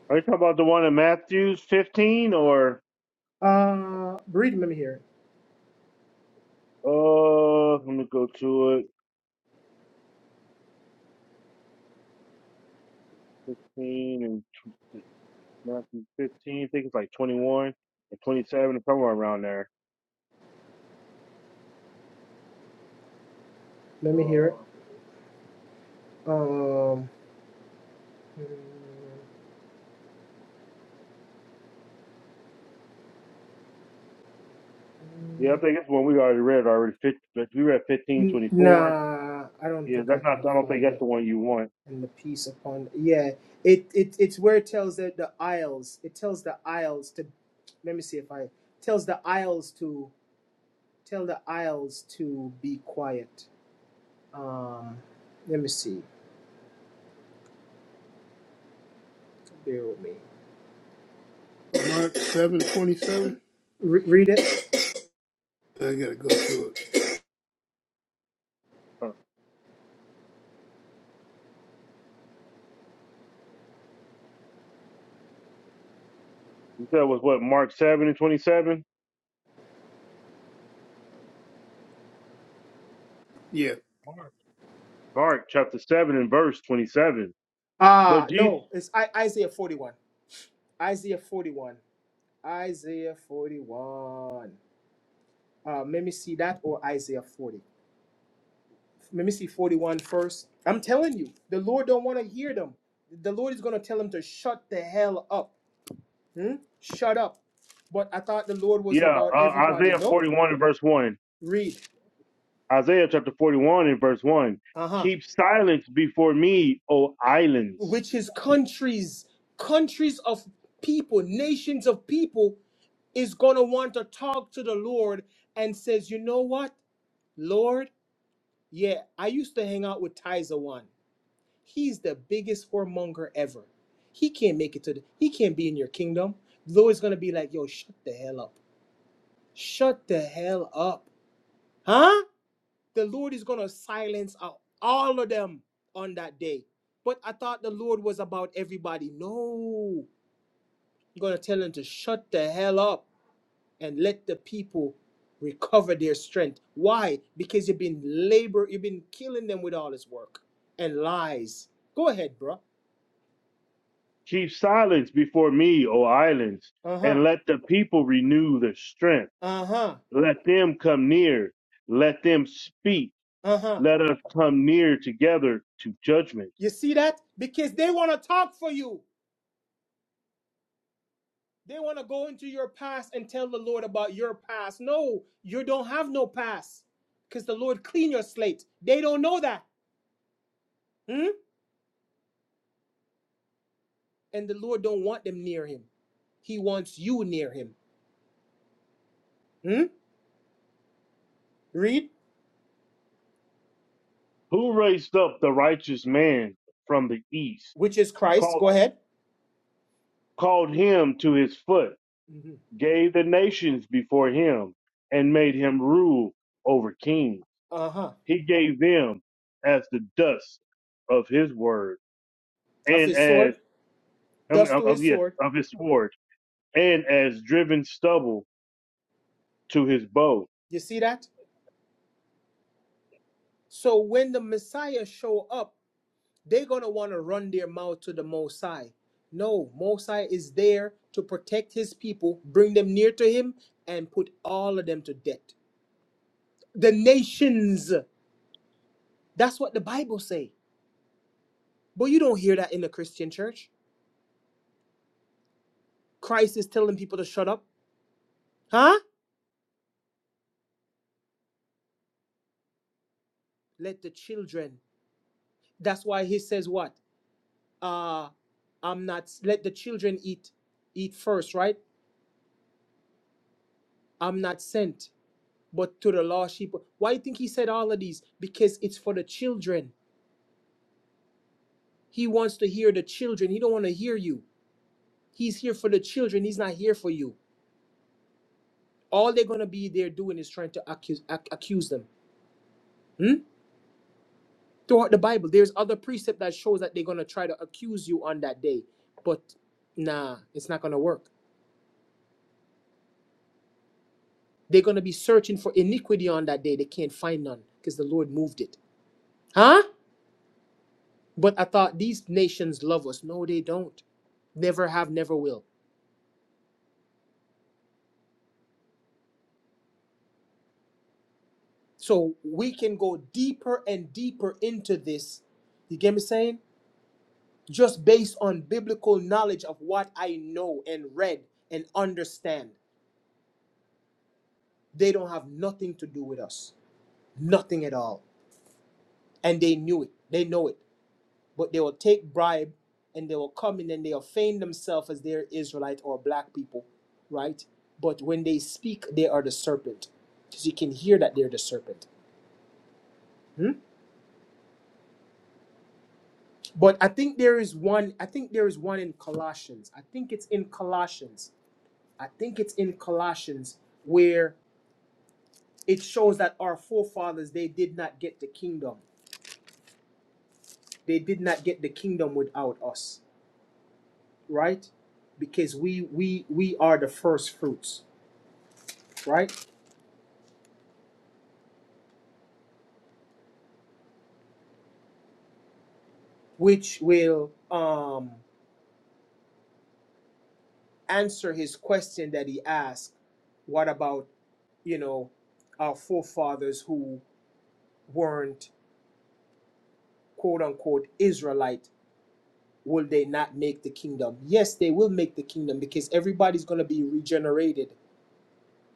Are you talking about the one in Matthews 15 or,
Uh read let me hear it.
uh, let me go to it. 15 and tw- Matthew 15, I think it's like 21 or 27 or somewhere around there.
Let me hear it.
Uh,
Um
yeah, I think it's one we already read already. Fif- like, We read 15,
N-
24.
Nah, I don't
Yeah,
think I
that's
can
not, I don't think
find
that's
it.
the one you want.
in the piece upon yeah, it, it it's where it tells that the isles. It tells the isles to let me see if I tells the isles to tell the isles to be quiet. Um, let me see. Bear with me.
Mark seven twenty seven.
Re- read it.
I gotta go through it.
Huh. You said it was what, Mark 7 and 27?
Yeah,
Mark. Mark chapter 7 and verse 27. But
Ah,
Jesus,
no, it's I- Isaiah forty one. Isaiah forty one. Isaiah forty one. Uh, let me see that or Isaiah forty. let me see 41 first. I'm telling you, the Lord don't want to hear them. The Lord is going to tell them to shut the hell up. Hmm? Shut up. But I thought the Lord was
yeah,
about
uh,
everybody.
Isaiah
No?
41 and verse 1.
Read.
Isaiah chapter 41 and verse 1.
Uh-huh.
Keep silence before me, O islands.
Which is countries, countries of people, nations of people is going to want to talk to the Lord and says, "You know what? Lord, yeah, I used to hang out with Tizer one. He's the biggest whoremonger ever. He can't make it to the. He can't be in your kingdom. The Lord's gonna be like, yo, shut the hell up. Shut the hell up, huh? The Lord is gonna silence out all of them on that day. But I thought the Lord was about everybody. No, you're gonna tell them to shut the hell up and let the people recover their strength. Why? Because you've been labor, you've been killing them with all this work and lies. Go ahead, bro.
Keep silence before me, O islands,
Uh huh.
and let the people renew their strength.
Uh huh.
Let them come near. Let them speak.
Uh-huh.
Let us come near together to judgment.
You see that? Because they want to talk for you. They want to go into your past and tell the Lord about your past. No, you don't have no past. Because the Lord clean your slate. They don't know that. Hmm? And the Lord don't want them near him. He wants you near him. Hmm? Read.
Who raised up the righteous man from the east?
Which is Christ. Go
Called,
ahead.
called him to his foot,
Mhm.
gave the nations before him, and made him rule over kings.
Uh-huh.
He gave them as the dust of his word,
Of
and
his
as
sword.
I mean,
Dust
of,
to
of-
his
yes,
sword.
of his sword, and as driven stubble to his bow.
You see that? So when the Messiah show up, they're going to want to run their mouth to the Mosai. No, Mosai is there to protect his people, bring them near to him, and put all of them to death. The nations. That's what the Bible say. But you don't hear that in the Christian church. Christ is telling people to shut up. Huh? Let the children. That's why he says what? Uh I'm not let the children eat eat first, right? I'm not sent, but to the lost sheep. Why do you think he said all of these? Because it's for the children He wants to hear the children. He don't want to hear you. He's here for the children. He's not here for you. All they're gonna be there doing is trying to accuse ac- accuse them. Hmm? Throughout the Bible, there's other precept that shows that they're gonna try to accuse you on that day, but nah, it's not gonna work. They're gonna be searching for iniquity on that day. They can't find none because the Lord moved it. Huh? But I thought these nations love us. No, they don't. Never have, never will. So we can go deeper and deeper into this. You get me saying? just based on biblical knowledge of what I know and read and understand. They don't have nothing to do with us, nothing at all. And they knew it, they know it. But they will take bribe and they will come in and they'll feign themselves as they're Israelite or black people, right? But when they speak, they are the serpent. Because you can hear that they're the serpent. Hmm? But I think there is one, I think there is one in Colossians. I think it's in Colossians. I think it's in Colossians where it shows that our forefathers they did not get the kingdom they did not get the kingdom without us right because we we we are the first fruits right which will um answer his question that he asked what about you know our forefathers who weren't quote unquote israelite will they not make the kingdom yes they will make the kingdom because everybody's going to be regenerated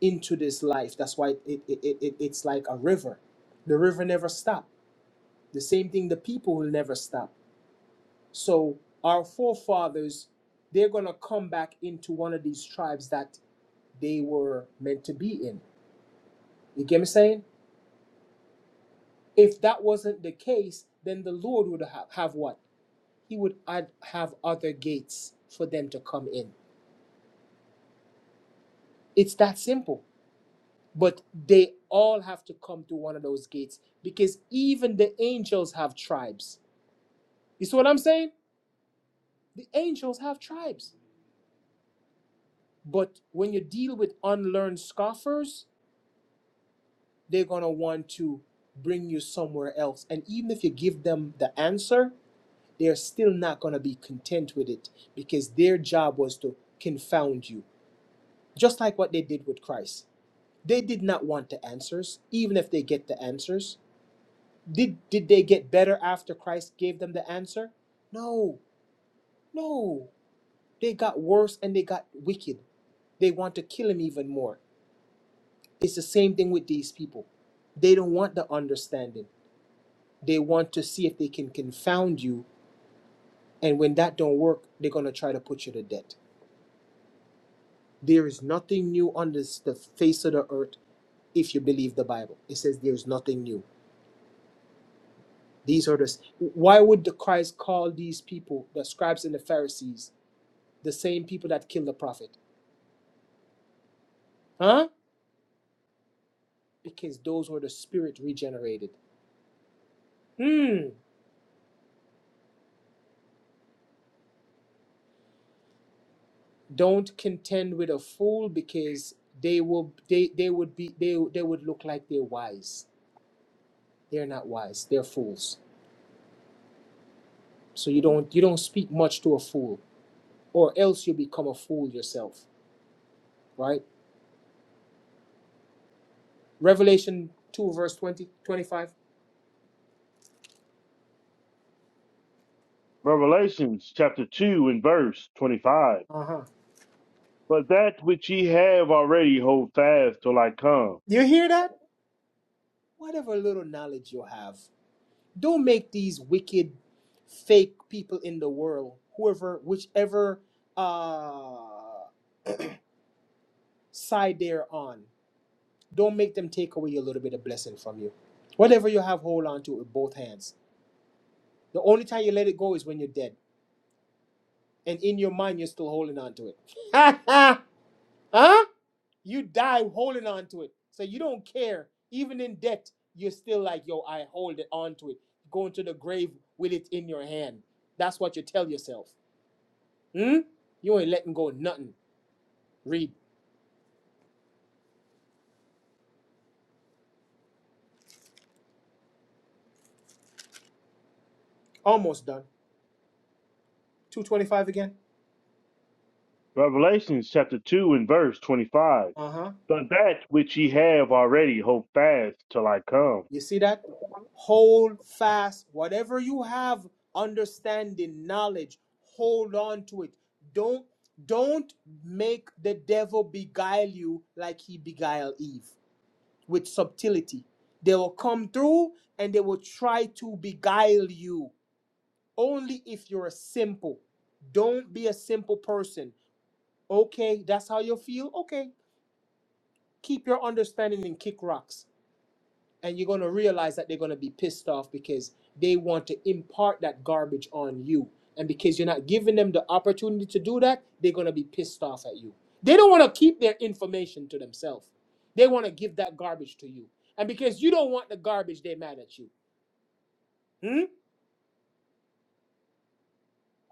into this life. That's why it, it, it, it- it's like a river. The river never stopped. The same thing, the people will never stop. So our forefathers, they're gonna come back into one of these tribes that they were meant to be in. You get me saying? If that wasn't the case, then the Lord would have, have what? He would add, have other gates for them to come in. It's that simple. But they all have to come to one of those gates because even the angels have tribes You see what I'm saying? The angels have tribes. But when you deal with unlearned scoffers, they're going to want to bring you somewhere else. And even if you give them the answer, they're still not going to be content with it because their job was to confound you, just like what they did with Christ. They did not want the answers, even if they get the answers. Did, did they get better after Christ gave them the answer? No, no. They got worse and they got wicked. They want to kill him even more. It's the same thing with these people. They don't want the understanding. They want to see if they can confound you, and when that don't work, they're gonna try to put you to death. There is nothing new on this the face of the earth if you believe the Bible. It says there's nothing new. These are the s- why would the Christ call these people, the scribes and the Pharisees, the same people that killed the prophet? Huh? Because those were the spirit regenerated. Hmm. don't contend with a fool because they will they, they would be they, they would look like they're wise they're not wise they're fools so you don't you don't speak much to a fool or else you become a fool yourself right revelation 2 verse twenty twenty five.
Revelations chapter 2 and verse 25.
uh-huh
But that which ye have already hold fast till I come.
you hear that whatever little knowledge you have don't make these wicked fake people in the world whoever whichever uh side they're on Don't make them take away a little bit of blessing from you. Whatever you have, hold on to it with both hands. The only time you let it go is when you're dead. And in your mind, you're still holding on to it. huh? You die holding on to it. So you don't care. Even in debt, you're still like, yo, I hold it on to it. Going to the grave with it in your hand. That's what you tell yourself. Hmm? You ain't letting go of nothing. Read. Almost done. 225 again.
Revelations chapter 2 and verse 25.
Uh-huh.
But that which ye have already hold fast till I come.
You see that? Hold fast. Whatever you have, understanding, knowledge, hold on to it. Don't don't make the devil beguile you like he beguiled Eve with subtlety. They will come through and they will try to beguile you only if you're simple. Don't be a simple person. Okay, that's how you feel. Okay, keep your understanding and kick rocks. and you're going to realize that they're going to be pissed off because they want to impart that garbage on you and because you're not giving them the opportunity to do that they're going to be pissed off at you they don't want to keep their information to themselves they want to give that garbage to you and because you don't want the garbage they're mad at you Hmm?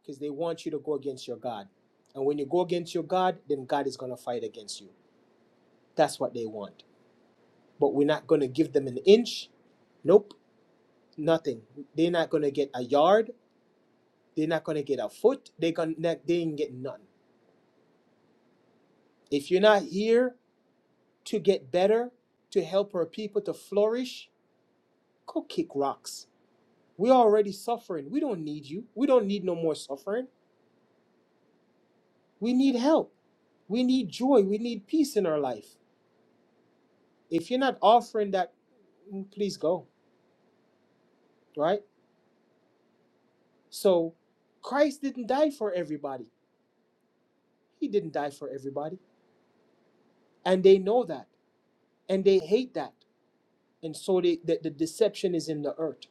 because they want you to go against your god and when you go against your god then god is going to fight against you that's what they want but we're not going to give them an inch nope nothing they're not going to get a yard They're not gonna get a foot. They gonna they ain't get none. If you're not here to get better, to help our people to flourish, go kick rocks. We're already suffering. We don't need you. We don't need no more suffering. We need help. We need joy. We need peace in our life. If you're not offering that, mm, please go. Right? So Christ didn't die for everybody. He didn't die for everybody. And they know that. And they hate that. And so they, the, the deception is in the earth.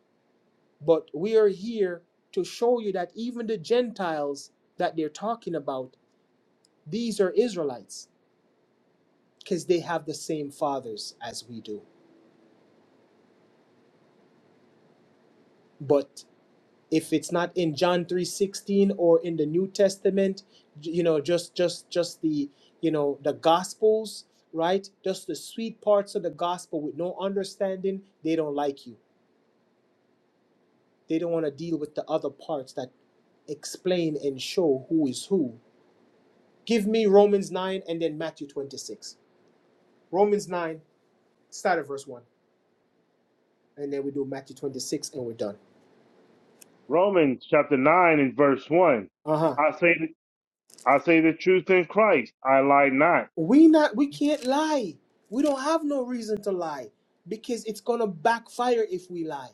But we are here to show you that even the Gentiles that they're talking about, these are Israelites because they have the same fathers as we do. But if it's not in John 3:16 or in the New Testament, you know, just just just the, you know, the gospels, right? Just the sweet parts of the gospel with no understanding, they don't like you. They don't want to deal with the other parts that explain and show who is who Give me Romans 9 and then Matthew 26. Romans 9, start at verse 1. And then we do Matthew 26 and we're done.
Romans chapter 9 and verse 1.
Uh-huh.
I say, I say the truth in Christ, I lie not.
We not we can't lie. We don't have no reason to lie because it's gonna backfire if we lie.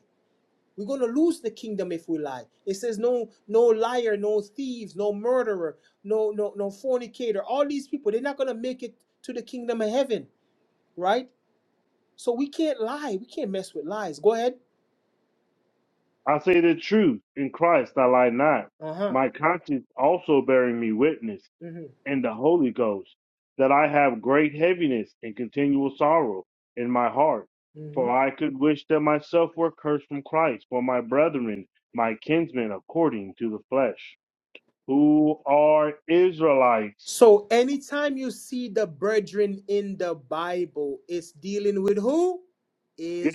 We're gonna lose the kingdom if we lie. It says no no liar, no thieves, no murderer, no no no fornicator. All these people, they're not gonna make it to the kingdom of heaven, right? So we can't lie. We can't mess with lies. Go ahead.
I say the truth in Christ, I lie not.
Uh-huh.
My conscience also bearing me witness
Mm-hmm.
in the Holy Ghost that I have great heaviness and continual sorrow in my heart.
Mm-hmm.
For I could wish that myself were cursed from Christ for my brethren, my kinsmen according to the flesh, who are Israelites,
So anytime you see the brethren in the Bible, it's dealing with who?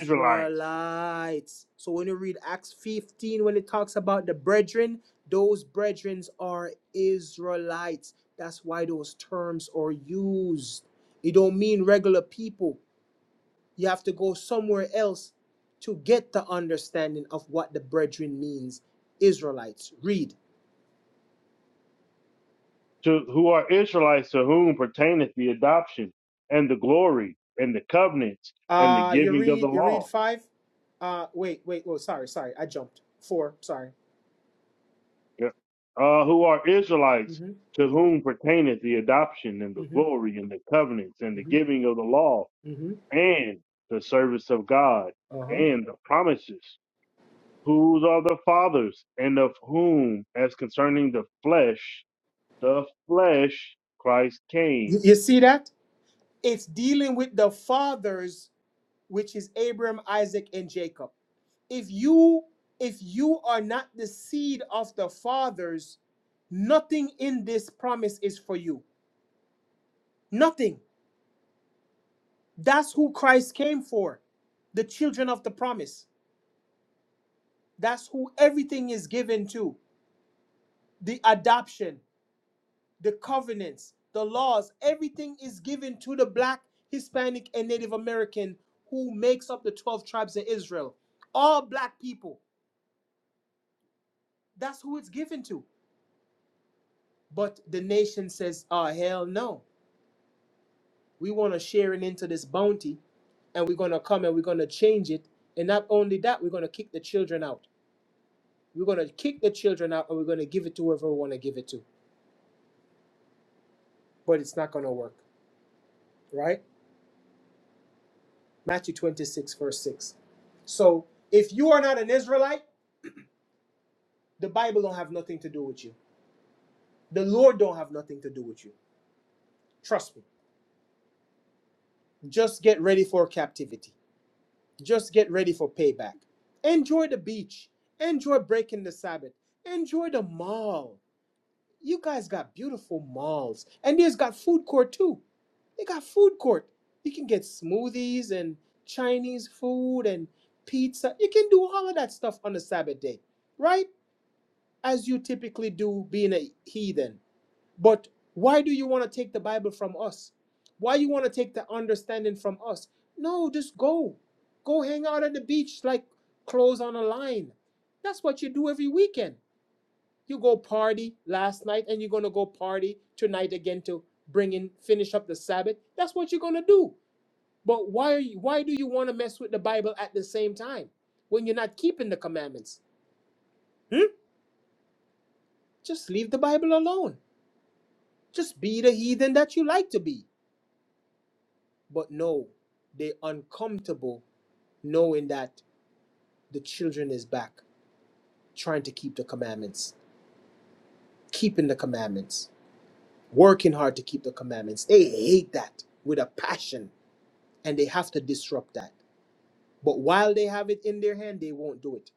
Israelites
So when you read Acts 15, when it talks about the brethren, those brethren are Israelites. That's why those terms are used. It don't mean regular people. You have to go somewhere else to get the understanding of what the brethren means. Israelites. Read.
to who are Israelites to whom pertaineth the adoption and the glory and the covenants and the
Uh, you
giving of the
read you read
law.
five. Uh, wait, wait. Oh, sorry, sorry. I jumped four. Sorry.
Yeah. Uh, who are Israelites
Mhm.
to whom pertaineth the adoption and the
Mhm.
glory and the covenants and the
Mhm.
giving of the law
Mhm.
and the service of God
Uh huh.
and the promises. Whose are the fathers and of whom, as concerning the flesh, the flesh Christ
You,
came.
you see that? It's dealing with the fathers, which is Abraham, Isaac, and Jacob. If you if you are not the seed of the fathers, nothing in this promise is for you. Nothing. That's who Christ came for. The children of the promise. That's who everything is given to. The adoption. the covenants, the laws, everything is given to the black, Hispanic, and Native American who makes up the 12 tribes of Israel. All black people. That's who it's given to. But the nation says, oh, hell no. We want to share it into this bounty, and we're going to come and we're going to change it. And not only that, we're going to kick the children out. We're going to kick the children out, and we're going to give it to whoever we want to give it to. But it's not going to work, right? Matthew 26, verse 6. So if you are not an Israelite, the Bible don't have nothing to do with you. The Lord don't have nothing to do with you. Trust me. Just get ready for captivity. Just get ready for payback. Enjoy the beach. Enjoy breaking the Sabbath. Enjoy the mall. You guys got beautiful malls. And there's got food court too. They got food court. You can get smoothies and Chinese food and pizza. You can do all of that stuff on the Sabbath day, right? as you typically do being a heathen. But why do you want to take the Bible from us? Why you want to take the understanding from us? No, just go. Go hang out at the beach like clothes on a line. That's what you do every weekend. You go party last night and you're going to go party tonight again to bring in finish up the Sabbath. That's what you're going to do. But why are you why do you want to mess with the Bible at the same time when you're not keeping the commandments? Hmm? Just leave the Bible alone. Just be the heathen that you like to be. But no, they're uncomfortable knowing that the children is back, trying to keep the commandments, keeping the commandments, working hard to keep the commandments. They hate that with a passion, and they have to disrupt that. But while they have it in their hand, they won't do it.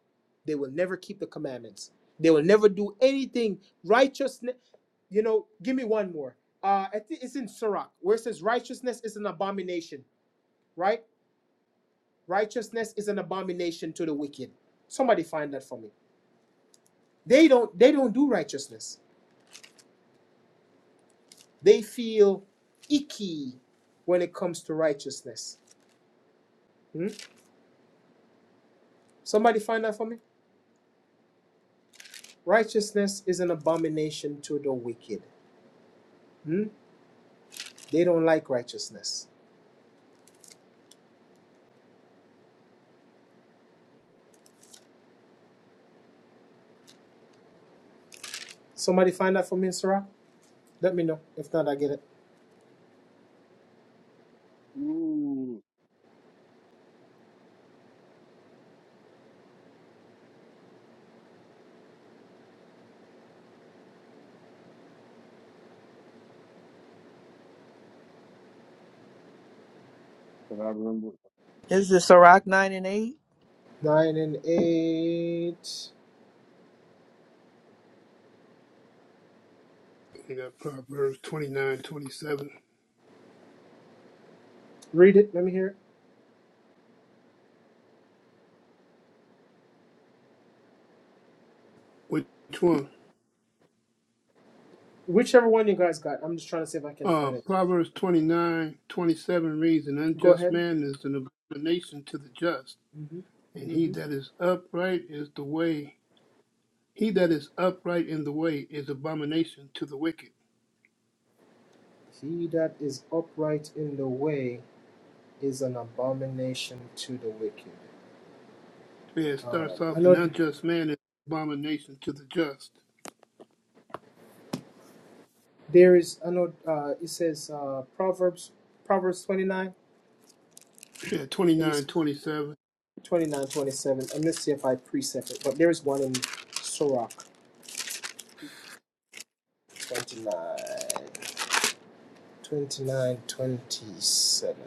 They will never keep the commandments. They will never do anything righteousness. You know, give me one more. Uh, I think it's in Sirach where it says righteousness is an abomination, right? Righteousness is an abomination to the wicked. Somebody find that for me. They don't they don't do righteousness. They feel icky when it comes to righteousness. Hmm? Somebody find that for me. Righteousness is an abomination to the wicked. Hmm? They don't like righteousness. Somebody find that for me, Sarah? Let me know. If not, I get it.
Ooh, can I remember?
Is this Sirach nine and eight?
Nine and eight.
I got Proverbs twenty nine twenty seven.
Read it. Let me hear it.
Which one?
Whichever one you guys got. I'm just trying to see if I can
Uh,
find it.
Proverbs twenty nine twenty seven reads, "An
Go
unjust
ahead.
man is an abomination to the just, and he
hmm
that is upright is the way. He that is upright in the way is abomination to the wicked."
He that is upright in the way is an abomination to the wicked.
Yeah, it
Um,
starts
I
off, "An
know th-
unjust man is abomination to the just."
there is. I know uh, it says uh, Proverbs Proverbs twenty nine.
Yeah, twenty
Let me
nine
s-
twenty seven.
29, 27. Let me see if I precept it, but there is one in Sirach 29, 29, 27,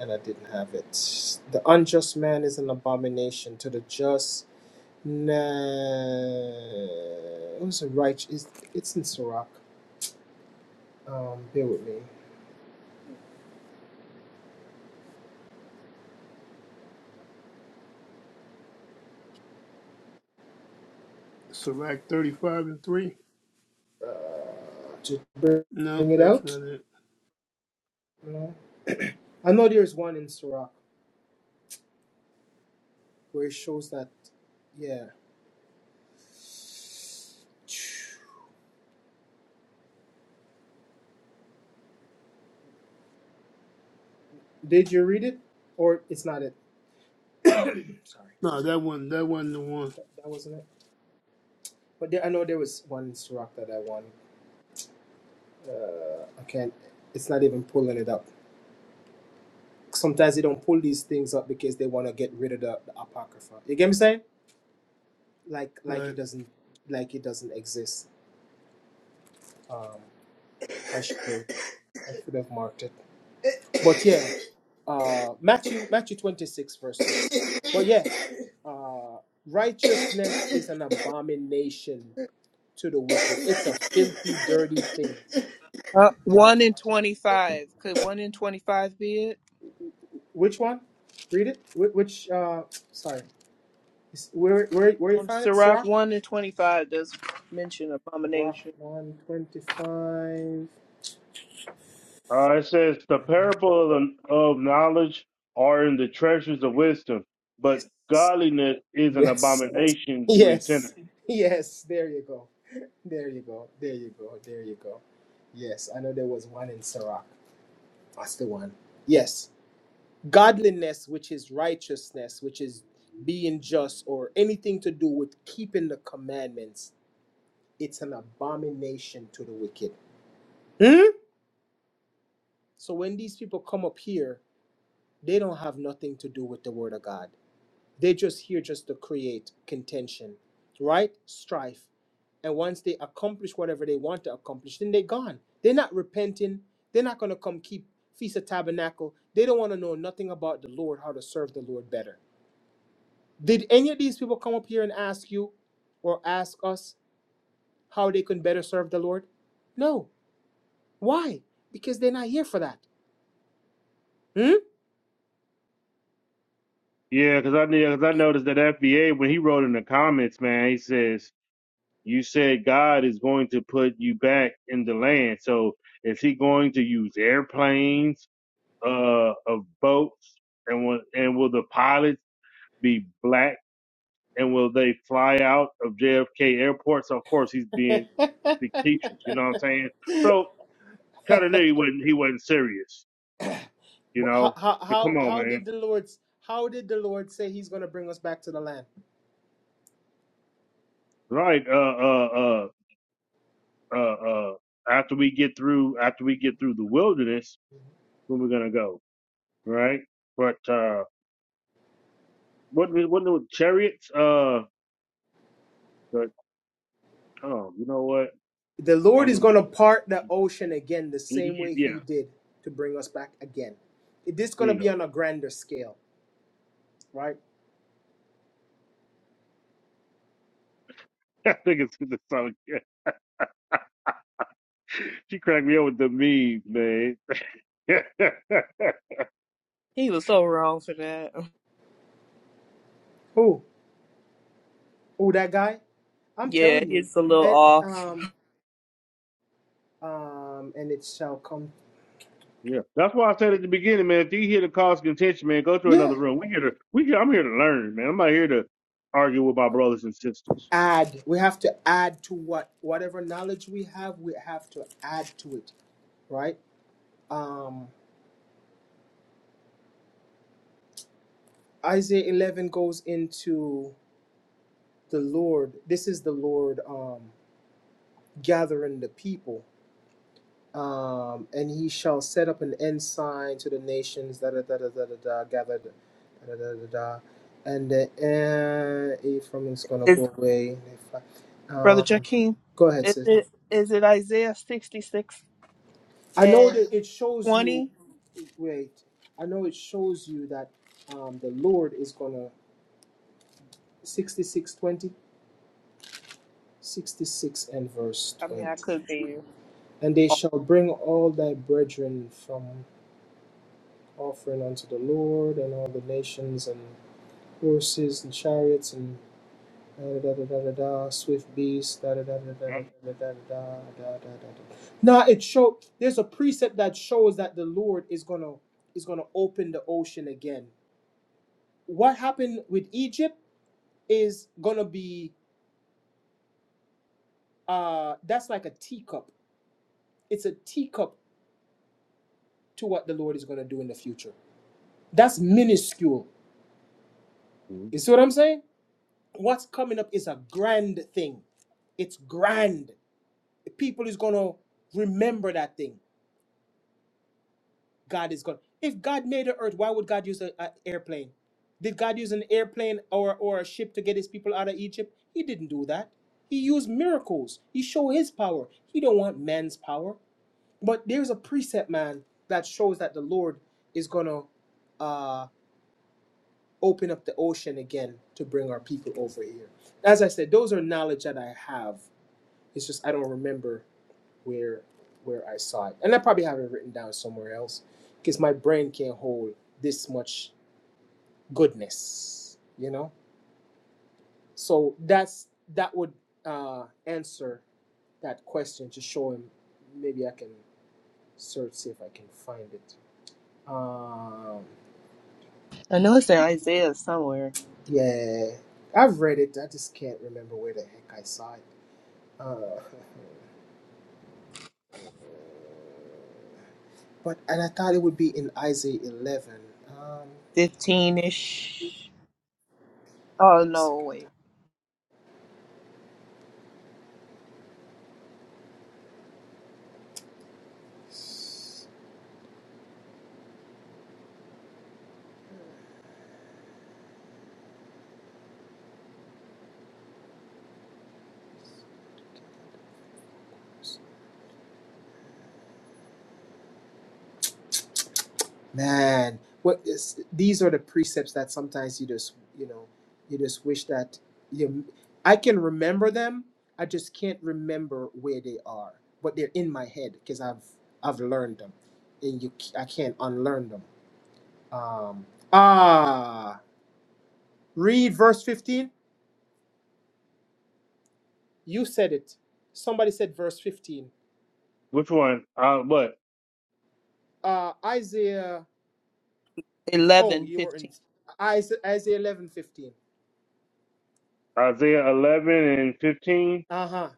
And I didn't have it. The unjust man is an abomination to the just No, it was a right. It's, it's in Sirach. Um, bear with me.
Sirach 35 and 3.
Uh, to
No,
bring it
that's
out.
not it.
No. I know there's one in Sirach where it shows that. Yeah. Did you read it, or it's not it? Sorry,
No, that one, that wasn't the one.
that, that wasn't it. But there, I know there was one in Sirach that I won. Uh, I can't. It's not even pulling it up. Sometimes they don't pull these things up because they want to get rid of the, the apocrypha. You get me saying? like like
Right,
it doesn't like it doesn't exist. Um, I should have I should have marked it. But yeah, uh, Matthew Matthew twenty six verse six. But yeah, uh, righteousness is an abomination to the wicked. It's a filthy, dirty thing,
Uh,
right?
one in twenty-five. Could one in twenty-five be it?
Which one? Read it. Wh- Which? Uh, sorry, It's- where where where you
Um,
found it?
Sirach
Sirach.
one in twenty-five does mention
Rock
abomination.
one twenty five.
Uh, it says the parable of, the, of knowledge are in the treasures of wisdom, but
Yes.
godliness is an
Yes.
abomination to a sinner.
Yes. Yes. There you go. There you go. There you go. There you go. Yes. I know there was one in Sirach. That's the one. Yes. Godliness, which is righteousness, which is being just or anything to do with keeping the commandments, it's an abomination to the wicked. Hmm? So when these people come up here, they don't have nothing to do with the word of God. They just here just to create contention, right? Strife. And once they accomplish whatever they want to accomplish, then they're gone. They're not repenting. They're not going to come keep Feast of Tabernacle. They don't want to know nothing about the Lord, how to serve the Lord better. Did any of these people come up here and ask you or ask us how they can better serve the Lord? No. Why? Because they're not here for that. Hmm?
Yeah, because I because I noticed that FBA when he wrote in the comments, man, he says you said God is going to put you back in the land. So is he going to use airplanes, uh, of boats, and will and will the pilots be black? And will they fly out of JFK airport? So of course he's being fictitious. You know what I'm saying? So kind of knew he wasn't he wasn't serious. You
But how,
know,
how,
so
how,
come on,
how
man.
did the Lord's how did the Lord say he's going to bring us back to the land?
Right? Uh, uh, uh, uh, uh. After we get through, after we get through the wilderness, when we're gonna go, right? But uh, what what the chariots? Uh, but oh, you know what?
The Lord
I'm
is
gonna
going to part the ocean again the same way
yeah.
He did to bring us back again. It is
There
going to
you
be
go.
on a grander scale, right?
I think it's the song. She cracked me up with the meme, man. yeah, yeah,
He was so wrong for that.
Who? Who, that guy? I'm
Yeah,
telling you.
it's a little
And,
off.
um, um, and it shall come.
that's why I said at the beginning, man. If you hear the cause of contention, man, go to
Yeah.
another room. We here to we here, I'm here to learn, man. I'm not here to argue with my brothers and sisters.
Add. We have to add to what? Whatever knowledge we have, we have to add to it, right? Um, Isaiah 11 goes into the Lord. This is the Lord um, gathering the people um, and he shall set up an ensign to the nations. Da da da da da da da. Gathered. Da da da da da. And the uh, Ephraim is gonna
Is
go away.
Brother
Um,
Joaquin?
go ahead,
Is
sis.
it is it Isaiah sixty six
I know
and
that it shows you.
twenty?
Wait, I know it shows you that um, the Lord is gonna 66 twenty, 66 and verse
I mean,
20.
I could be.
And they
off.
shall bring all thy brethren from offering unto the Lord and all the nations, and. horses and chariots and da da da da da da, swift beasts, da da da da da da da da da da da da Now it show there's a precept that shows that the Lord is gonna is gonna open the ocean again. What happened with Egypt is gonna be uh that's like a teacup. It's a teacup to what the Lord is gonna do in the future. That's minuscule.
Mhm.
You see what I'm saying? What's coming up is a grand thing. It's grand. people is gonna remember that thing. God is going If God made the earth, why would God use an airplane? Did God use an airplane or or a ship to get His people out of Egypt? He didn't do that. He used miracles. He showed His power. He don't want man's power. But there's a precept, man, that shows that the Lord is gonna uh, open up the ocean again to bring our people over here. As I said, those are knowledge that I have It's just I don't remember where where I saw it, and I probably have it written down somewhere else because my brain can't hold this much goodness, you know. So that's that would uh, answer that question to show him. Maybe I can search see if I can find it. Um,
I know it's in Isaiah somewhere,
yeah, I've read it. I just can't remember where the heck I saw it. Uh, but and I thought it would be in Isaiah eleven. Um,
fifteen ish. Oh no,
second time.
wait,
Man, what is these are the precepts that sometimes you just you know you just wish that you I can remember them. I just can't remember where they are, but they're in my head because I've I've learned them, and you c- I can't unlearn them. Um, ah, read verse fifteen. You said it. Somebody said verse fifteen.
Which one? Uh, what
Uh, Isaiah. Oh,
eleven,
you were in
fifteen.
Isaiah, Isaiah eleven fifteen.
Isaiah 11 and 15.
Uh huh.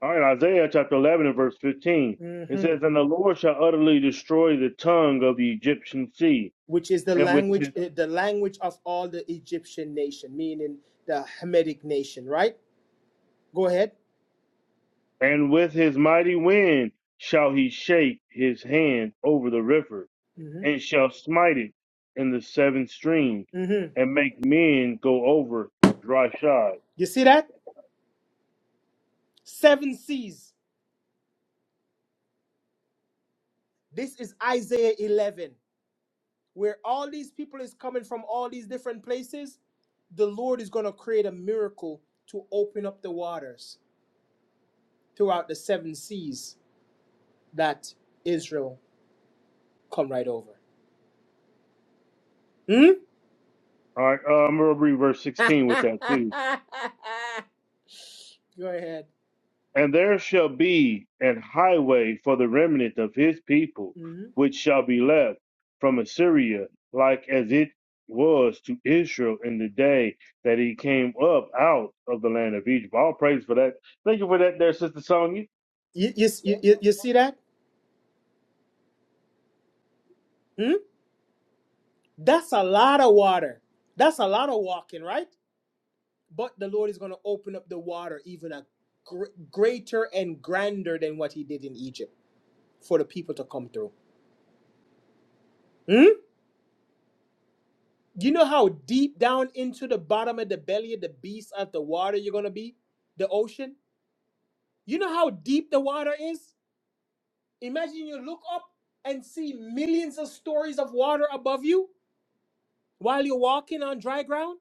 All right, Isaiah chapter 11 and verse 15. It
Mm-hmm.
says, "And the Lord shall utterly destroy the tongue of the Egyptian sea,
which is the
and with
language
his,
eh, the language of all the Egyptian nation, meaning the Hamitic nation, right? Go ahead.
and with his mighty wind shall he shake his hand over the river."
hmm
and shall smite it in the seven streams,
hmm
and make men go over dry shod.
You see that? Seven seas. This is Isaiah 11, where all these people is coming from all these different places. The Lord is going to create a miracle to open up the waters throughout the seven seas that Israel come right over. Hmm?
All right, uh, I'm gonna read verse 16 with that too.
Go ahead.
And there shall be an highway for the remnant of his people,
Mm-hmm.
which shall be left from Assyria, like as it was to Israel in the day that he came up out of the land of Egypt. All praise for that. Thank you for that, there, Sister Sonya.
You, you, you, you see that? Hmm? That's a lot of water. That's a lot of walking, right? But the Lord is going to open up the water even a gr- greater and grander than what He did in Egypt for the people to come through. Hmm? You know how deep down into the bottom of the belly of the beast of the water you're going to be? The ocean? You know how deep the water is? Imagine you look up and see millions of stories of water above you while you're walking on dry ground.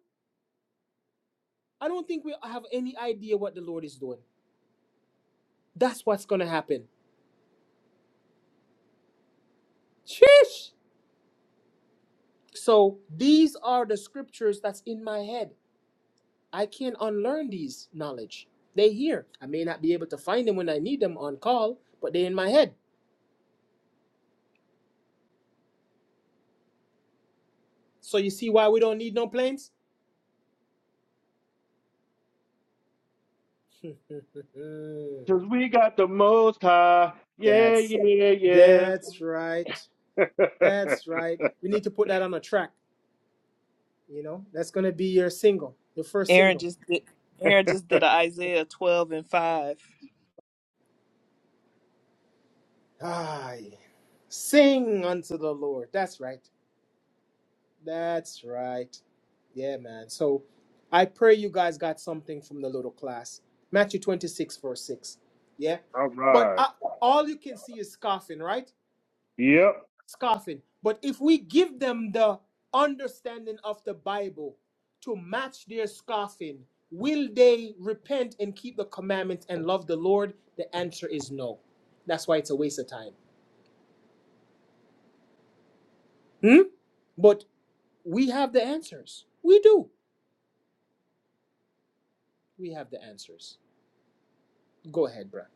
I don't think we have any idea what the Lord is doing. That's what's going to happen. Sheesh. So these are the scriptures that's in my head. I can not unlearn these knowledge. They here. I may not be able to find them when I need them on call, but they're in my head. So you see why we don't need no planes?
Cause we got the most high. Yeah,
that's
yeah, yeah.
that's right. That's right. We need to put that on a track. You know, that's gonna be your single, your first
Aaron
single.
just did. Aaron just did a Isaiah twelve and five.
Aye. Sing unto the Lord. That's right. That's right. Yeah, man. So I pray you guys got something from the little class. Matthew 26, verse 6. Yeah.
All
But
right.
uh, all you can see is scoffing, right?
Yep.
Scoffing. But if we give them the understanding of the Bible to match their scoffing, will they repent and keep the commandments and love the Lord? The answer is no. That's why it's a waste of time. Hmm? But We have the answers. We do. We have the answers. Go ahead, Brad.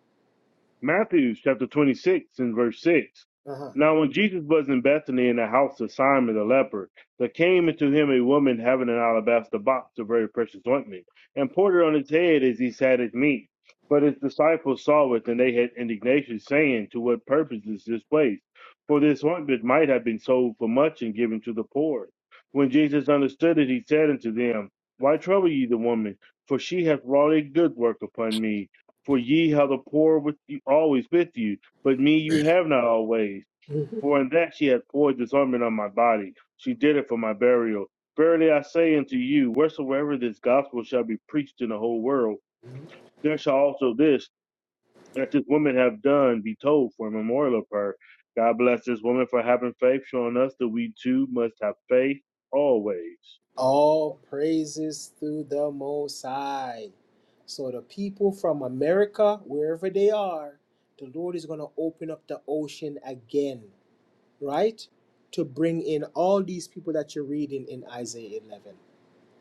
Matthew chapter 26 and verse 6.
Uh-huh.
Now, when Jesus was in Bethany in the house of Simon the leper, there came into him a woman having an alabaster box of very precious ointment, and poured it on his head as he sat at meat. But his disciples saw it, and they had indignation, saying, To what purpose is this place? For this ointment might have been sold for much and given to the poor. When Jesus understood it, he said unto them, Why trouble ye the woman? For she hath wrought a good work upon me. For ye have the poor with you always with you, but me you have not always.
Mm-hmm.
For in that she hath poured this ointment on my body. She did it for my burial. Verily I say unto you, wheresoever this gospel shall be preached in the whole world, there shall also this that this woman have done be told for a memorial of her. God bless this woman for having faith, showing us that we too must have faith always.
All praises to the Most High. So the people from America, wherever they are, the Lord is going to open up the ocean again, right? To bring in all these people that you're reading in Isaiah 11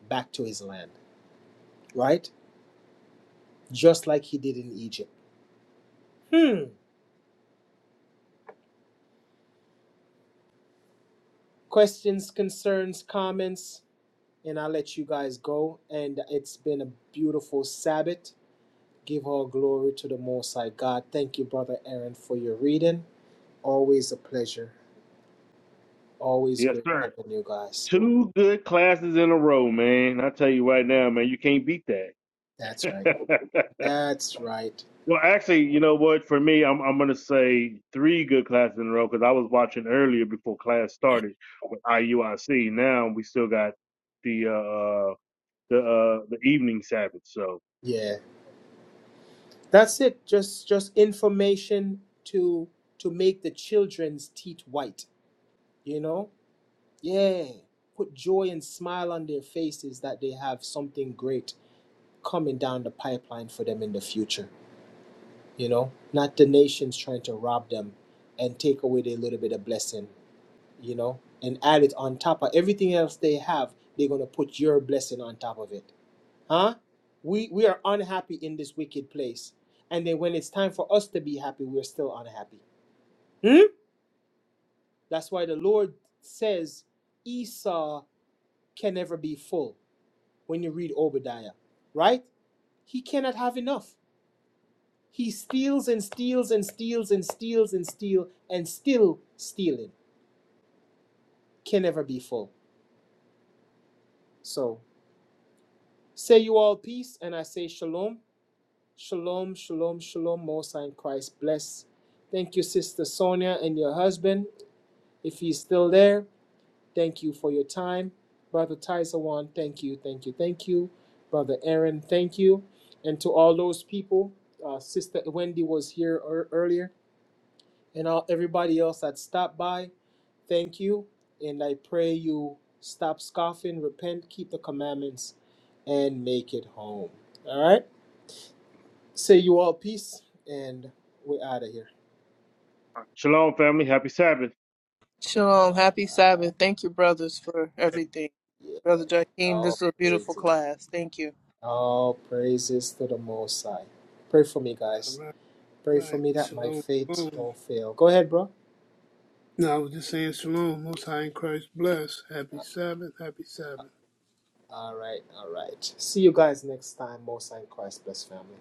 back to his land, right? Just like he did in Egypt. Hmm. Questions, concerns, comments? and I'll let you guys go. And it's been a beautiful Sabbath. Give all glory to the Most High God. Thank you, Brother Aaron, for your reading. Always a pleasure. Always
Yes,
great
sir.
having you guys.
Two good classes in a row, man. I tell you right now, man, you can't beat
That's right.
that.
That's right.
Well, actually, you know what? For me, I'm I'm gonna say three good classes in a row because I was watching earlier before class started with IUIC. Now we still got the uh uh, the uh the evening Sabbath. So
Yeah. That's it. Just just information to to make the children's teeth white. You know? Yeah. Put joy and smile on their faces that they have something great coming down the pipeline for them in the future. you know, not the nations trying to rob them and take away their little bit of blessing, you know, and add it on top of everything else they have. They're gonna put your blessing on top of it, huh? We we are unhappy in this wicked place, and then when it's time for us to be happy, we're still unhappy. Hmm? That's why the Lord says Esau can never be full. When you read Obadiah, right? He cannot have enough. He steals and steals and steals and steals and steal and still stealing can never be full. So say you all peace and I say shalom. Shalom, shalom, shalom, Mosa and Christ bless. Thank you, Sister Sonia and your husband. If he's still there, thank you for your time. Brother Taisawan, thank you, thank you, thank you. Brother Aaron, thank you. And to all those people, uh, Sister Wendy was here ear- earlier. and all everybody else that stopped by. Thank you, and I pray you stop scoffing, repent, keep the commandments, and make it home. All right. Say you all peace, and we're out of here.
shalom, family. Happy Sabbath.
Shalom,
All
happy
right.
Sabbath. Thank you, brothers, for everything. Brother
Yeah.
Joaquin, this
All
is a beautiful
praises.
class. Thank you.
All praises to the Most High. Pray for me, guys.
right,
Pray for
right.
me that my
Shalom,
faith
shalom.
don't fail. Go ahead, bro.
No, I was just saying shalom. Most high in Christ, bless. Happy Sabbath, happy Sabbath.
All right. All right. See you guys next time. Most High in Christ, Bless family.